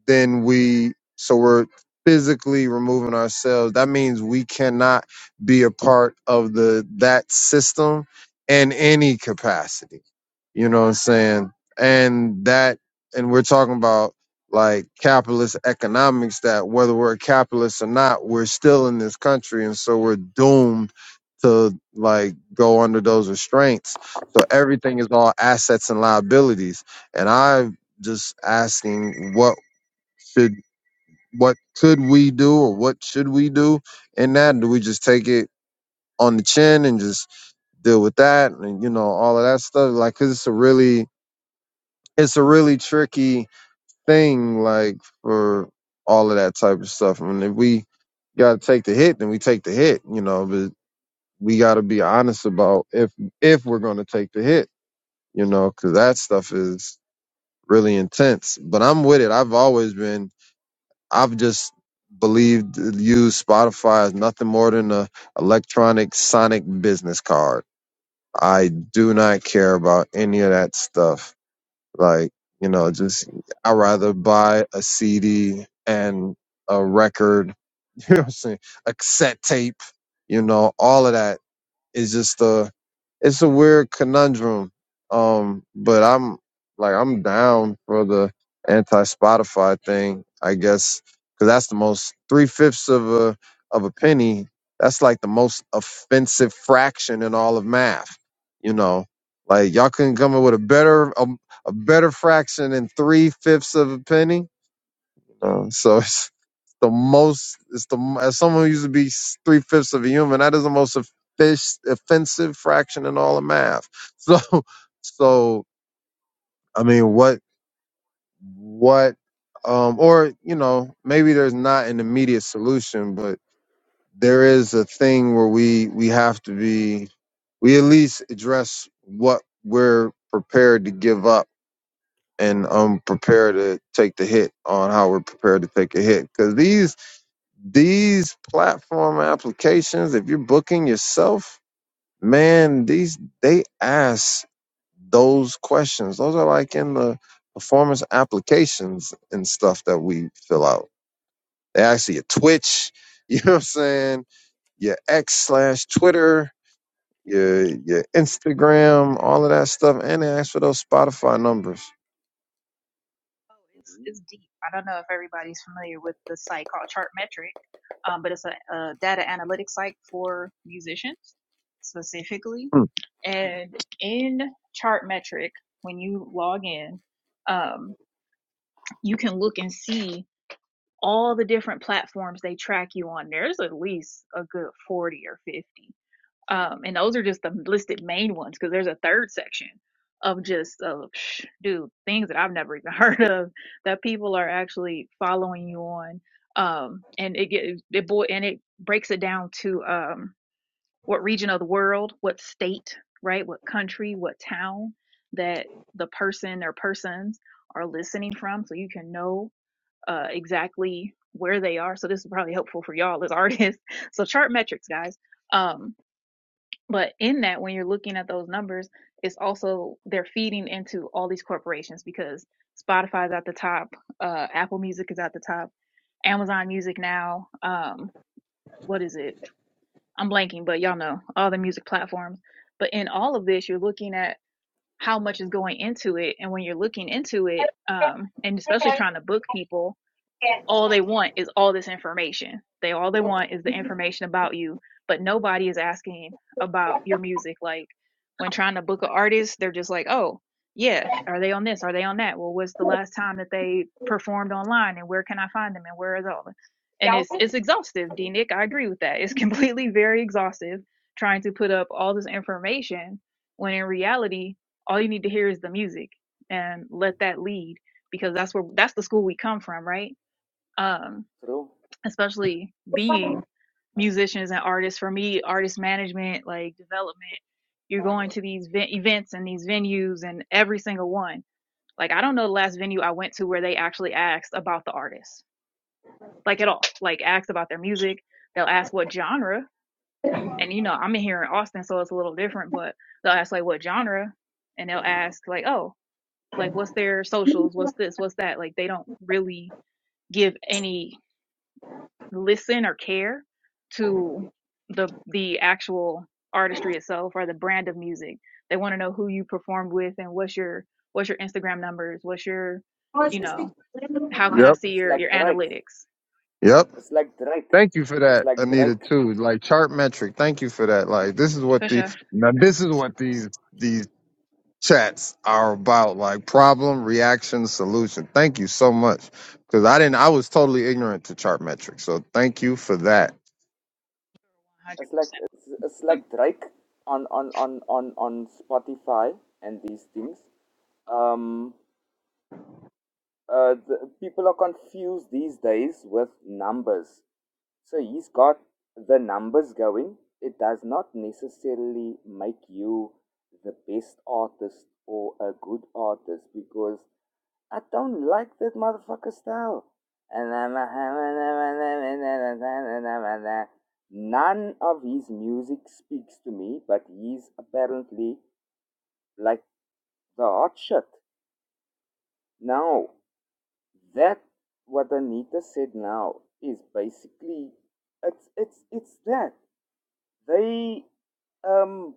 then we so we're physically removing ourselves that means we cannot be a part of the that system in any capacity you know what I'm saying? And that, and we're talking about like capitalist economics that whether we're capitalists or not, we're still in this country. And so we're doomed to like go under those restraints. So everything is all assets and liabilities. And I'm just asking what should, what could we do or what should we do in that? Do we just take it on the chin and just deal with that and you know all of that stuff like 'cause it's a really it's a really tricky thing, like for all of that type of stuff. I mean, if we got to take the hit, then we take the hit, you know. But we got to be honest about if if we're going to take the hit, you know, because that stuff is really intense. But I'm with it. I've always been. I've just believed use Spotify as nothing more than a electronic sonic business card. I do not care about any of that stuff Like, you know, just I'd rather buy a CD and a record, you know what I'm saying? A cassette tape, you know, all of that it's just a it's a weird conundrum. Um, but I'm like I'm down for the anti Spotify thing, I guess, because that's the most three fifths of a of a penny. That's like the most offensive fraction in all of math. You know, like y'all couldn't come up with a better a, a better fraction than three fifths of a penny. Um, so it's the most. It's the as someone who used to be three fifths of a human. That is the most offic- offensive fraction in all of math. So, so I mean, what, what, um, or you know, maybe there's not an immediate solution, but there is a thing where we we have to be. We at least address what we're prepared to give up and um prepared to take the hit on how we're prepared to take a hit because these These platform applications, if you're booking yourself, man, these they ask those questions. Those are like in the performance applications and stuff that we fill out. They ask your Twitch, you know what I'm saying, your X slash Twitter, your your Instagram, all of that stuff, and they ask for those Spotify numbers. Oh, it's Mhm. it's deep. I don't know if everybody's familiar with the site called Chartmetric, um, but it's a, a data analytics site for musicians specifically. Hmm. And in Chartmetric, when you log in, um, you can look and see all the different platforms they track you on. There's at least a good 40 or 50. Um, and those are just the listed main ones because there's a third section of just, uh, psh, dude, things that I've never even heard of that people are actually following you on. Um, and it get, it boy, and it breaks it down to, um, what region of the world, what state, right? What country, what town that the person or persons are listening from. So you can know uh, exactly where they are. So this is probably helpful for y'all as artists. So chart metrics, guys. Um, but in that, when you're looking at those numbers, it's also they're feeding into all these corporations because Spotify's at the top, uh, Apple Music is at the top, Amazon Music now. Um, what is it? I'm blanking, but y'all know all the music platforms. But in all of this, you're looking at how much is going into it, and when you're looking into it, um, and especially trying to book people, all they want is all this information. They all they want is the information about you, but nobody is asking about your music. Like when trying to book an artist, they're just like, "Oh, yeah, are they on this? Are they on that? Well, what's the last time that they performed online, and where can I find them, and where is all?" And it's it's exhaustive, D True, Nick. I agree with that. It's completely very exhaustive trying to put up all this information when in reality, all you need to hear is the music and let that lead because that's where that's the school we come from, right? um, true. especially It's, being musicians and artists. For me, artist management, like development, you're going to these events and these venues and every single one. Like, I don't know the last venue I went to where they actually asked about the artist, like at all, like asked about their music. They'll ask what genre. And, you know, I'm in here in Austin, so it's a little different, but they'll ask, like, what genre? And they'll ask, like, oh, like, what's their socials? What's this? What's that? Like, they don't really give any listen or care to the the actual artistry itself or the brand of music. They want to know who you performed with and what's your what's your Instagram numbers, what's your you know, how can I Yep. see it's your your like Drake. analytics? Yep. It's like Drake. Thank you for It's that, like Anita. Drake. Too like chart metric. Thank you for that. Like this is what For the sure. now this is what these these chats are about. Like problem, reaction, solution. Thank you so much because I didn't. I was totally ignorant to chart metric. So thank you for that. It's like it's, it's like Drake on on on on on Spotify and these things. Um, uh, the, people are confused these days with numbers. So he's got the numbers going. It does not necessarily make you the best artist or a good artist because I don't like that motherfucker style. None of his music speaks to me, but he's apparently like the hot shit. No, that what Anita said now is basically it's it's it's that they um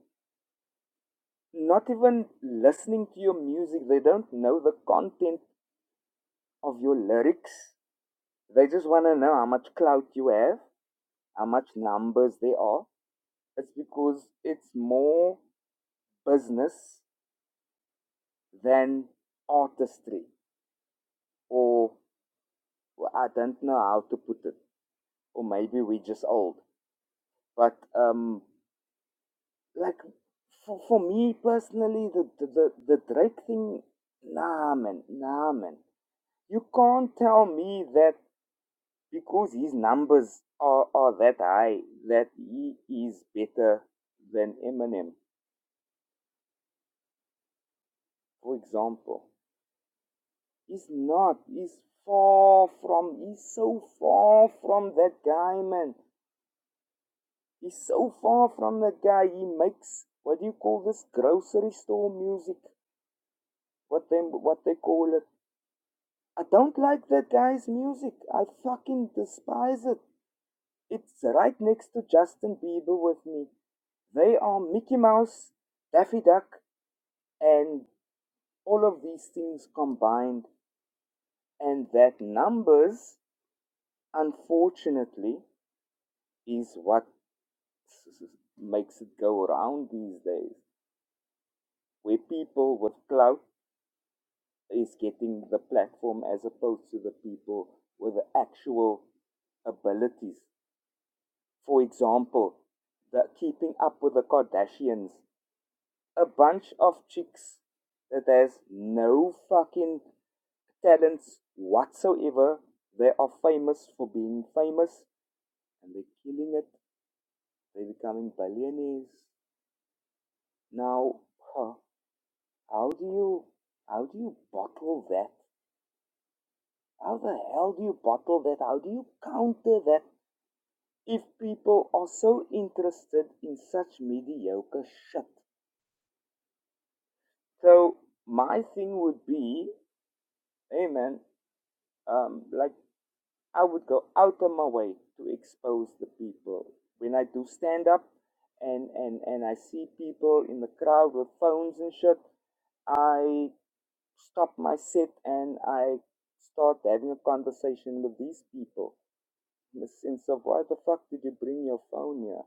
not even listening to your music they don't know the content of your lyrics they just want to know how much clout you have how much numbers they are it's because it's more business than artistry or well, i don't know how to put it or maybe we're just old but um Like for, for me personally, the, the the the Drake thing, nah man, nah man. You can't tell me that because his numbers are are that high that he is better than Eminem, for example. He's not. He's far from. He's so far from that guy, man. He's so far from that guy. He makes what do you call this grocery store music? What them? What they call it? I don't like that guy's music. I fucking despise it. It's right next to Justin Bieber with me. They are Mickey Mouse, Daffy Duck, and all of these things combined. And that numbers, unfortunately, is what makes it go around these days, where people with clout is getting the platform as opposed to the people with the actual abilities. For example, the Keeping Up with the Kardashians. A bunch of chicks that has no fucking talents whatsoever. They are famous for being famous and they're killing it. They're becoming billionaires. Now, huh, how do you how do you bottle that? How the hell do you bottle that? How do you counter that if people are so interested in such mediocre shit? So my thing would be, hey man, um, like I would go out of my way to expose the people when I do stand up, and and and I see people in the crowd with phones and shit. I stop my set and I start having a conversation with these people in the sense of why the fuck did you bring your phone here?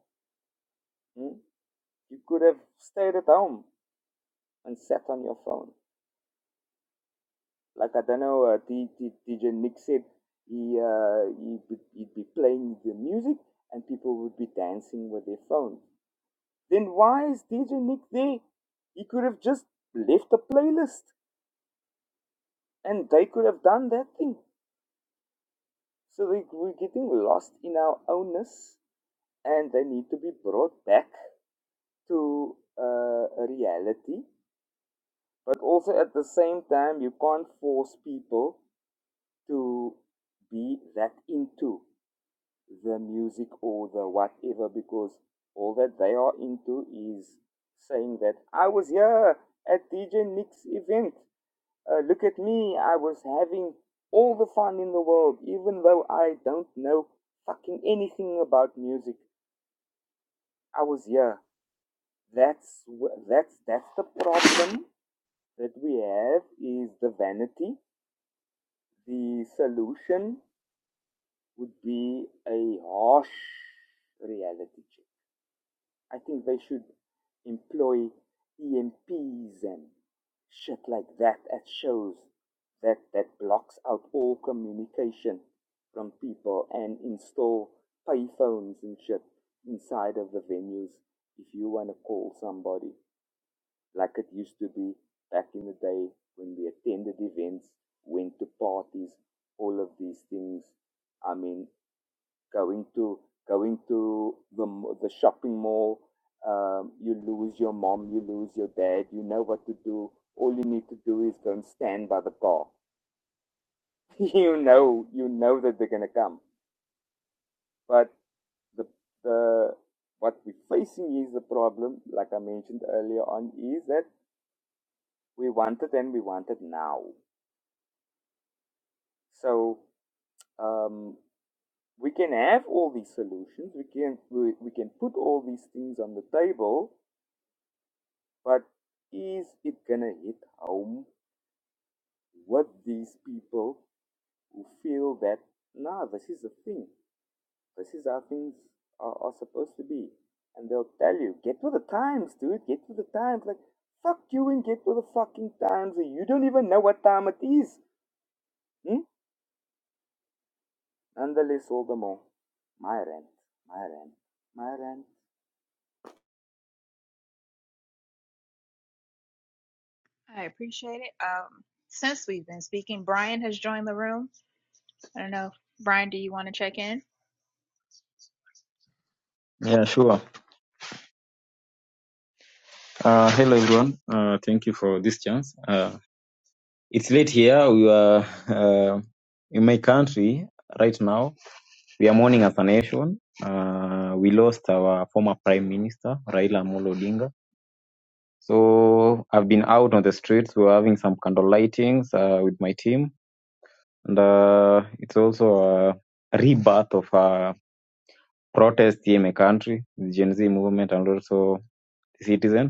Hmm? You could have stayed at home and sat on your phone. Like I don't know, uh, D- D- DJ Nick said he uh, he'd, be, he'd be playing the music and people would be dancing with their phone. Then why is DJ Nick there? He could have just left a playlist and they could have done that thing. So they, we're getting lost in our ownness and they need to be brought back to uh, a reality. But also at the same time, you can't force people to be that into. the music or the whatever because all that they are into is saying that I was here at DJ Nick's event. Uh, look at me, I was having all the fun in the world, even though I don't know fucking anything about music. I was here. That's that's that's the problem that we have is the vanity. The solution would be a harsh reality check I think they should employ EMPs and shit like that at shows that, that blocks out all communication from people and install payphones and shit inside of the venues if you want to call somebody like it used to be back in the day when we attended events, went to parties, all of these things. I mean, going to going to the the shopping mall. Um, you lose your mom, you lose your dad. You know what to do. All you need to do is go and stand by the car. you know, you know that they're gonna come. But the the what we're facing is the problem. Like I mentioned earlier on, is that we want it and we want it now. So um, we can have all these solutions. We can we, we can put all these things on the table, But is it gonna hit home with these people who feel that nah, this is the thing, this is how things are, are supposed to be, and they'll tell you, get with the times, dude, get with the times. Like fuck you and get with the fucking times, and you don't even know what time it is. Hmm? Nonetheless, all the more, my rant, my rant, my rant. I appreciate it. Um, since we've been speaking, Brian has joined the room. I don't know, Brian, do you want to check in? Yeah, sure. Uh, hello, everyone. Uh, thank you for this chance. Uh, it's late here. We are uh, in my country right now. We are mourning as a nation. Uh, we lost our former prime minister, Raila Amolo Odinga. So I've been out on the streets. We're having some candle lightings uh, with my team. And uh, it's also a rebirth of a protest here in my country, the Gen Z movement and also the citizens.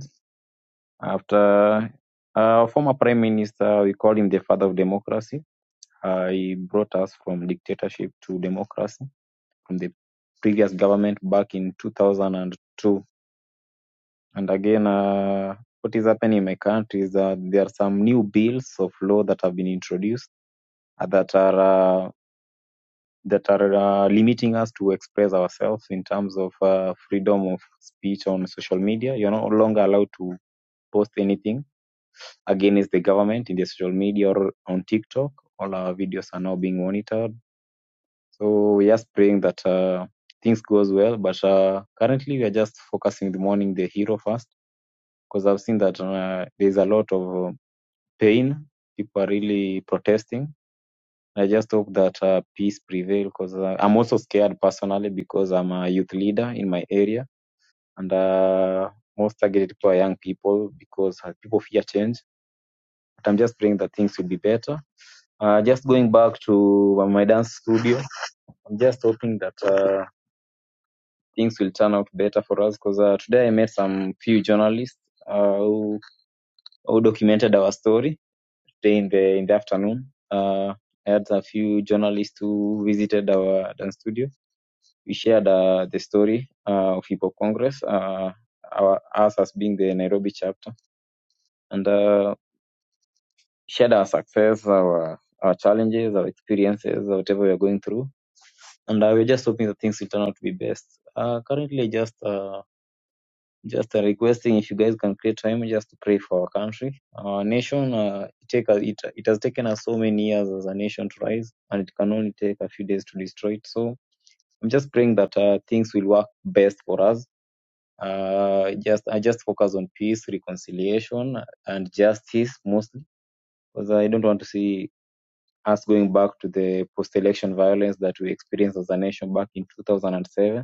After uh, former prime minister, we call him the father of democracy. Uh, he brought us from dictatorship to democracy from the previous government back in 2002. And again, uh, what is happening in my country is that there are some new bills of law that have been introduced uh, that are uh, that are uh, limiting us to express ourselves in terms of uh, freedom of speech on social media. You're no longer allowed to post anything against the government in the social media or on TikTok. All our videos are now being monitored. So we're just praying that uh, things goes well. But uh, currently, we are just focusing the morning the hero first because I've seen that uh, there's a lot of uh, pain. People are really protesting. I just hope that uh, peace prevails because uh, I'm also scared personally because I'm a youth leader in my area and uh, most targeted people are young people because uh, people fear change. But I'm just praying that things will be better Uh, just going back to uh, my dance studio, I'm just hoping that uh, things will turn out better for us because uh, today I met some few journalists uh, who, who documented our story today in the in the afternoon. Uh, I had a few journalists who visited our dance studio. We shared uh, the story uh, of Hip Hop Congress, uh, our, us as being the Nairobi chapter, and uh, shared our success, our our challenges, our experiences, whatever we are going through and I was just hoping that things will turn out to be best. Uh, currently, just uh, just uh, requesting if you guys can create time just to pray for our country, our nation. Uh, it take us, it it has taken us so many years as a nation to rise, and it can only take a few days to destroy it. So I'm just praying that uh, things will work best for us. Uh, just I just focus on peace, reconciliation, and justice mostly, because I don't want to see us going back to the post-election violence that we experienced as a nation back in 2007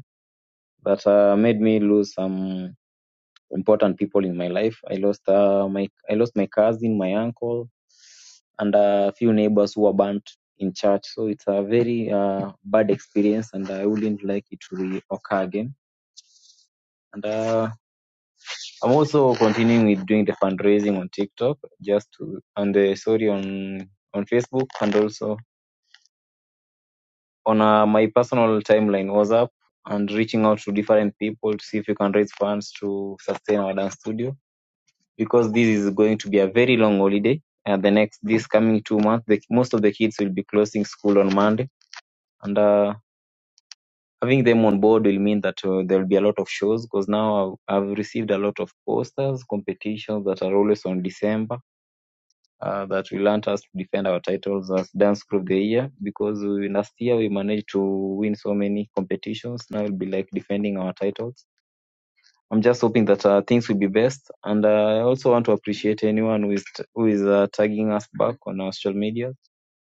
that uh, made me lose some important people in my life. I lost uh, my I lost my cousin, my uncle, and a few neighbors who were burnt in church. So it's a very uh, bad experience, and I wouldn't like it to occur again. And uh, I'm also continuing with doing the fundraising on TikTok, just to and the sorry on on Facebook, and also on uh, my personal timeline WhatsApp, and reaching out to different people to see if you can raise funds to sustain our dance studio because this is going to be a very long holiday. Uh, the next this coming two months, the, most of the kids will be closing school on Monday, and uh, having them on board will mean that uh, there will be a lot of shows because now I've, I've received a lot of posters, competitions that are always on December. Uh, that will want us to defend our titles as dance group of the year because we, last year we managed to win so many competitions. Now we'll be like defending our titles I'm just hoping that uh, things will be best, and uh, I also want to appreciate anyone who is t- who is uh, tagging us back on our social media.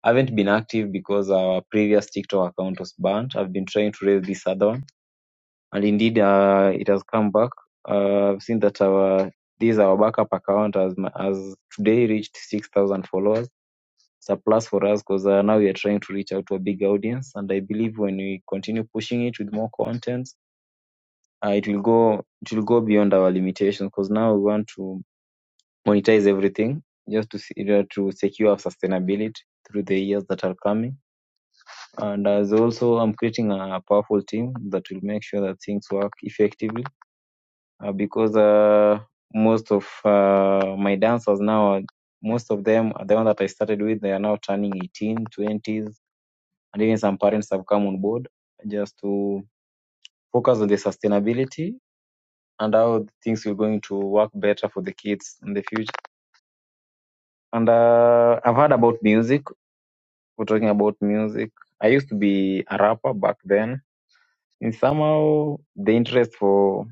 I haven't been active because our previous TikTok account was banned. I've been trying to raise this other one, and indeed, uh, it has come back. Uh, I've seen that our this our backup account has has today reached six thousand followers. It's a plus for us because uh, now we are trying to reach out to a big audience, and I believe when we continue pushing it with more content uh, it will go it will go beyond our limitations because now we want to monetize everything just to see, uh, to secure our sustainability through the years that are coming. And as also, I'm creating a powerful team that will make sure that things work effectively uh, because uh, most of uh, my dancers now, are- most of them, the one that I started with, they are now turning 18, 20s, and even some parents have come on board just to focus on the sustainability and how things were going to work better for the kids in the future. And uh, I've heard about music. We're talking about music. I used to be a rapper back then. And somehow the interest for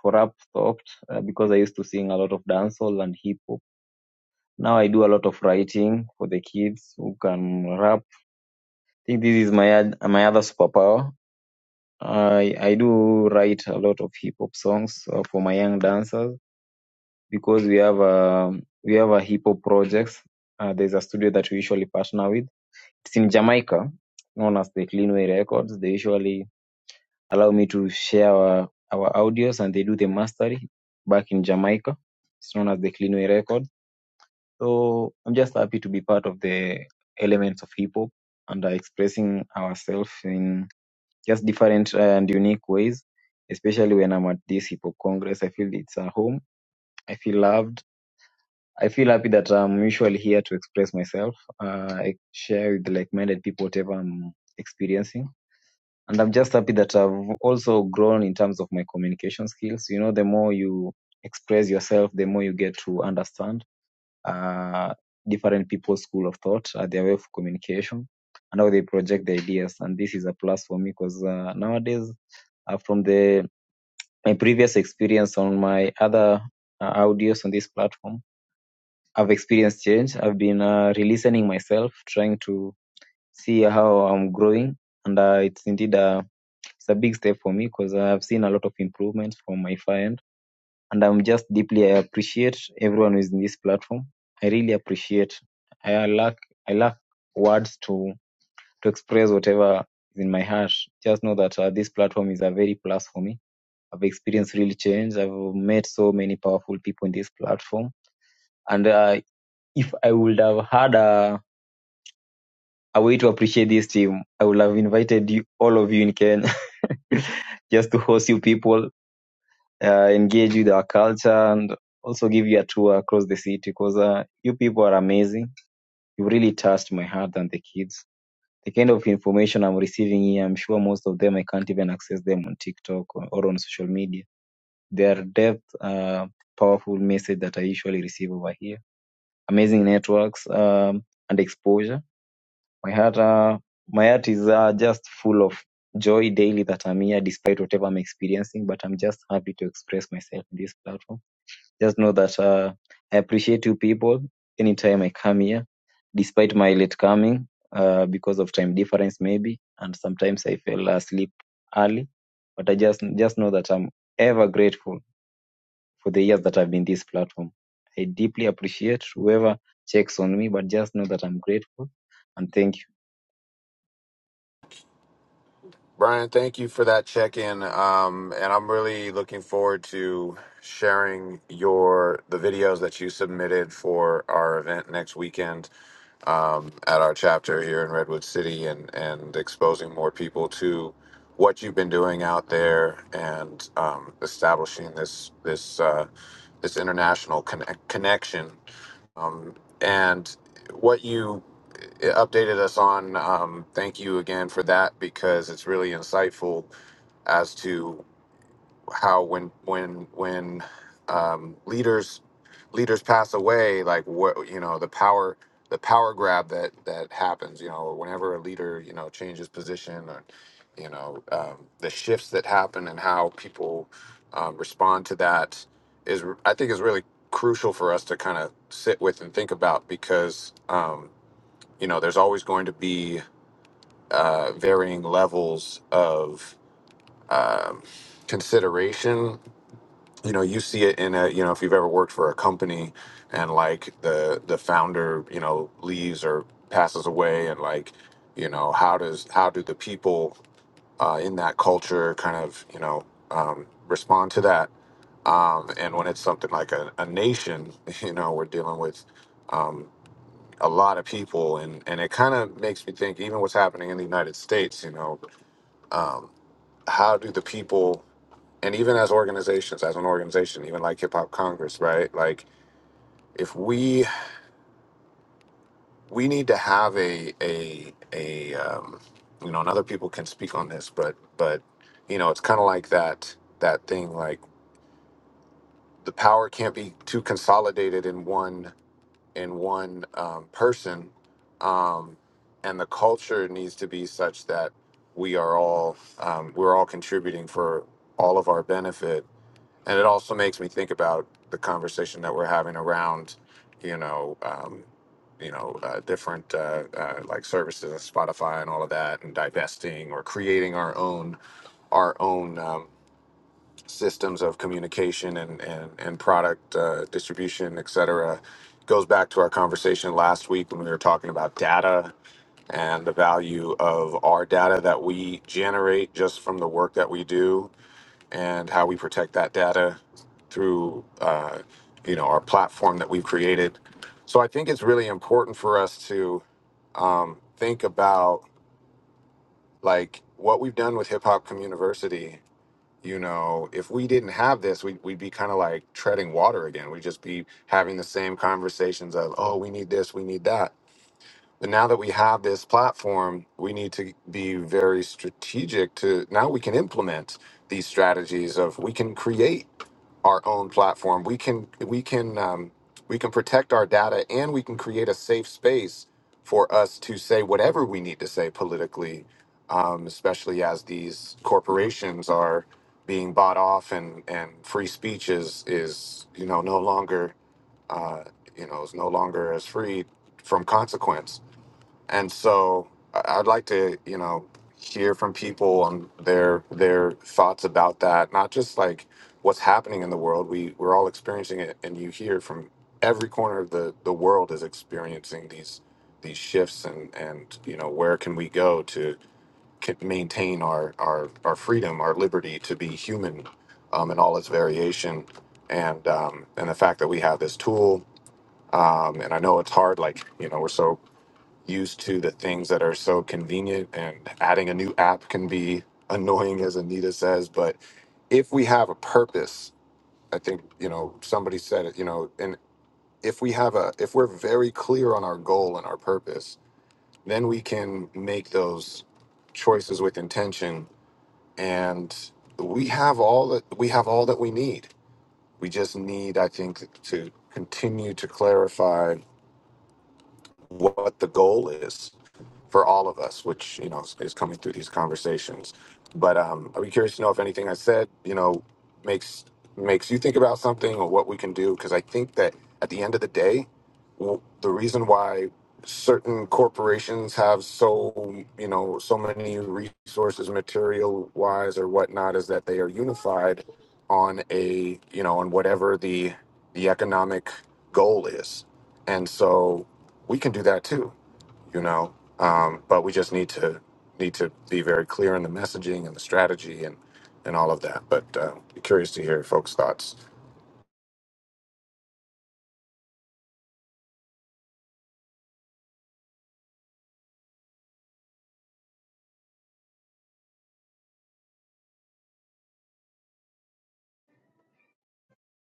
for rap stopped uh, because I used to sing a lot of dancehall and hip hop. Now I do a lot of writing for the kids who can rap. I think this is my oth- my other superpower. I I do write a lot of hip hop songs uh, for my young dancers because we have a we have a hip hop projects. Uh, there's a studio that we usually partner with. It's in Jamaica, known as the Cleanway Records. They usually allow me to share our, our audios and they do the mastering back in Jamaica. It's known as the Cleanway Records. So I'm just happy to be part of the elements of hip hop and uh, expressing ourselves in just different uh, and unique ways. Especially when I'm at this hip hop congress, I feel it's a home. I feel loved I feel happy that I'm usually here to express myself. Uh, I share with like-minded people whatever I'm experiencing. And I'm just happy that I've also grown in terms of my communication skills. You know, the more you express yourself, the more you get to understand uh, different people's school of thought, uh, their way of communication, and how they project their ideas. And this is a plus for me because uh, nowadays, uh, from the my previous experience on my other uh, audios on this platform, I've experienced change. I've been uh, re-listening myself, trying to see how I'm growing, and uh, it's indeed a it's a big step for me because I've seen a lot of improvements from my far end, and I'm just deeply I appreciate everyone who's in this platform. I really appreciate. I lack I lack words to to express whatever is in my heart. Just know that uh, this platform is a very plus for me. I've experienced real change. I've met so many powerful people in this platform, and uh, if I would have had a a way to appreciate this team. I would have invited you, all of you in Kenya, just to host you people, uh, engage with our culture, and also give you a tour across the city because uh, you people are amazing. You really touched my heart and the kids. The kind of information I'm receiving here, I'm sure most of them I can't even access them on TikTok or, or on social media. Their depth, uh, powerful message that I usually receive over here. Amazing networks um, and exposure My heart, uh, my heart is uh, just full of joy daily that I'm here, despite whatever I'm experiencing. But I'm just happy to express myself in this platform. Just know that uh, I appreciate you people anytime I come here, despite my late coming uh, because of time difference maybe, and sometimes I fell asleep early. But I just just know that I'm ever grateful for the years that I've been this platform. I deeply appreciate whoever checks on me, but just know that I'm grateful and thank you. Brian, thank you for that check in. Um, and I'm really looking forward to sharing your the videos that you submitted for our event next weekend um, at our chapter here in Redwood City and, and exposing more people to what you've been doing out there and um, establishing this this uh, this international connect- connection um, and what you it updated us on. Um, thank you again for that because it's really insightful as to how when when when um, leaders leaders pass away, like what you know the power the power grab that that happens. You know, whenever a leader you know changes position or you know um, the shifts that happen and how people um, respond to that is I think is really crucial for us to kind of sit with and think about because. Um, you know, there's always going to be uh, varying levels of um, consideration. You know, you see it in a, you know, if you've ever worked for a company and like the the founder, you know, leaves or passes away, and like, you know, how does how do the people uh, in that culture kind of, you know, um, respond to that? Um, and when it's something like a, a nation, you know, we're dealing with. um, a lot of people and and it kind of makes me think even what's happening in the united states you know um how do the people and even as organizations as an organization even like hip hop congress right like if we we need to have a a a um you know and other people can speak on this but but you know it's kind of like that that thing like the power can't be too consolidated in one in one um, person. Um, and the culture needs to be such that we are all um, we're all contributing for all of our benefit. And it also makes me think about the conversation that we're having around, you know, um, you know, uh, different uh, uh, like services, like Spotify, and all of that, and divesting or creating our own our own. Um, systems of communication and and, and product uh, distribution, et cetera, goes back to our conversation last week when we were talking about data and the value of our data that we generate just from the work that we do and how we protect that data through uh, you know our platform that we've created. So I think it's really important for us to um, think about like what we've done with Hip Hop Community you know if we didn't have this we, would we'd be kind of like treading water again we'd just be having the same conversations of oh we need this we need that but now that we have this platform, we need to be very strategic to now we can implement these strategies of we can create our own platform. We can we can um, we can protect our data and we can create a safe space for us to say whatever we need to say politically, um, especially as these corporations are being bought off and and free speech is is you know no longer uh, you know is no longer as free from consequence and so I- I'd like to, you know, hear from people on their their thoughts about that. Not just like what's happening in the world. We we're all experiencing it, and you hear from every corner of the the world is experiencing these these shifts, and and you know where can we go to ca- maintain our our our freedom, our liberty to be human, um, in all its variation, and um, and the fact that we have this tool. Um, and I know it's hard, like you know, we're so used to the things that are so convenient and adding a new app can be annoying as anita says but if we have a purpose i think you know somebody said it you know and if we have a if we're very clear on our goal and our purpose then we can make those choices with intention and we have all that we have all that we need we just need i think to continue to clarify what the goal is for all of us, which you know is, is coming through these conversations. But um, I'd be curious to know if anything I said, you know, makes makes you think about something or what we can do. Because I think that at the end of the day, w- the reason why certain corporations have so you know so many resources, material wise or whatnot, is that they are unified on a you know on whatever the the economic goal is, and so we can do that too you know. Um, but we just need to need to be very clear in the messaging and the strategy and and all of that. But uh, be curious to hear folks' thoughts.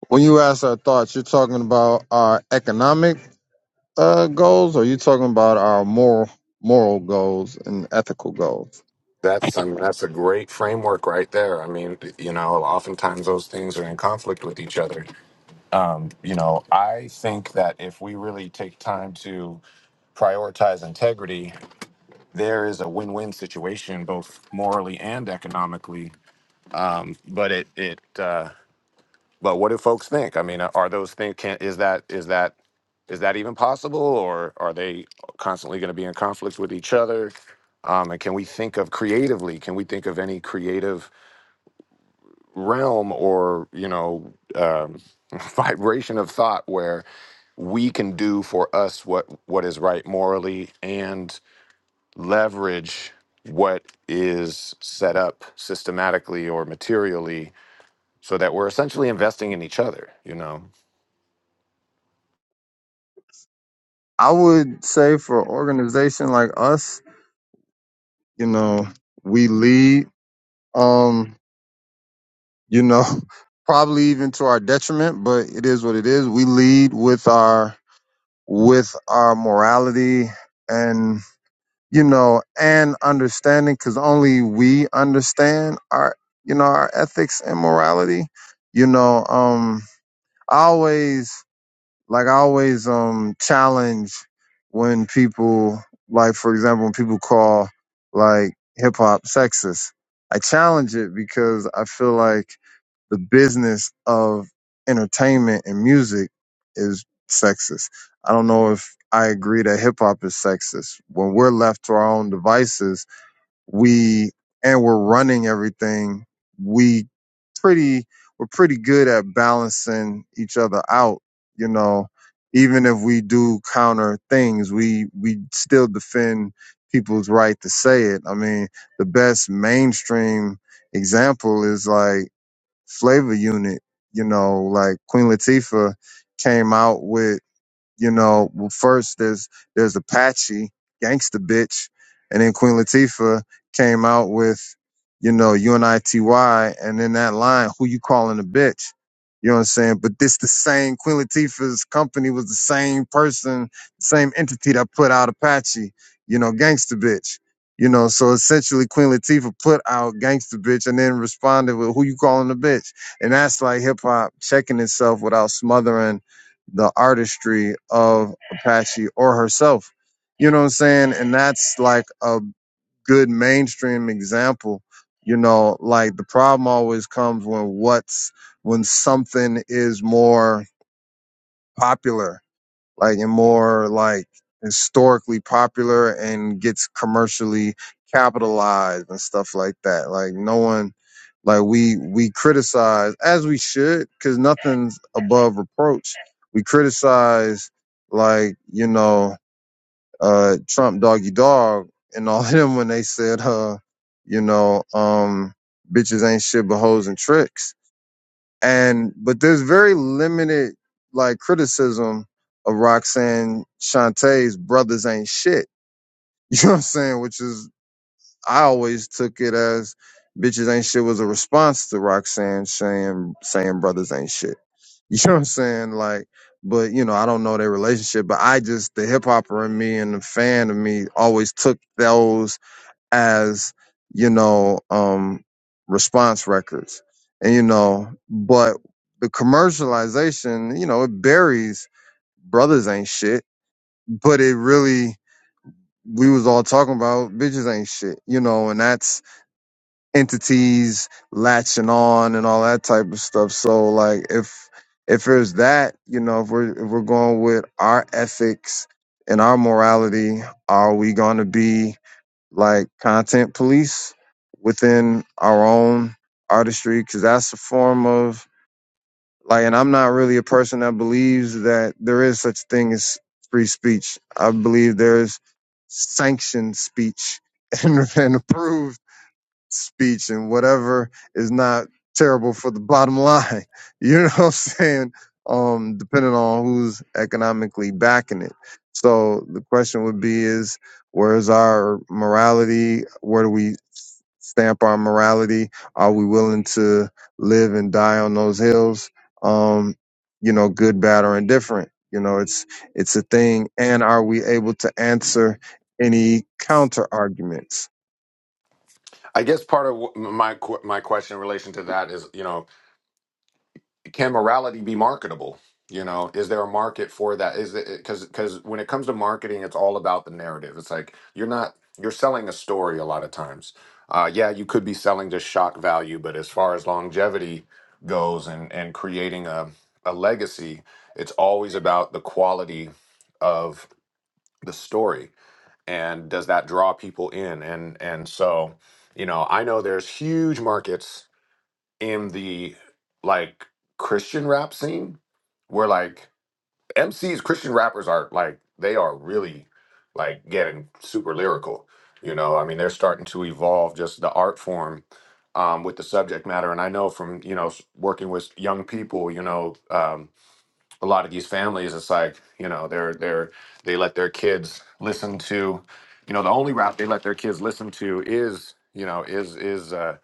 When you ask our thoughts, you're talking about our economic uh, goals, or you talking about our moral moral goals and ethical goals. That's I mean, that's a great framework right there. I mean, you know, oftentimes those things are in conflict with each other. Um, you know, I think that if we really take time to prioritize integrity, there is a win-win situation both morally and economically. But it it uh, But what do folks think? I mean, are those things? can is that is that is that even possible, or are they constantly going to be in conflict with each other? Um, and can we think of creatively? Can we think of any creative realm or you know um, vibration of thought where we can do for us what what is right morally and leverage what is set up systematically or materially so that we're essentially investing in each other you know I would say for an organization like us, you know, we lead, um, you know, probably even to our detriment, but it is what it is. We lead with our with our morality you know, and understanding because only we understand our, you know, our ethics and morality. You know, um, I always like I always um challenge when people like, for example, when people call like hip hop sexist. I challenge it because I feel like the business of entertainment and music is sexist. I don't know if I agree that hip hop is sexist. When we're left to our own devices, we and we're running everything, we pretty we're pretty good at balancing each other out, you know. Even if we do counter things, we we still defend people's right to say it. I mean, the best mainstream example is like flavor unit. You know, like Queen Latifah came out with you know, well, first there's there's Apache, Gangsta Bitch, and then Queen Latifah came out with, you know, UNITY, and then that line, who you calling a bitch? You know what I'm saying? But this the same Queen Latifah's company was the same person, same entity that put out Apache, you know, Gangsta Bitch. You know, so essentially Queen Latifah put out Gangsta Bitch and then responded with who you calling a bitch. And that's like hip hop checking itself without smothering the artistry of Apache or herself. You know what I'm saying? And that's like a good mainstream example. You know, like the problem always comes when what's when something is more popular like and more like historically popular and gets commercially capitalized and stuff like that. Like no one like we we criticize as we should cuz nothing's above reproach. We criticize like, you know, uh Trump doggy dog and all of them when they said uh you know, um bitches ain't shit but hoes and tricks and but there's very limited like criticism of Roxanne Shantae's brothers ain't shit. You know what I'm saying? Which is I always took it as bitches ain't shit was a response to Roxanne saying saying brothers ain't shit. You know what I'm saying? Like, but you know I don't know their relationship, but I just the hip hopper in me and the fan of me always took those as you know um response records and you know but the commercialization you know it buries brothers ain't shit but it really we was all talking about bitches ain't shit you know and that's entities latching on and all that type of stuff so like if if there's that you know if we're if we're going with our ethics and our morality are we going to be like content police within our own artistry because that's a form of like and i'm not really a person that believes that there is such thing as free speech i believe there's sanctioned speech and, and approved speech and whatever is not terrible for the bottom line. You know what I'm saying? Um, depending on who's economically backing it. So the question would be is where's our morality? Where do we s- stamp our morality? Are we willing to live and die on those hills? Um, you know, good, bad, or indifferent. You know, it's it's a thing. And are we able to answer any counter arguments? I guess part of wh- my qu- my question in relation to that is, you know, can morality be marketable? You know, is there a market for that? Is it because because when it comes to marketing, it's all about the narrative. It's like you're not you're selling a story a lot of times. Uh, yeah, you could be selling just shock value, but as far as longevity goes and and creating a a legacy, it's always about the quality of the story and does that draw people in and and so you know i know there's huge markets in the like christian rap scene where like mcs christian rappers are like they are really like getting super lyrical you know i mean they're starting to evolve just the art form um, with the subject matter and i know from you know s- working with young people you know um, a lot of these families it's like you know they're they're they let their kids listen to you know the only rap they let their kids listen to is you know is is uh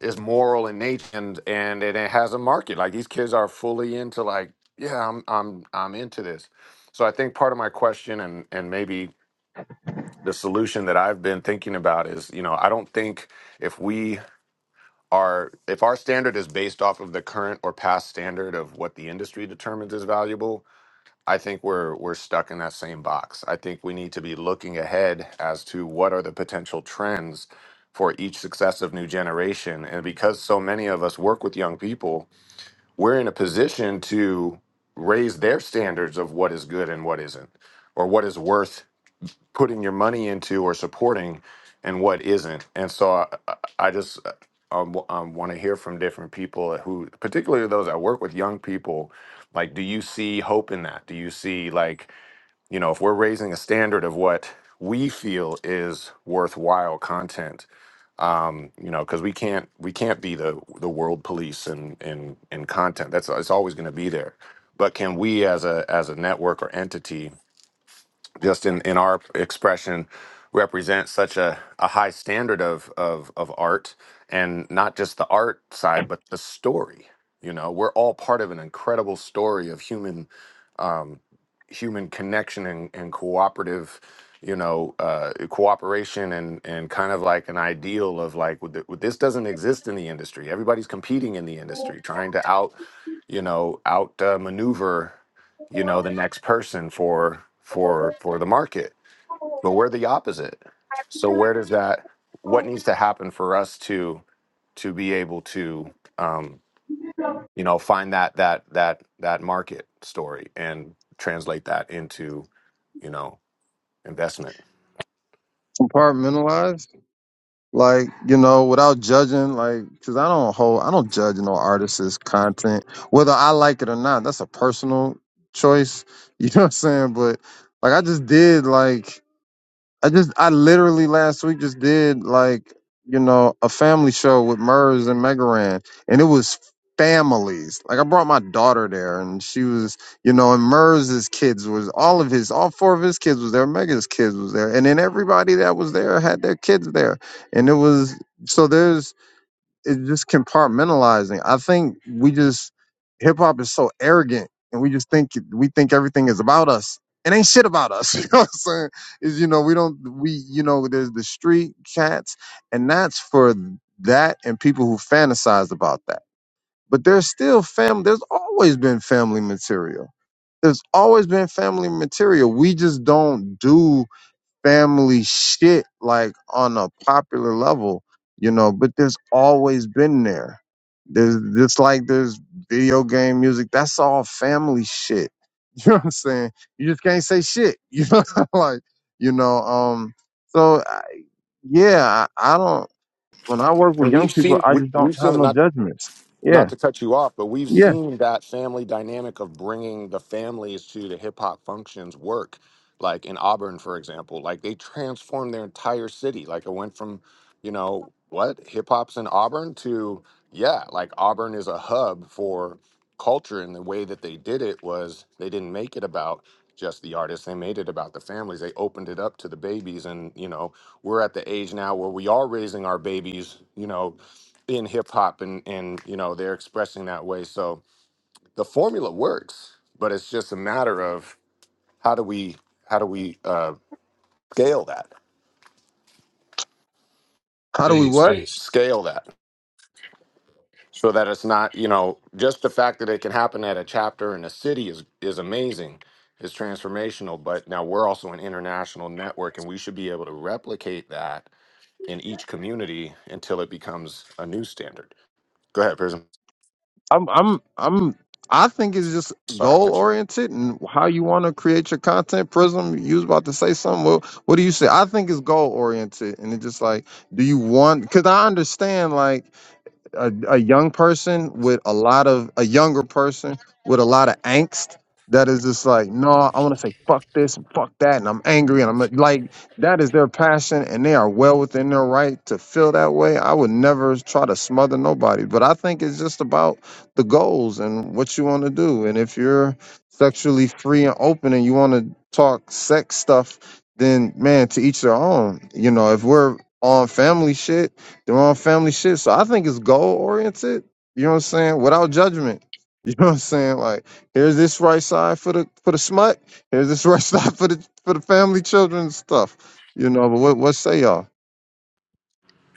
is moral in nature and and it, it has a market like these kids are fully into like yeah i'm i'm i'm into this so i think part of my question and and maybe the solution that i've been thinking about is you know i don't think if we are if our standard is based off of the current or past standard of what the industry determines is valuable I think we're we're stuck in that same box. I think we need to be looking ahead as to what are the potential trends for each successive new generation. And because so many of us work with young people, we're in a position to raise their standards of what is good and what isn't, or what is worth putting your money into or supporting and what isn't. And so I, I I just um, want to hear from different people who, particularly those that work with young people, like, do you see hope in that? Do you see, like, you know, if we're raising a standard of what we feel is worthwhile content, um, you know, because we can't we can't be the the world police in in in content. That's it's always going to be there. But can we, as a as a network or entity, just in, in our expression represent such a, a high standard of, of of art and not just the art side but the story you know we're all part of an incredible story of human um, human connection and, and cooperative you know uh, cooperation and and kind of like an ideal of like with the- with- this doesn't exist in the industry everybody's competing in the industry trying to out you know out uh, maneuver you know the next person for for for the market but we're the opposite so where does that what needs to happen for us to to be able to um you know find that that that that market story and translate that into you know investment Compartmentalize? like you know without judging like because i don't hold i don't judge no artist's content whether i like it or not that's a personal choice you know what i'm saying but like i just did like I just I literally last week just did like you know a family show with Murs and Megaran, and it was families. Like I brought my daughter there, and she was you know, and Murs's kids was all of his, all four of his kids was there. Mega's kids was there, and then everybody that was there had their kids there, and it was so there's it's just compartmentalizing. I think we just hip hop is so arrogant, and we just think we think everything is about us. It ain't shit about us. You know what I'm saying? Is you know we don't we you know there's the street cats, and that's for that and people who fantasize about that. But there's still family. There's always been family material. There's always been family material. We just don't do family shit like on a popular level, you know, but there's always been there. There's just like there's video game music, that's all family shit. You know what I'm saying? You just can't say shit. You know like, you know, um so I- yeah, I, I don't when I work with and young we've people, seen I we, just don't we've have seen no not judgments. Yeah. not to cut you off, but we've Yeah. seen that family dynamic of bringing the families to the hip hop functions work. Like in Auburn, for example, like they transformed their entire city. Like it went from, you know, what hip hop's in Auburn to, yeah, like Auburn is a hub for culture. And the way that they did it was they didn't make it about just the artists, they made it about the families. They opened it up to the babies. And, you know, we're at the age now where we are raising our babies, you know, in hip hop and and you know they're expressing that way so the formula works but it's just a matter of how do we how do we uh, scale that How do we Peace, what? peace, scale that so that it's not you know just the fact that it can happen at a chapter in a city is is amazing is transformational but now we're also an international network and we should be able to replicate that in each community until it becomes a new standard go ahead prism I'm I'm I'm I think it's just sorry I goal cut you off. oriented and how you want to create your content. Prism, you was about to say something. Well, what do you say? I think it's goal oriented and it's just like, do you want? Because I understand like a, a young person with a lot of a younger person with a lot of angst that is just like no i want to say fuck this and fuck that and i'm angry and i'm like that is their passion and they are well within their right to feel that way i would never try to smother nobody but i think it's just about the goals and what you want to do and if you're sexually free and open and you want to talk sex stuff then man to each their own you know if we're on family shit they're family shit. So I think it's goal oriented. You know what I'm saying? Without judgment. You know what I'm saying? Like, here's this right side for the for the smut. Here's this right side for the for the family children and stuff. You know, but what what say y'all?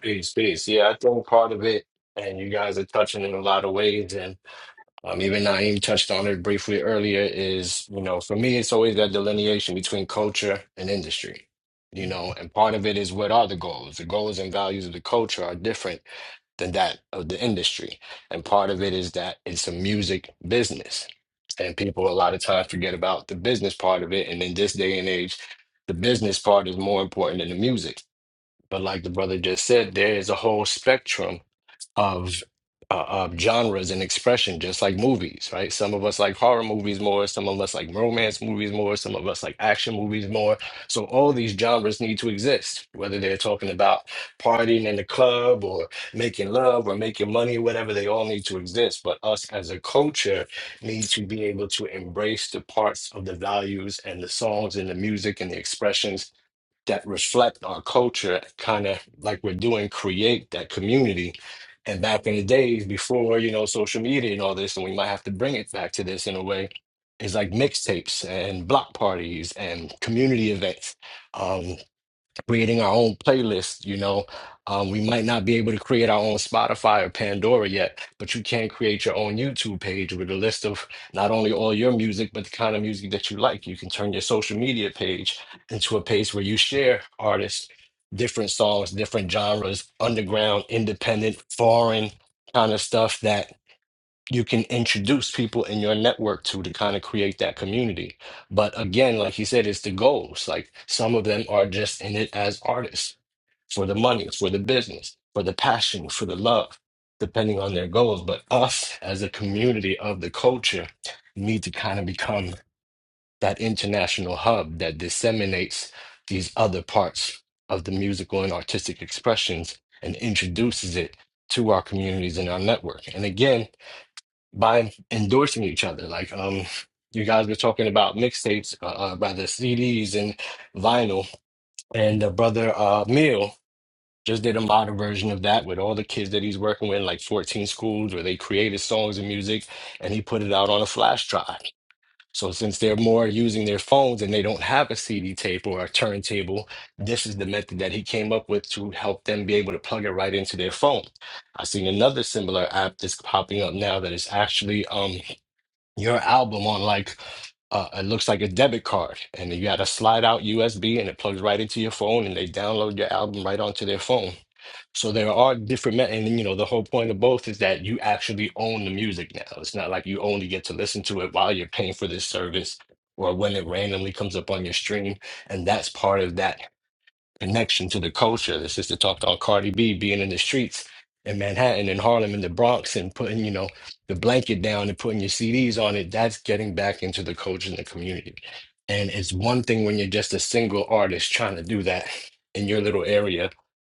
peace, peace. Yeah, I think part of it, and you guys are touching in a lot of ways. and. Um, even Naeem touched on it briefly earlier, is, you know, for me, it's always that delineation between culture and industry, you know, and part of it is what are the goals? The goals and values of the culture are different than that of the industry. And part of it is that it's a music business. And people a lot of times forget about the business part of it. And in this day and age, the business part is more important than the music. But like the brother just said, there is a whole spectrum of uh, uh, genres and expression, just like movies, right? Some of us like horror movies more, some of us like romance movies more, some of us like action movies more. So all these genres need to exist, whether they're talking about partying in the club or making love or making money, whatever, they all need to exist. But us as a culture need to be able to embrace the parts of the values and the songs and the music and the expressions that reflect our culture, kind of like we're doing, create that community. And back in the days before, you know, social media and all this, and we might have to bring it back to this in a way, is like mixtapes and block parties and community events. Um, creating our own playlist. You know, um, we might not be able to create our own Spotify or Pandora yet, but you can create your own YouTube page with a list of not only all your music, but the kind of music that you like. You can turn your social media page into a page where you share artists, different songs, different genres, underground, independent, foreign kind of stuff that you can introduce people in your network to to kind of create that community. But again, like you said, it's the goals. Like some of them are just in it as artists for the money, for the business, for the passion, for the love, depending on their goals. But us as a community of the culture need to kind of become that international hub that disseminates these other parts of the musical and artistic expressions and introduces it to our communities and our network. And again, by endorsing each other. Like um, you guys were talking about mixtapes, uh, uh, rather CDs and vinyl, and the brother uh Mill just did a modern version of that with all the kids that he's working with, like 14 schools, where they created songs and music, and he put it out on a flash drive. So since they're more using their phones and they don't have a CD tape or a turntable, this is the method that he came up with to help them be able to plug it right into their phone. I've seen another similar app that's popping up now that is actually um your album on like uh, it looks like a debit card, and you got a slide out USB, and it plugs right into your phone, and they download your album right onto their phone. So there are different, me- and you know the whole point of both is that you actually own the music now. It's not like you only get to listen to it while you're paying for this service or when it randomly comes up on your stream, and that's part of that connection to the culture. The sister talked about Cardi B being in the streets in Manhattan and Harlem and the Bronx and putting, you know, the blanket down and putting your CDs on it. That's getting back into the culture and the community. And it's one thing when you're just a single artist trying to do that in your little area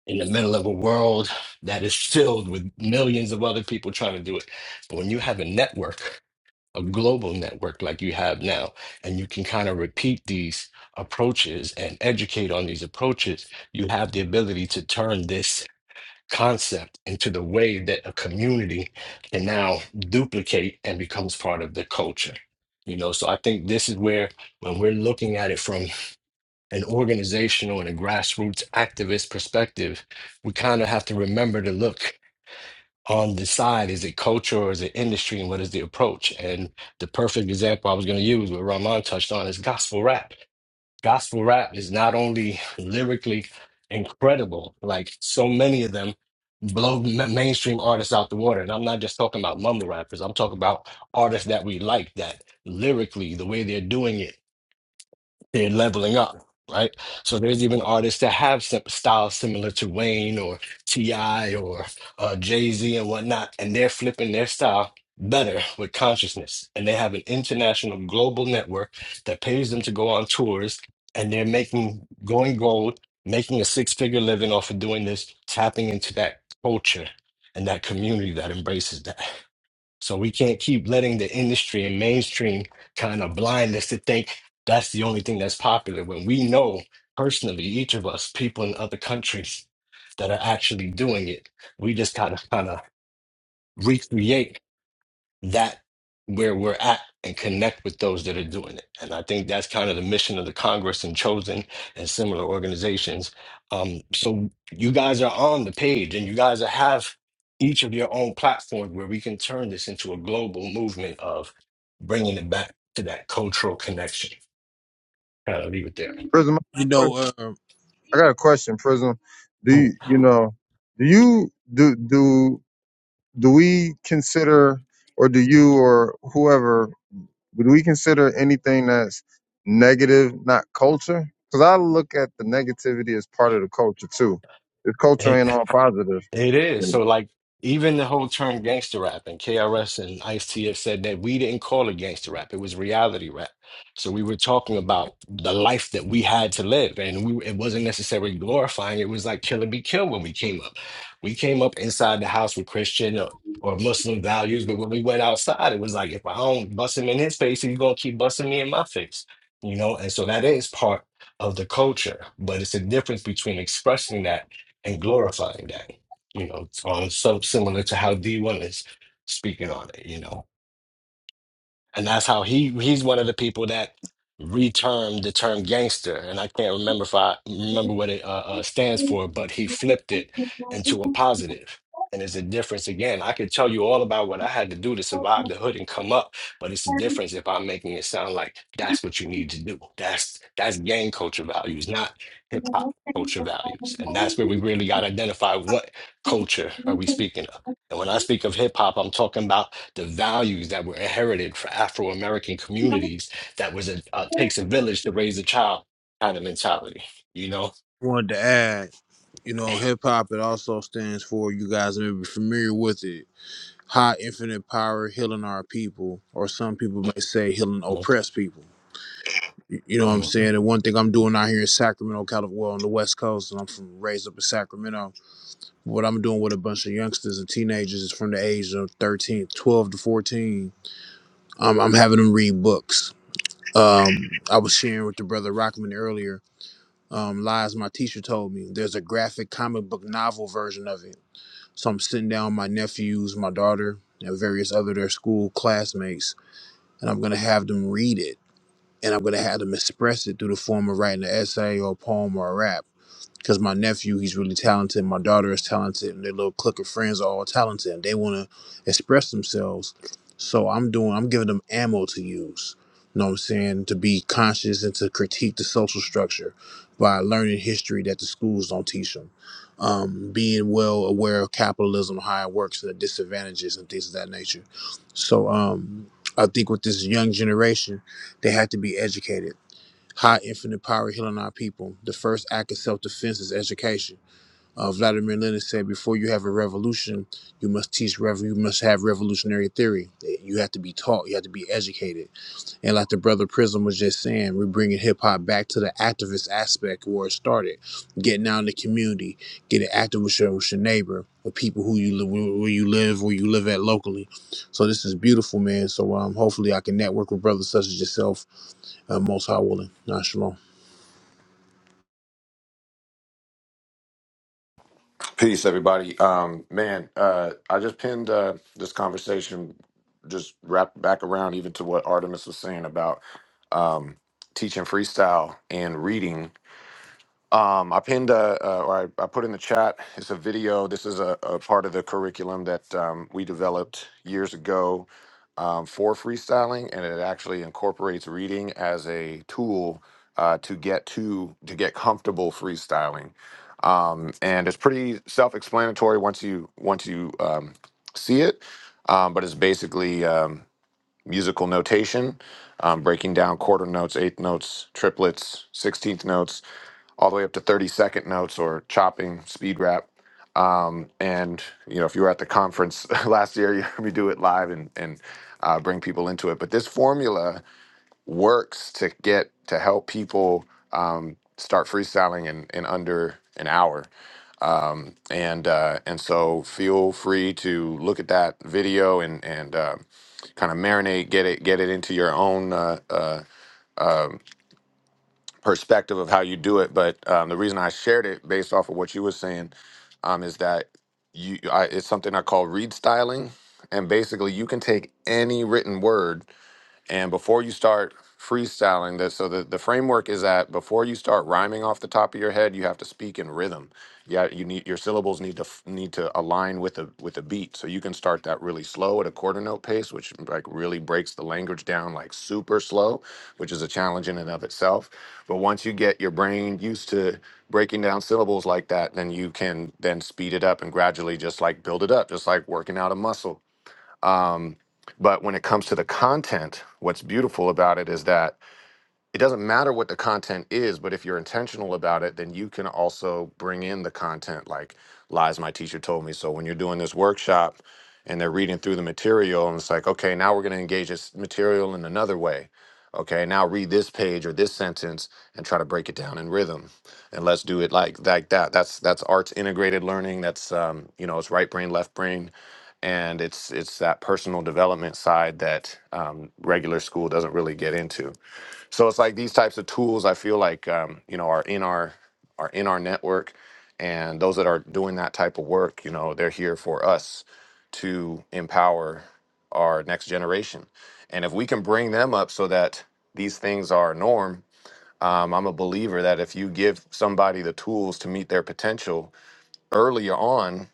in the middle of a world that is filled with millions of other people trying to do it. But when you have a network a global network like you have now, and you can kind of repeat these approaches and educate on these approaches, you have the ability to turn this concept into the way that a community can now duplicate and becomes part of the culture. You know, so I think this is where when we're looking at it from an organizational and a grassroots activist perspective, we kind of have to remember to look on the side. Is it culture or is it industry? And what is the approach? And the perfect example I was going to use, what Rahman touched on, is gospel rap. Gospel rap is not only lyrically incredible, like so many of them blow ma- mainstream artists out the water. And I'm not just talking about mumble rappers, I'm talking about artists that we like that lyrically, the way they're doing it they're leveling up, right? So there's even artists that have sim- styles similar to Wayne or T.I. or uh, Jay Z and whatnot, and they're flipping their style better with consciousness. And they have an international global network that pays them to go on tours, and they're making going gold, making a six figure living off of doing this, tapping into that culture and that community that embraces that. So we can't keep letting the industry and mainstream kind of blind us to think that's the only thing that's popular when we know personally, each of us, people in other countries that are actually doing it. We just kind of kind of recreate that where we're at and connect with those that are doing it. And I think that's kind of the mission of the Congress and Chosen and similar organizations. Um, so you guys are on the page and you guys have each of your own platform where we can turn this into a global movement of bringing it back to that cultural connection. Kind of leave it there. Prism, You I know, got a question. Prism, do Mm. you, you know? Do you do do do we consider or do you or whoever Would we consider anything that's negative not culture? Because I look at the negativity as part of the culture too. If culture It, ain't all positive, it is. you So know. like even the whole term gangster rap and KRS and Ice-T have said that we didn't call it gangster rap. It was reality rap. So we were talking about the life that we had to live. And we it wasn't necessarily glorifying. It was like kill and be killed when we came up. We came up inside the house with Christian or, or Muslim values, but when we went outside, it was like if I don't bust him in his face, he's gonna keep busting me in my face. You know, and so that is part of the culture, but it's a difference between expressing that and glorifying that you know, um, so similar to how D1 is speaking on it, you know and that's how he he's one of the people that retermed the term gangster and i can't remember if i remember what it uh, uh, stands for but he flipped it into a positive and there's a difference again i could tell you all about what i had to do to survive the hood and come up but it's a difference if i'm making it sound like that's what you need to do that's that's gang culture values not hip-hop culture values and that's where we really got to identify what culture are we speaking of and when i speak of hip-hop i'm talking about the values that were inherited for Afro American communities that was a uh, takes a village to raise a child kind of mentality, you know? wanted to add, you know, hip hop, it also stands for, you guys may be familiar with it, high infinite power healing our people, or some people may say healing oppressed people. You you know what I'm Mhm. saying? And one thing I'm doing out here in Sacramento, California, well, on the West Coast, and I'm from raised up in Sacramento. What I'm doing with a bunch of youngsters and teenagers is from the age of 13, 12 to 14. Um, I'm having them read books. Um, I was sharing with the brother Rockman earlier. Um, lies my teacher told me there's a graphic comic book novel version of it. So I'm sitting down with my nephews, my daughter, and various other their school classmates, and I'm gonna have them read it, and I'm gonna have them express it through the form of writing an essay or a poem or a rap because my nephew he's really talented my daughter is talented and their little clique of friends are all talented and they want to express themselves so i'm doing i'm giving them ammo to use you know what i'm saying to be conscious and to critique the social structure by learning history that the schools don't teach them um, being well aware of capitalism how it works and the disadvantages and things of that nature so um, i think with this young generation they have to be educated high infinite power healing our people. The first act of self defense is education. Uh, Vladimir Lenin said, "Before you have a revolution, you must teach. Rev- you must have revolutionary theory. You have to be taught. You have to be educated." And like the brother Prism was just saying, we're bringing hip hop back to the activist aspect where it started. Getting out in the community, getting active with your, with your neighbor, with people who you live, where you live, where you live at locally. So this is beautiful, man. So um, hopefully I can network with brothers such as yourself. Uh, most high willing. Nah, shalom. Peace, everybody. Um, man, uh, I just pinned uh, this conversation, just wrapped back around even to what Artemis was saying about um, teaching freestyle and reading um, I pinned a, uh, or I, I put in the chat. It's a video. This is a, a part of the curriculum that um, we developed years ago um, for freestyling, and it actually incorporates reading as a tool uh, to get to to get comfortable freestyling. Um, and it's pretty self-explanatory once you once you um, see it. Um, but it's basically um, musical notation, um, breaking down quarter notes, eighth notes, triplets, sixteenth notes all the way up to 30 second notes or chopping speed rap um, and you know if you were at the conference last year you heard me do it live and and uh, bring people into it but this formula works to get to help people um, start freestyling in, in under an hour um, and uh, and so feel free to look at that video and and uh, kind of marinate get it get it into your own uh, uh, um, perspective of how you do it. But um, the reason I shared it based off of what you were saying um, is that you I, it's something I call read styling, and basically you can take any written word. And before you start freestyling this, so the, the framework is that before you start rhyming off the top of your head, you have to speak in rhythm. Yeah, you need your syllables need to f- need to align with the with the beat. So you can start that really slow at a quarter note pace, which like really breaks the language down like super slow, which is a challenge in and of itself. But once you get your brain used to breaking down syllables like that, then you can then speed it up and gradually just like build it up, just like working out a muscle um, but when it comes to the content, what's beautiful about it is that it doesn't matter what the content is, but if you're intentional about it, then you can also bring in the content like lies my teacher told me. So when you're doing this workshop and they're reading through the material and it's like, okay, now we're going to engage this material in another way. Okay, now read this page or this sentence and try to break it down in rhythm. And let's do it like like that. That's that's arts integrated learning. That's um, you know, it's right brain, left brain. And it's it's that personal development side that um, regular school doesn't really get into so it's like these types of tools. I feel like um, you know are in our are in our network, and those that are doing that type of work, you know, they're here for us to empower our next generation. And if we can bring them up so that these things are norm, um, I'm a believer that if you give somebody the tools to meet their potential earlier on,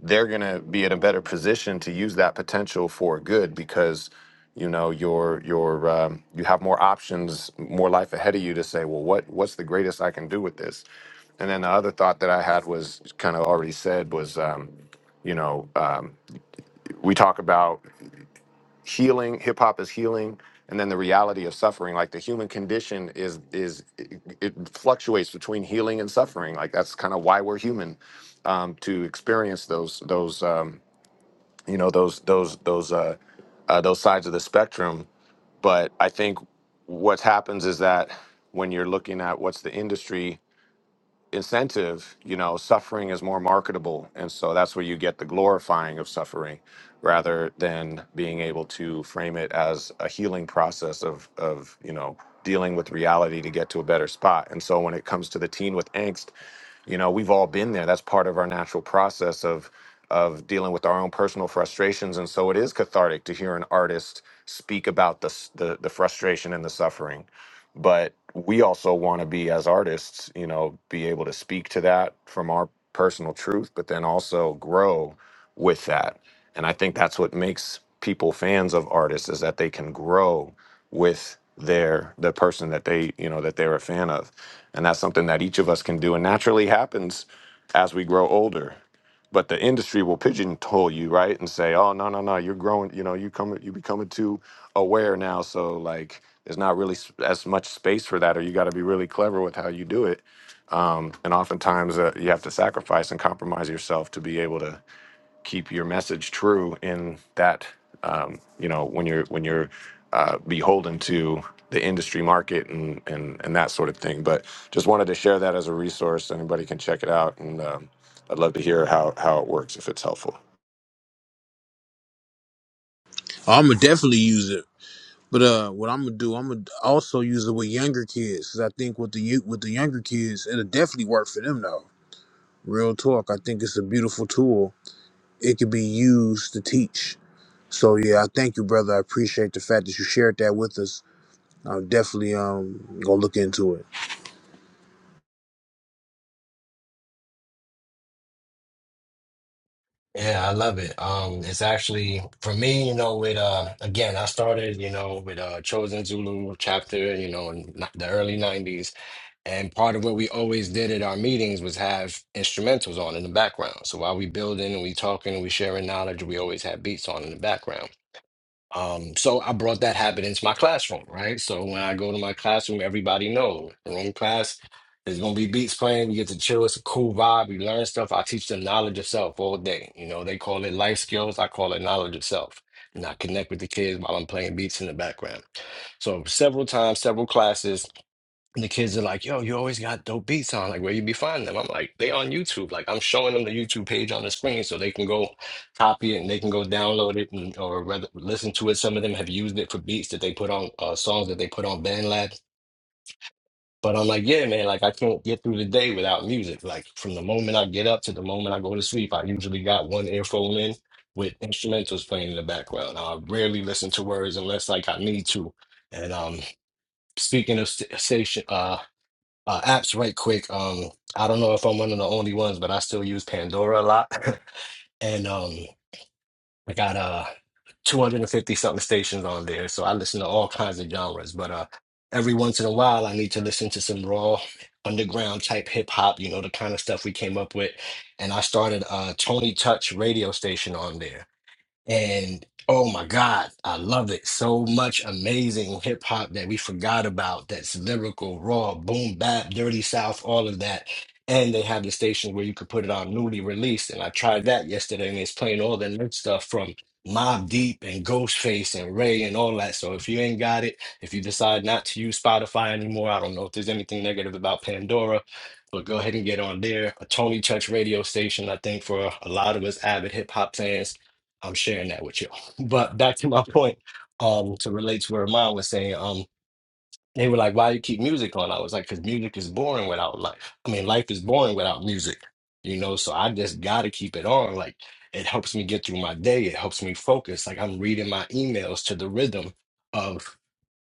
they're going to be in a better position to use that potential for good because you know your your um, you have more options more life ahead of you to say well what what's the greatest i can do with this and then the other thought that i had was kind of already said was um, you know um, we talk about healing hip hop is healing and then the reality of suffering like the human condition is is it, it fluctuates between healing and suffering like that's kind of why we're human um, to experience those those um, you know those those those uh, uh those sides of the spectrum but i think what happens is that when you're looking at what's the industry incentive, you know, suffering is more marketable. And so that's where you get the glorifying of suffering rather than being able to frame it as a healing process of, of you know, dealing with reality to get to a better spot. And so when it comes to the teen with angst, you know, we've all been there. That's part of our natural process of of dealing with our own personal frustrations. And so it is cathartic to hear an artist speak about the, s- the, the frustration and the suffering but we also want to be as artists you know be able to speak to that from our personal truth but then also grow with that and i think that's what makes people fans of artists is that they can grow with their the person that they you know that they're a fan of and that's something that each of us can do and naturally happens as we grow older but the industry will pigeonhole you right and say oh no no no you're growing you know you coming you becoming too aware now so like there's not really s- as much space for that or you got to be really clever with how you do it um, and oftentimes uh, you have to sacrifice and compromise yourself to be able to keep your message true in that um, you know when you're when you're uh, beholden to the industry market and, and and that sort of thing but just wanted to share that as a resource anybody can check it out and um, i'd love to hear how how it works if it's helpful I'm gonna definitely use it. But uh, what I'm gonna do, I'm gonna also use it with younger kids, 'cause I think with the you- with the younger kids, it'll definitely work for them though. Real talk, I think it's a beautiful tool. It could be used to teach. So yeah, I thank you, brother. I appreciate the fact that you shared that with us. I'm definitely um gonna look into it. Yeah, I love it. Um, it's actually for me, you know, with uh, again, I started, you know, with uh, Chosen Zulu chapter, you know, in n- the early '90s, and part of what we always did at our meetings was have instrumentals on in the background. So while we building and we talking and we sharing knowledge, we always had beats on in the background. Um, so I brought that habit into my classroom, right? So when I go to my classroom, everybody knows room class is gonna be beats playing. You get to chill. It's a cool vibe. You learn stuff. I teach them knowledge of self all day. You know, they call it life skills. I call it knowledge of self. And I connect with the kids while I'm playing beats in the background. So several times, several classes. And the kids are like, yo, you always got dope beats on. Like, where you be finding them? I'm like, they on YouTube. Like, I'm showing them the YouTube page on the screen so they can go copy it and they can go download it and, or rather listen to it. Some of them have used it for beats that they put on uh, songs that they put on BandLab. But I'm like, yeah, man, like I can't get through the day without music. Like from the moment I get up to the moment I go to sleep, I usually got one earphone in with instrumentals playing in the background. I rarely listen to words unless like I need to. And um, speaking of st- station, uh, uh, apps right quick. Um, I don't know if I'm one of the only ones, but I still use Pandora a lot, and um, I got uh 250 something stations on there, so I listen to all kinds of genres. But uh, every once in a while, I need to listen to some raw underground type hip hop, you know, the kind of stuff we came up with. And I started a Tony Touch radio station on there. And oh my God, I love it. So much amazing hip hop that we forgot about that's lyrical, raw, boom, bap, dirty south, all of that. And they have the station where you could put it on newly released. And I tried that yesterday and it's playing all the new stuff from Mob Deep and Ghostface and Ray and all that. So if you ain't got it, if you decide not to use Spotify anymore, I don't know if there's anything negative about Pandora, but go ahead and get on there. A Tony Touch radio station, I think, for a lot of us avid hip hop fans I'm sharing that with you. But back to my point, um, to relate to where mom was saying, um, they were like, why you keep music on? I was like, because music is boring without life. I mean, life is boring without music, you know, so I just gotta keep it on. Like it helps me get through my day, it helps me focus. Like I'm reading my emails to the rhythm of."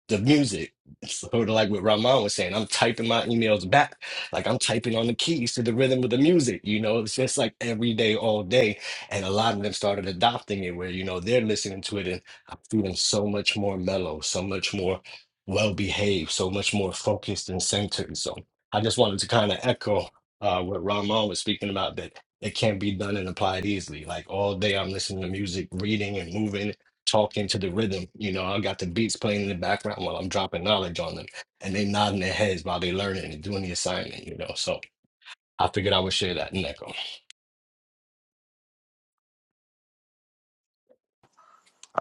the music. So like what Ramon was saying, I'm typing my emails back, like I'm typing on the keys to the rhythm of the music. You know, it's just like every day, all day. And a lot of them started adopting it where, you know, they're listening to it and I'm feeling so much more mellow, so much more well behaved, so much more focused and centered. So I just wanted to kind of echo uh, what Ramon was speaking about that it can be done and applied easily. Like all day I'm listening to music, reading and moving talking to the rhythm. You know, I got the beats playing in the background while I'm dropping knowledge on them, and they nodding their heads while they learning and doing the assignment. You know, so I figured I would share that, Neko.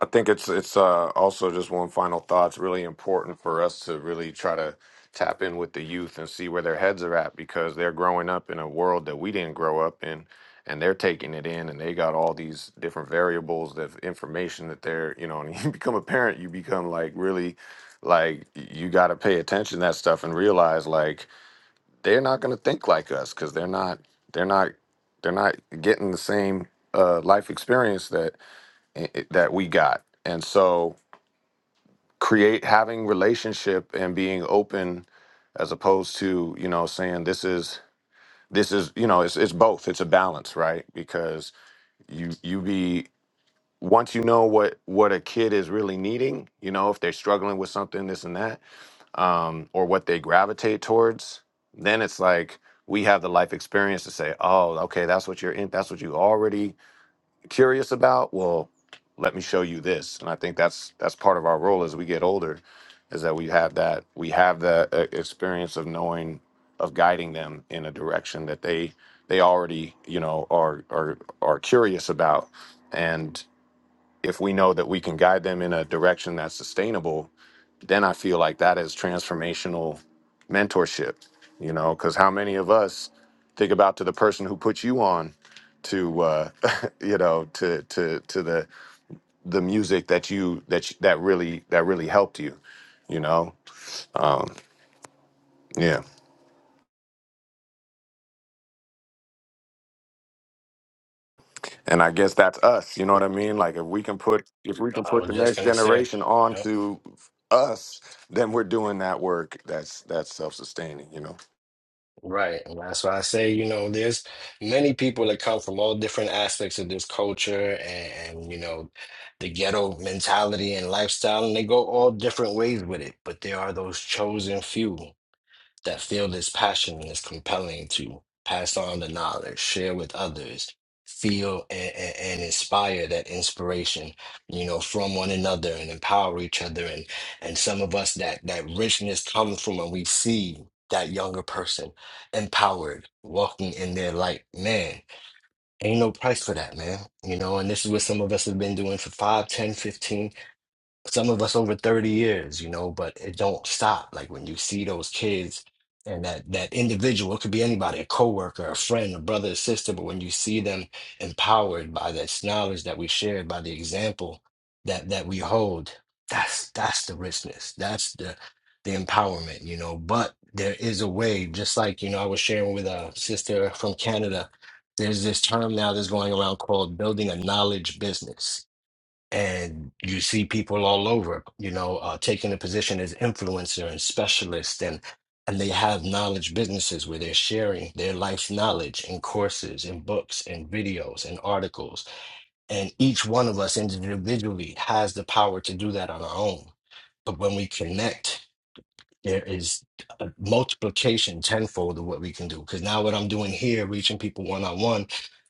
I think it's it's uh, also just one final thought. It's really important for us to really try to tap in with the youth and see where their heads are at because they're growing up in a world that we didn't grow up in, and they're taking it in, and they got all these different variables of information that they're you know. And you become a parent, you become like really like you got to pay attention to that stuff and realize like they're not going to think like us because they're not they're not they're not getting the same uh, life experience that i- i- that we got. And so create having relationship and being open as opposed to, you know, saying this is this is, you know, it's it's both. It's a balance, right? Because you you be once you know what what a kid is really needing, you know, if they're struggling with something this and that, um or what they gravitate towards, then it's like we have the life experience to say, "Oh, okay, that's what you're in. That's what you already curious about well let me show you this and i think that's that's part of our role as we get older is that we have that we have the uh, experience of knowing of guiding them in a direction that they they already you know are are are curious about if we know that we can guide them in a direction that's sustainable, then I feel like that is transformational mentorship, you know, because how many of us think about to the person who put you on to uh you know to to to the the music that you that you, that really that really helped you you know um yeah and i guess that's us you know what i mean like if we can put if we can I put the was just next gonna say. generation yeah, onto us then we're doing that work that's that's self-sustaining you know Right. And that's why I say, you know, there's many people that come from all different aspects of this culture and, and you know, the ghetto mentality and lifestyle, and they go all different ways with it. But there are those chosen few that feel this passion is compelling to pass on the knowledge, share with others, feel and, and, and inspire that inspiration, you know, from one another and empower each other. And and some of us that that richness comes from when we see that younger person empowered, walking in their light. Man, ain't no price for that, man. You know, and this is what some of us have been doing for 5, 10, fifteen some of us over 30 years you know but it don't stop like when you see those kids and that that individual it could be anybody a coworker a friend a brother a sister but when you see them empowered by this knowledge that we shared by the example that that we hold that's that's the richness that's the the empowerment you know but there is a way just like you know i was sharing with a sister from canada there's this term now that's going around called building a knowledge business and you see people all over, you know, uh, taking a position as influencer and specialist, and and they have knowledge businesses where they're sharing their life's knowledge in courses, in books, and videos, and articles. And each one of us individually has the power to do that on our own. But when we connect there is a multiplication tenfold of what we can do. Because now, what I'm doing here, reaching people one on one,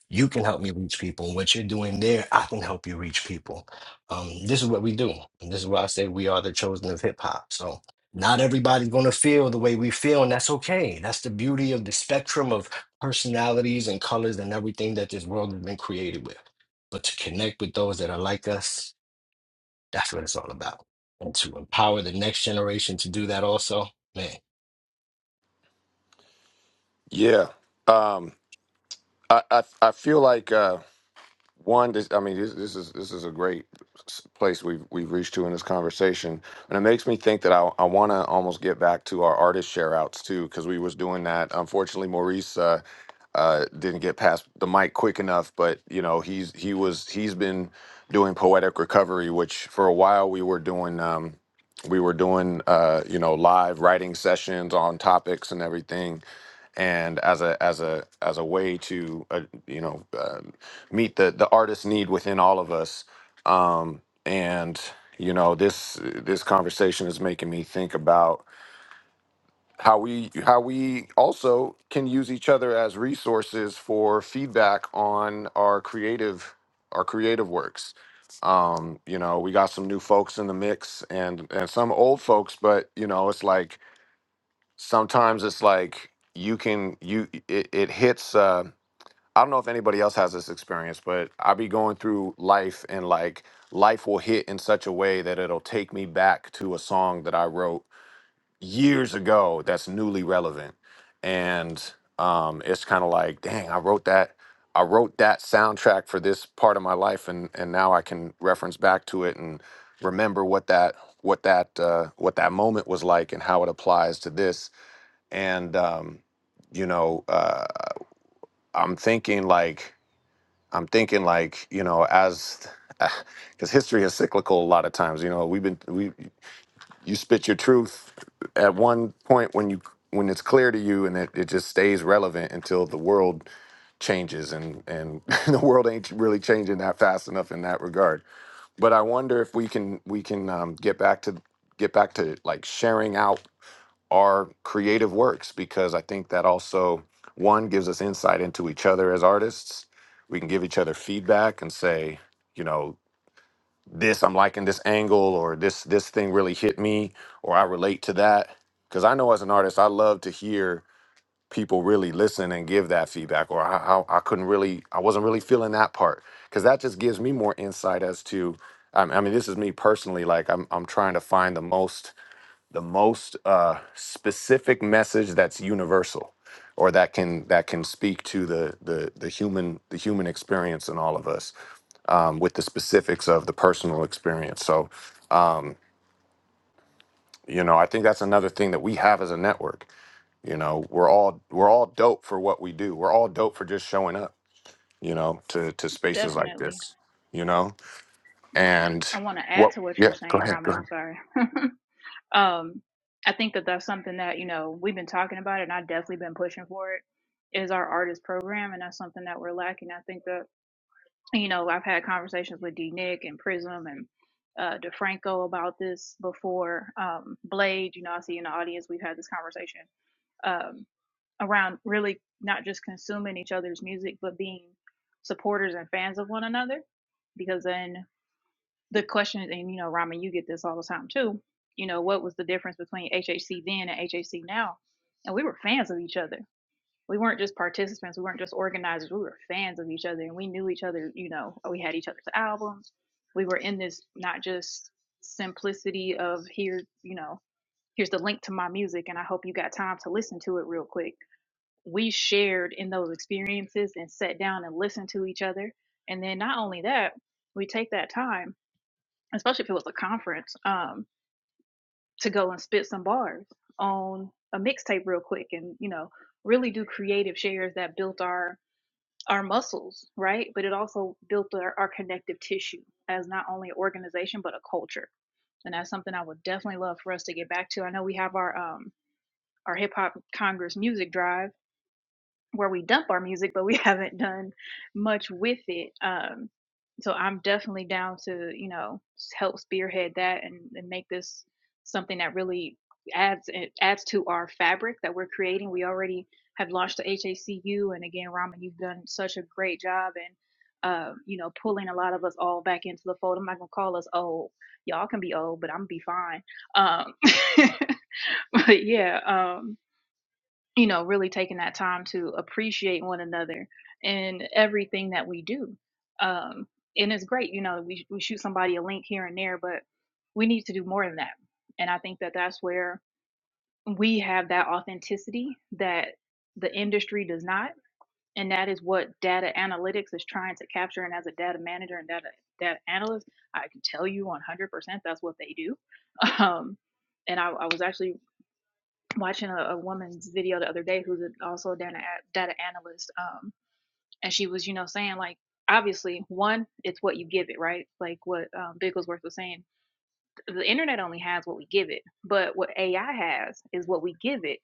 you can help me reach people. And what you're doing there, I can help you reach people. Um, this is what we do. And this is why I say we are the chosen of hip hop. So, not everybody's going to feel the way we feel, and that's okay. That's the beauty of the spectrum of personalities and colors and everything that this world has been created with. But to connect with those that are like us, that's what it's all about. And to empower the next generation to do that also. Man, Yeah, um, I, I I feel like uh, one. This, I mean, this, this is this is a great s- place we've we've reached to in this conversation, and it makes me think that I I want to almost get back to our artist share outs too, because we was doing that. Unfortunately, Maurice. Uh, uh, didn't get past the mic quick enough, but you know he's he was he's been doing poetic recovery, which for a while we were doing um, we were doing uh, you know live writing sessions on topics and everything, and as a as a as a way to uh, you know um, meet the the artist need within all of us um and you know this this conversation is making me think about how we how we also can use each other as resources for feedback on our creative our creative works um you know we got some new folks in the mix and and some old folks but you know it's like sometimes it's like you can you it, it hits uh i don't know if anybody else has this experience but i'll be going through life and like life will hit in such a way that it'll take me back to a song that i wrote years ago that's newly relevant and um it's kind of like dang i wrote that i wrote that soundtrack for this part of my life and and now i can reference back to it and remember what that what that uh what that moment was like and how it applies to this and um, you know, uh, I'm thinking like I'm thinking like you know, as because history is cyclical a lot of times. You know, we've been we you spit your truth at one point when you when it's clear to you, and it, it just stays relevant until the world changes, and and the world ain't really changing that fast enough in that regard. But I wonder if we can we can um, get back to get back to like sharing out our creative works because I think that also one gives us insight into each other as artists. We can give each other feedback and say, you know, this I'm liking this angle or this this thing really hit me or I relate to that because I know as an artist I love to hear people really listen and give that feedback or I I, I couldn't really I wasn't really feeling that part because that just gives me more insight as to I I mean this is me personally like I'm I'm trying to find the most the most uh, specific message that's universal or that can that can speak to the the the human the human experience in all of us um, with the specifics of the personal experience so um, you know i think that's another thing that we have as a network you know we're all we're all dope for what we do we're all dope for just showing up you know to to spaces like Definitely. this you know and I want to add what to what you're yeah go saying, ahead go Ramen. ahead I'm sorry. um i think that that's something that you know we've been talking about it and i've definitely been pushing for it is our artist program and that's something that we're lacking i think that you know i've had conversations with d nick and prism and uh defranco about this before um blade you know i see in the audience we've had this conversation um around really not just consuming each other's music but being supporters and fans of one another because then the question is, and you know, Rama, you get this all the time too. You know, what was the difference between HHC then and HHC now? And we were fans of each other. We weren't just participants. We weren't just organizers. We were fans of each other, and we knew each other. You know, we had each other's albums. We were in this not just simplicity of here. You know, here's the link to my music, and I hope you got time to listen to it real quick. We shared in those experiences and sat down and listened to each other. And then not only that, we take that time especially if it was a conference, um, to go and spit some bars on a mixtape real quick and, you know, really do creative shares that built our our muscles, right? But it also built our, our connective tissue as not only an organization but a culture. And that's something I would definitely love for us to get back to. I know we have our um our hip hop congress music drive where we dump our music, but we haven't done much with it. Um, so I'm definitely down to you know s- help spearhead that and, and make this something that really adds it adds to our fabric that we're creating. We already have launched the HACU, and again, Ramen, you've done such a great job and. Uh, you know, pulling a lot of us all back into the fold. I'm not gonna call us old. Y'all can be old, but I'm gonna be fine. Um, but yeah, um, you know, really taking that time to appreciate one another and everything that we do. Um, and it's great, you know, we, we shoot somebody a link here and there, but we need to do more than that. And I think that that's where we have that authenticity that the industry does not. And that is what data analytics is trying to capture. And as a data manager and data, data analyst, I can tell you 100% that's what they do. Um, and I, I was actually watching a, a woman's video the other day who's a, also a data, data analyst um and she was you know saying like obviously one it's what you give it right like what um, bigglesworth was saying the internet only has what we give it but what ai has is what we give it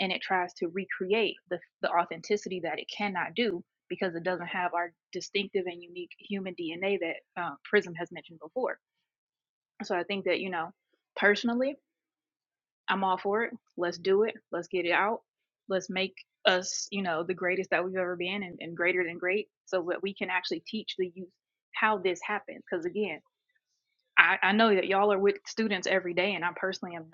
and it tries to recreate the, the authenticity that it cannot do because it doesn't have our distinctive and unique human dna that uh, prism has mentioned before so i think that you know personally I'm all for it. Let's do it. Let's get it out. Let's make us, you know, the greatest that we've ever been and, and greater than great so that we can actually teach the youth how this happens. Because again, I, I know that y'all are with students every day and I personally am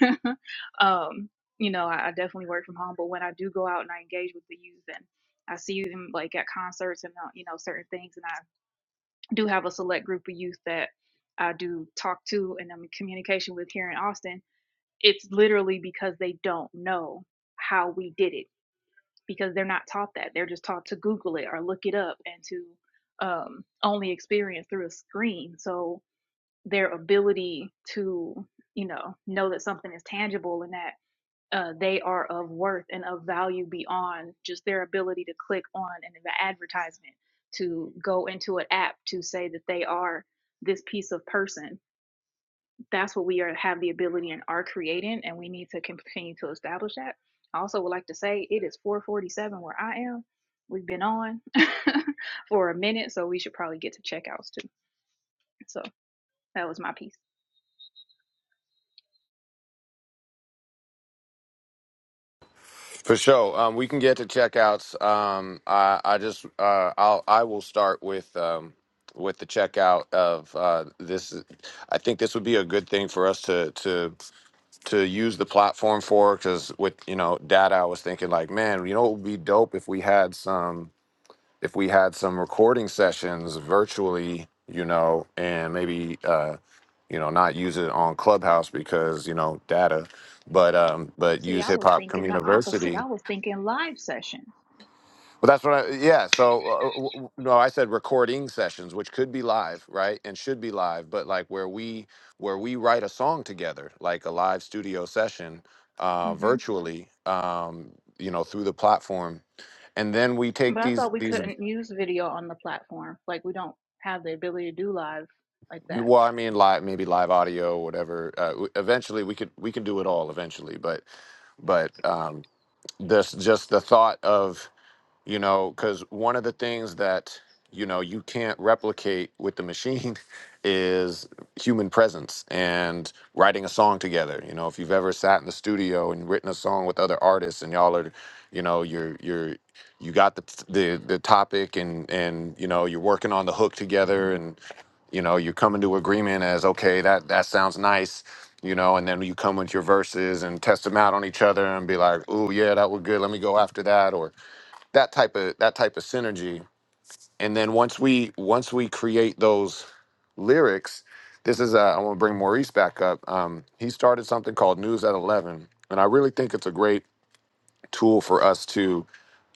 not. um, you know, I, I definitely work from home, but when I do go out and I engage with the youth and I see them like at concerts and, uh, you know, certain things, and I do have a select group of youth that I do talk to and I'm in communication with here in Austin it's literally because they don't know how we did it because they're not taught that. They're just taught to Google it or look it up and to um, only experience through a screen. So their ability to, you know, know that something is tangible and that uh, they are of worth and of value beyond just their ability to click on an advertisement, to go into an app to say that they are this piece of person that's what we are have the ability and are creating and we need to continue to establish that i also would like to say it is 447 where i am we've been on for a minute so we should probably get to checkouts too so that was my piece For sure. Um, we can get to checkouts. Um, I, I just uh, I'll I will start with um, with the checkout of uh, this. I think this would be a good thing for us to to to use the platform for because with you know data, I was thinking like, man, you know, it would be dope if we had some if we had some recording sessions virtually, you know, and maybe uh, you know not use it on Clubhouse because you know data, but um, but See, use I Hip was Hop thinking the opposite. Community I was thinking live sessions, Well, that's what I, yeah. So, uh, w- w- no, I said recording sessions, which could be live, right? And should be live, but like where we, where we write a song together, like a live studio session, uh, hmm virtually, um, you know, through the platform. And then we take but I these, thought we these, couldn't use video on the platform. Like, we don't have the ability to do live like that. well, I mean, live, maybe live audio, whatever. Uh, w- eventually we could, we can do it all eventually, but, but, um, this, just the thought of, you know because one of the things that you know you can't replicate with the machine is human presence and writing a song together you know if you've ever sat in the studio and written a song with other artists and y'all are you know you're you're you got the the, the topic and and you know you're working on the hook together and you know you're coming to agreement as okay that that sounds nice you know and then you come with your verses and test them out on each other and be like oh yeah that was good let me go after that or that type of that type of synergy and then once we once we create those lyrics this is uh, i want to bring maurice back up um, he started something called news at 11 and i really think it's a great tool for us to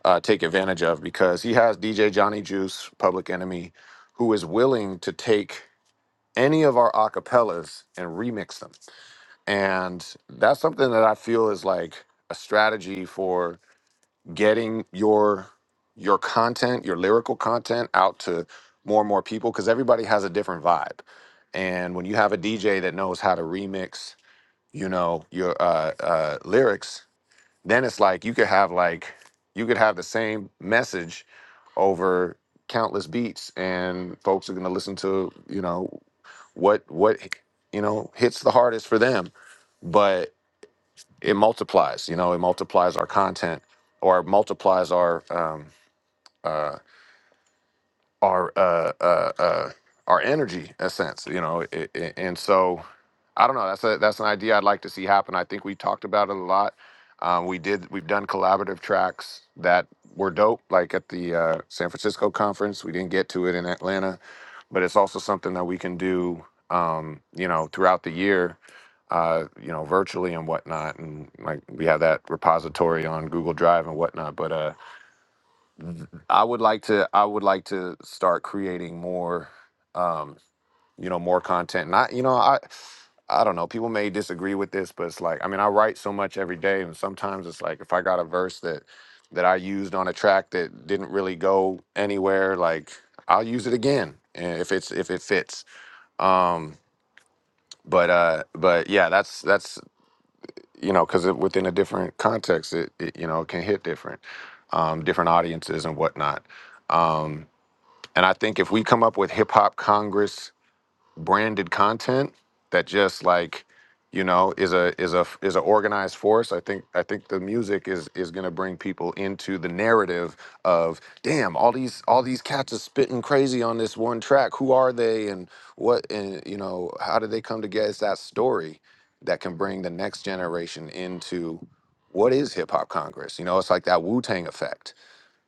uh, take advantage of because he has dj johnny juice public enemy who is willing to take any of our acapellas and remix them and that's something that i feel is like a strategy for getting your your content, your lyrical content out to more and more people because everybody has a different vibe. And when you have a DJ that knows how to remix, you know, your uh, uh, lyrics, then it's like you could have like you could have the same message over countless beats, and folks are gonna listen to you know what what you know hits the hardest for them, but it multiplies. You know, it multiplies our content or it multiplies our um, uh, our uh, uh, uh, our energy, in a sense, you know. i i and so, I don't know. That's a that's an idea I'd like to see happen. I think we talked about it a lot. Um, we did. We've done collaborative tracks that were dope, like at the uh, San Francisco conference. We didn't get to it in Atlanta, but it's also something that we can do, um, you know, throughout the year, uh, you know, virtually and whatnot. And like we have that repository on Google Drive and whatnot. But uh, I would like to I would like to start creating more um you know more content. Not you know I I don't know. People may disagree with this, but it's like I mean I write so much every day and sometimes it's like if I got a verse that that I used on a track that didn't really go anywhere like I'll use it again and if it's if it fits. Um but uh but yeah, that's that's you know cuz within a different context it, it you know can hit different um different audiences and whatnot Um, and I think if we come up with hip hop Congress branded content that just like, you know, is a is a is a organized force, I think I think the music is is gonna bring people into the narrative of damn, all these all these cats are spitting crazy on this one track. Who are they and what and you know, how did they come together? It's that story that can bring the next generation into what is hip hop Congress? You know, it's like that Wu Tang effect,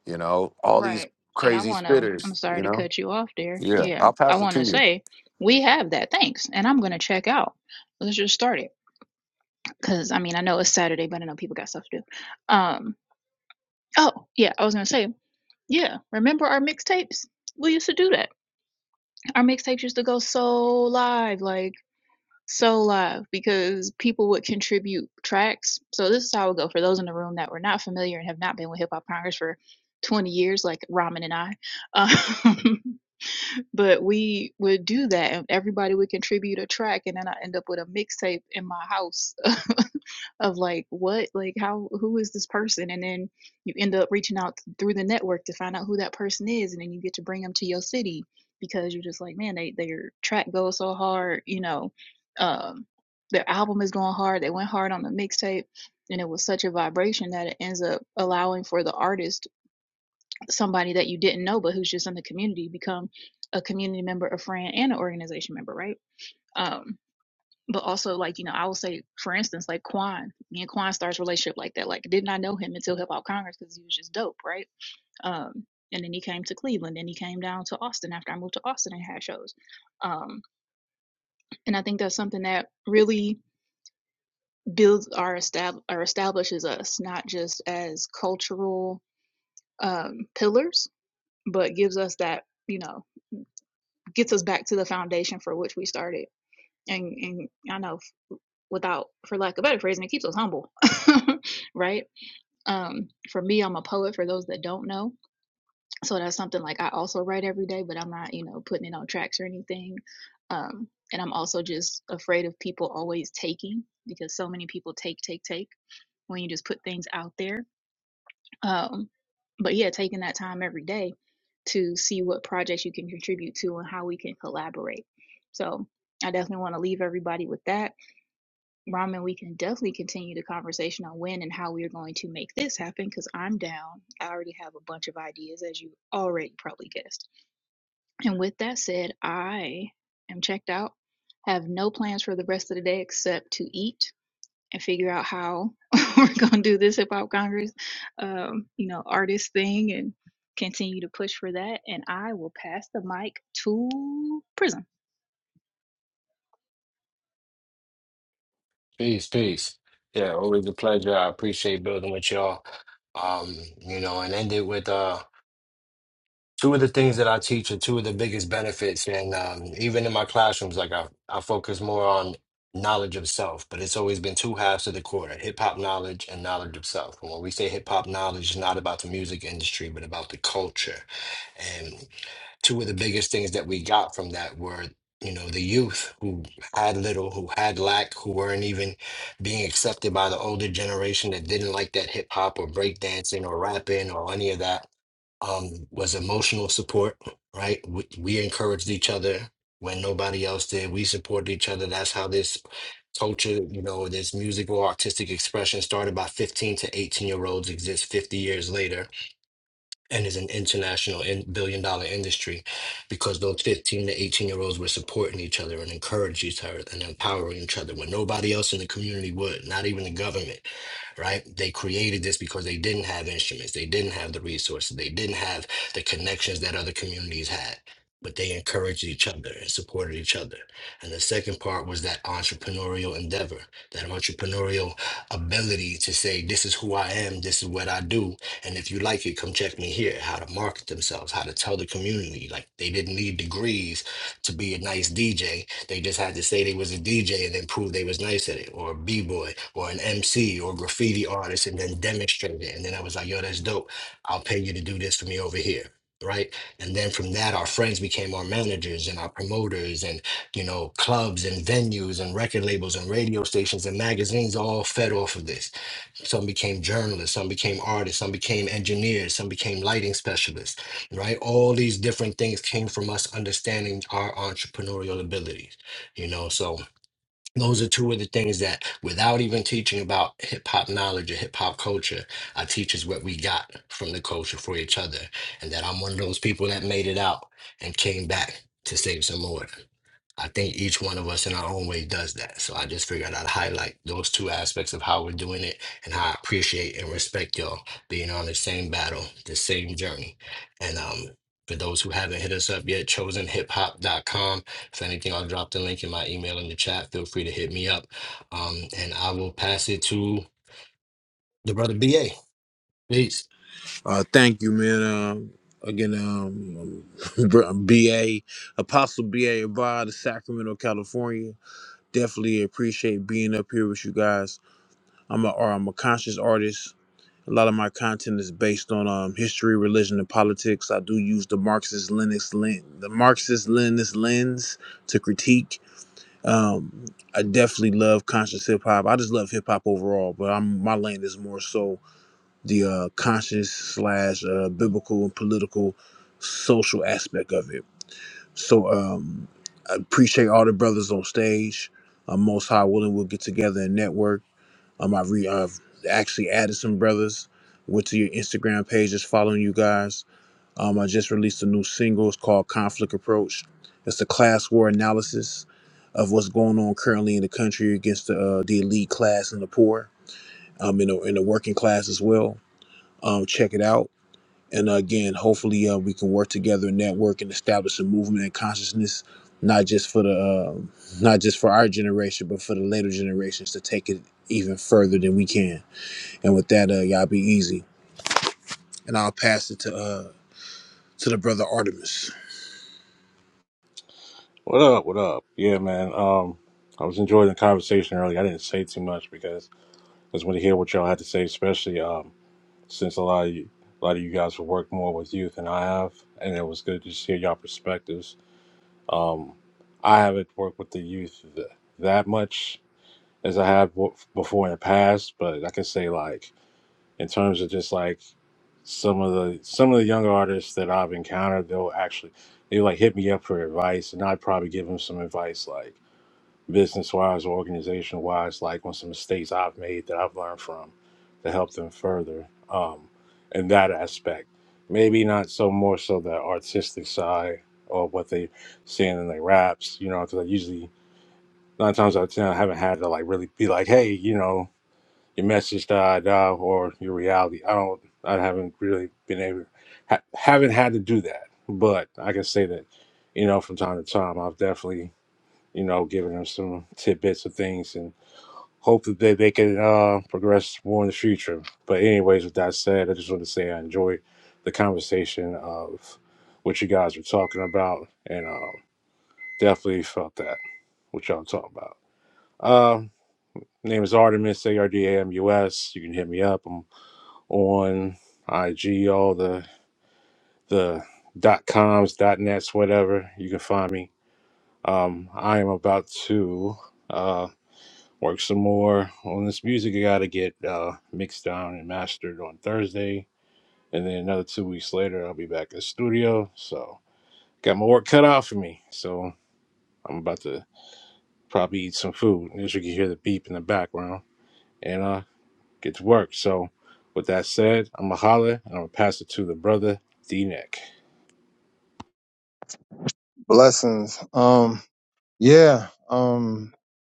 you know, all these Right. And I crazy want to, spitters, I'm you sorry to know? cut you off there. Yeah, Yeah. I'll I pass it want to to you. say we have that. Thanks. And I'm going to check out. Let's just start it. Because, I mean, I know it's Saturday, but I know people got stuff to do. Um, oh, yeah. I was going to say, yeah. Remember our mixtapes? We used to do that. Our mixtapes used to go so live, like so live, because people would contribute tracks. So this is how it would go for those in the room that were not familiar and have not been with Hip Hop Congress for 20 years, like Ramen and I. Um, but we would do that and everybody would contribute a track and then i end up with a mixtape in my house of like what like how who is this person and then you end up reaching out through the network to find out who that person is and then you get to bring them to your city because you're just like man they their track goes so hard you know um their album is going hard they went hard on the mixtape and it was such a vibration that it ends up allowing for the artist somebody that you didn't know but who's just in the community become a community member a friend and an organization member right um but also like you know i will say for instance like Quan, me and kwan starts relationship like that like did not know him until hip hop congress because he was just dope right um and then he came to cleveland and he came down to austin after i moved to austin and had shows um and i think that's something that really builds our estab- or establishes us not just as cultural um pillars but gives us that you know. gets us back to the foundation for which we started. And, and I know without, for lack of better phrasing, it keeps us humble, right? Um, for me, I'm a poet. For those that don't know, so that's something like I also write every day, but I'm not, you know, putting it on tracks or anything. Um, and I'm also just afraid of people always taking because so many people take, take, take when you just put things out there um, but yeah, taking that time every day to see what projects you can contribute to and how we can collaborate. So I definitely want to leave everybody with that. Ramen, we can definitely continue the conversation on when and how we are going to make this happen because I'm down. I already have a bunch of ideas, as you already probably guessed. And with that said, I am checked out, have no plans for the rest of the day except to eat and figure out how we're going to do this hip hop congress um, you know artist thing and continue to push for that and i will pass the mic to prism peace, peace. Yeah, always a pleasure. I appreciate building with y'all. Um, you know, and end it with uh two of the things that I teach are two of the biggest benefits. And um, even in my classrooms, like I, I focus more on knowledge of self, but it's always been two halves to the quarter hip hop knowledge and knowledge of self. And when we say hip hop knowledge, it's not about the music industry, but about the culture. And two of the biggest things that we got from that were. You know, the youth who had little, who had lack, who weren't even being accepted by the older generation that didn't like that hip hop or breakdancing or rapping or any of that um, was emotional support, right? We, we encouraged each other when nobody else did. We supported each other. That's how this culture, you know, this musical artistic expression started by 15 to 18 year olds exists 50 years later and is an international and billion dollar industry because those 15 to 18 year olds were supporting each other and encouraging each other and empowering each other when nobody else in the community would, not even the government, right? They created this because they didn't have instruments, they didn't have the resources, they didn't have the connections that other communities had. But they encouraged each other and supported each other. And the second part was that entrepreneurial endeavor, that entrepreneurial ability to say, This is who I am, this is what I do, and if you like it, come check me here. How to market themselves, how to tell the community. Like they didn't need degrees to be a nice DJ. They just had to say they was a DJ and then prove they was nice at it, or a b-boy, or an MC, or graffiti artist, and then demonstrate it. And then I was like, yo, that's dope. I'll pay you to do this for me over here. Right. And then from that, our friends became our managers and our promoters and, you know, clubs and venues and record labels and radio stations and magazines all fed off of this some became journalists, some became artists, some became engineers, some became lighting specialists, right? All these different things came from us understanding our entrepreneurial abilities, you know? So those are two of the things that, without even teaching about hip hop knowledge or hip hop culture, I teach us what we got from the culture for each other. And that I'm one of those people that made it out and came back to save some more. I think each one of us in our own way does that. So I just figured I'd highlight those two aspects of how we're doing it and how I appreciate and respect y'all being on the same battle, the same journey. And um, for those who haven't hit us up yet, chosen hip hop dot com. If anything, I'll drop the link in my email in the chat. Feel free to hit me up. Um, and I will pass it to the brother BA. Peace. Uh, thank you, man. Um, again, um, BA Apostle BA Abad of Sacramento, California. Definitely appreciate being up here with you guys I'm a or I'm a conscious artist. A lot of my content is based on um, history, religion, and politics. I do use the Marxist Leninist lens, the Marxist Leninist lens to critique. Um, I definitely love conscious hip hop. I just love hip hop overall, but I'm my lane is more so the uh, conscious slash uh, biblical and political social aspect of it. So um, I appreciate all the brothers on stage. Uh, Most High willing, we'll get together and network um, I re I've actually added some brothers. Went to your Instagram page, just following you guys. Um, I just released a new single. It's called Conflict Approach. It's a class war analysis of what's going on currently in the country against the, uh, the elite class and the poor, um, in the, in the working class as well. Um, check it out. And uh, again, hopefully, uh, we can work together, and network, and establish a movement and consciousness, not just for the, uh, not just for our generation, but for the later generations to take it even further than we can. And with that, uh, y'all be easy. And I'll pass it to uh to the brother Artemis. What up? What up? Yeah, man. Um, I was enjoying the conversation earlier. I didn't say too much because I just want to hear what y'all had to say, especially. um since a lot of you, a lot of you guys have worked more with youth than I have, and it was good to just hear y'all perspectives. Um, I haven't worked with the youth th- that much as I have w- before in the past, but I can say like in terms of just like some of the some of the younger artists that I've encountered, they'll actually they like hit me up for advice, and I'd probably give them some advice like business wise or organization wise, like on some mistakes I've made that I've learned from to help them further um, in that aspect. Maybe not so more so the artistic side or what they saying in their raps, you know, because I usually nine times out of ten I haven't had to like really be like, hey, you know, your message da da or your reality. I don't, I haven't really been able, ha- haven't had to do that, but I can say that, you know, from time to time I've definitely you know, giving them some tidbits of things and hope that they, they can uh, progress more in the future. But anyways, with that said, I just want to say I enjoyed the conversation of what you guys were talking about, and um, definitely felt that what y'all talk about. Um, name is Artemis A R D A M U S. You can hit me up. I'm on IG, all the the dot coms, dot nets, whatever. You can find me. Um, I am about to. uh. work some more on this music. I got to get uh, mixed down and mastered on Thursday, and then another two weeks later, I'll be back in the studio. So got my work cut out for me. So I'm about to probably eat some food. As you can hear the beep in the background, and uh, get to work. So with that said, I'm gonna holler and I'm gonna pass it to the brother D Neck. blessings. Um, yeah. Um,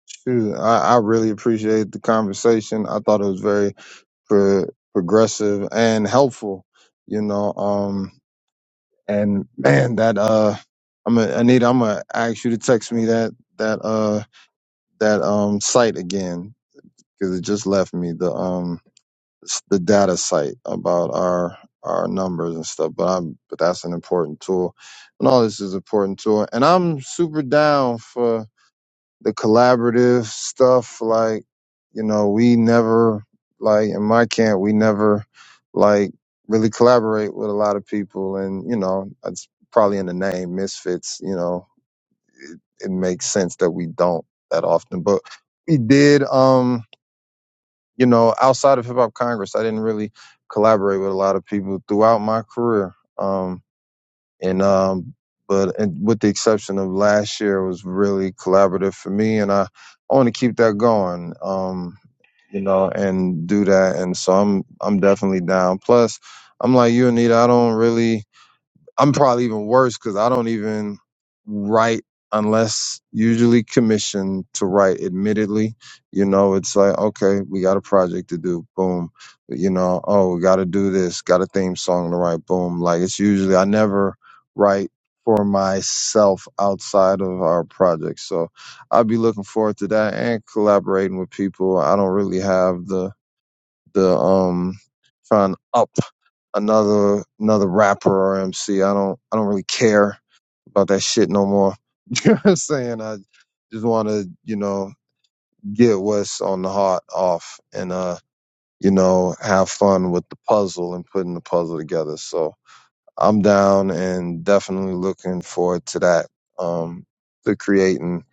shoot, I, I really appreciate the conversation. I thought it was very pro- progressive and helpful. You know. Um, and man, that uh, I'm gonna, Anita, I'm gonna ask you to text me that that uh that um site again because it just left me. the um. s- the data site about our our numbers and stuff. But I'm but that's an important tool, and all this is important tool. And I'm super down for the collaborative stuff. Like you know, we never like in my camp we never like really collaborate with a lot of people, and you know it's probably in the name misfits. You know, it makes sense that we don't that often, but we did. Um you know, outside of Hip Hop Congress, I didn't really collaborate with a lot of people throughout my career. Um, and um, but and with the exception of last year, it was really collaborative for me, and I, I want to keep that going. Um, you know, and do that, and so I'm I'm definitely down. Plus, I'm like you, Anita. I don't really. I'm probably even worse because I don't even write unless usually commissioned to write. Admittedly, you know, it's like okay, we got a project to do. Boom, you know, oh, we got to do this. Got a theme song to write. Boom, like it's usually I never write for myself outside of our project. So I'll be looking forward to that and collaborating with people. I don't really have the the um trying to up another another rapper or MC. I don't I don't really care about that shit no more. you know what I'm saying? I just want to you know get what's on the heart off and uh you know have fun with the puzzle and putting the puzzle together. So I'm down and definitely looking forward to that. Um, to creating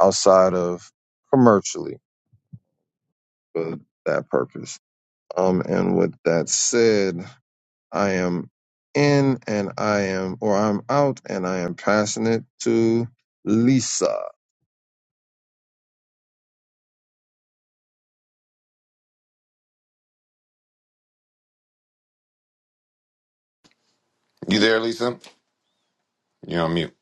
outside of commercially for that purpose. Um, and with that said. I am in and I am, or I'm out and I am passing it to Lisa. You there, Lisa? You're on mute.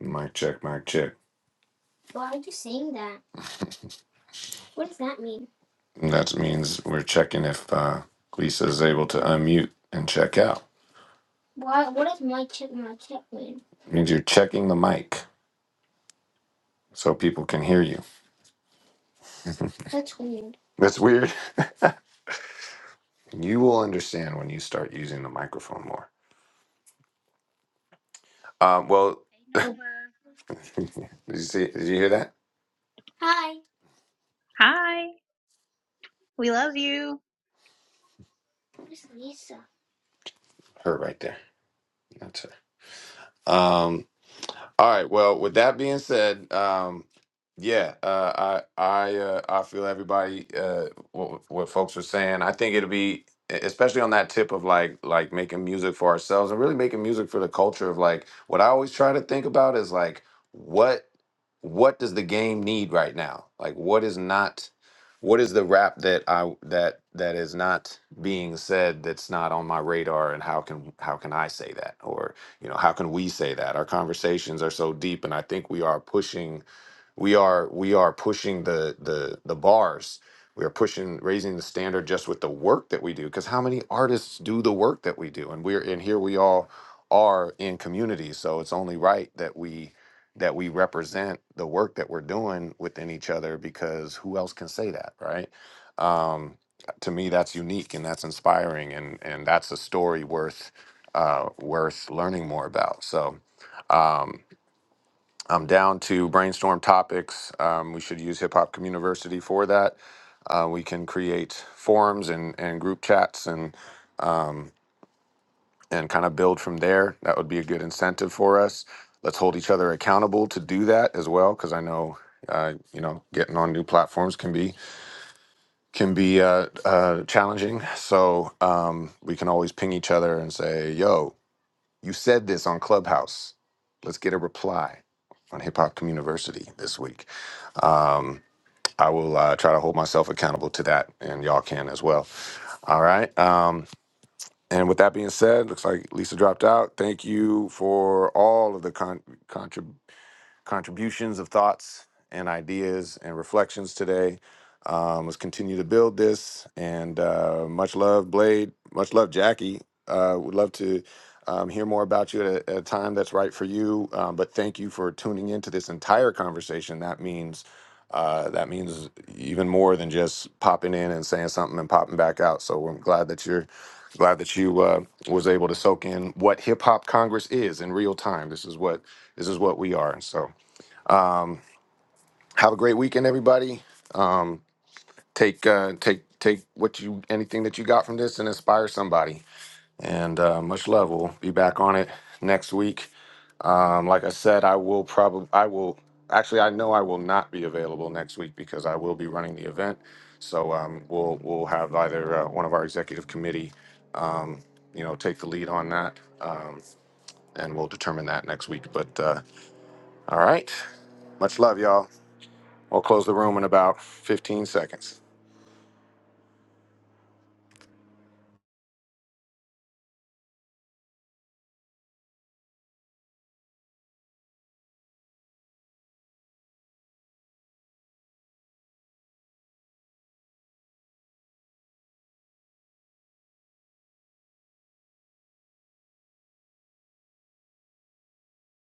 Mic check, mic check. Why aren't you saying that What does that That mean? That means we're checking if uh, Lisa is able to unmute and check out. Why? What does mic check, mic check, check It means you're checking the mic so people can hear you. That's weird. That's weird. You will understand when you start using the microphone more. Um, well, No, did you see? Did you hear that? Hi, hi we love you where's Lisa. Her right there. That's her. Um. All right. Well, with that being said, um, yeah, uh, I I uh, I feel everybody uh, what, what folks are saying. I think it'll be e, especially on that tip of like like making music for ourselves and really making music for the culture of like what I always try to think about is like what what does the game need right now? Like what is not what is the rap that I that that is not being said that's not on my radar and how can how can I say that or you know, how can we say that? Our conversations are so deep, and I think we are pushing, we are we are pushing the the the bars. We are pushing, raising the standard just with the work that we do. Because how many artists do the work that we do? And we're and here we all are in community, so it's only right that we that we represent the work that we're doing within each other because who else can say that, right? Um, to me that's unique and that's inspiring and and that's a story worth uh, worth learning more about. So um, I'm down to brainstorm topics. Um, we should use Hip Hop University for that. Uh, we can create forums and, and group chats and um, and kind of build from there. That would be a good incentive for us. Let's hold each other accountable to do that as well, because I know uh, you know getting on new platforms can be can be uh, uh, challenging. So um, we can always ping each other and say, "Yo, You said this on Clubhouse. Let's get a reply on Hip Hop Community this week. Um, I will uh, try to hold myself accountable to that, and y'all can as well. All right. Um, and with that being said, looks like Lisa dropped out. Thank you for all of the con- contributions contributions of thoughts and ideas and reflections today. Um, let's continue to build this. And uh, much love, Blade. Much love, Jackie. Uh, would love to um, hear more about you at a, at a time that's right for you. Um, but thank you for tuning into this entire conversation. That means uh, that means even more than just popping in and saying something and popping back out. So I'm glad that you're glad that you uh, was able to soak in what Hip Hop Congress is in real time. This is what this is what we are. So um, have a great weekend, everybody. Um, take uh, take take what you anything that you got from this and inspire somebody. And uh, much love. We'll be back on it next week. Um, like I said, I will probably I will actually I know I will not be available next week because I will be running the event. So um, we'll we'll have either uh, one of our executive committee, um, you know, take the lead on that, um, and we'll determine that next week. But uh, all right, much love, y'all. i will close the room in about 15 seconds.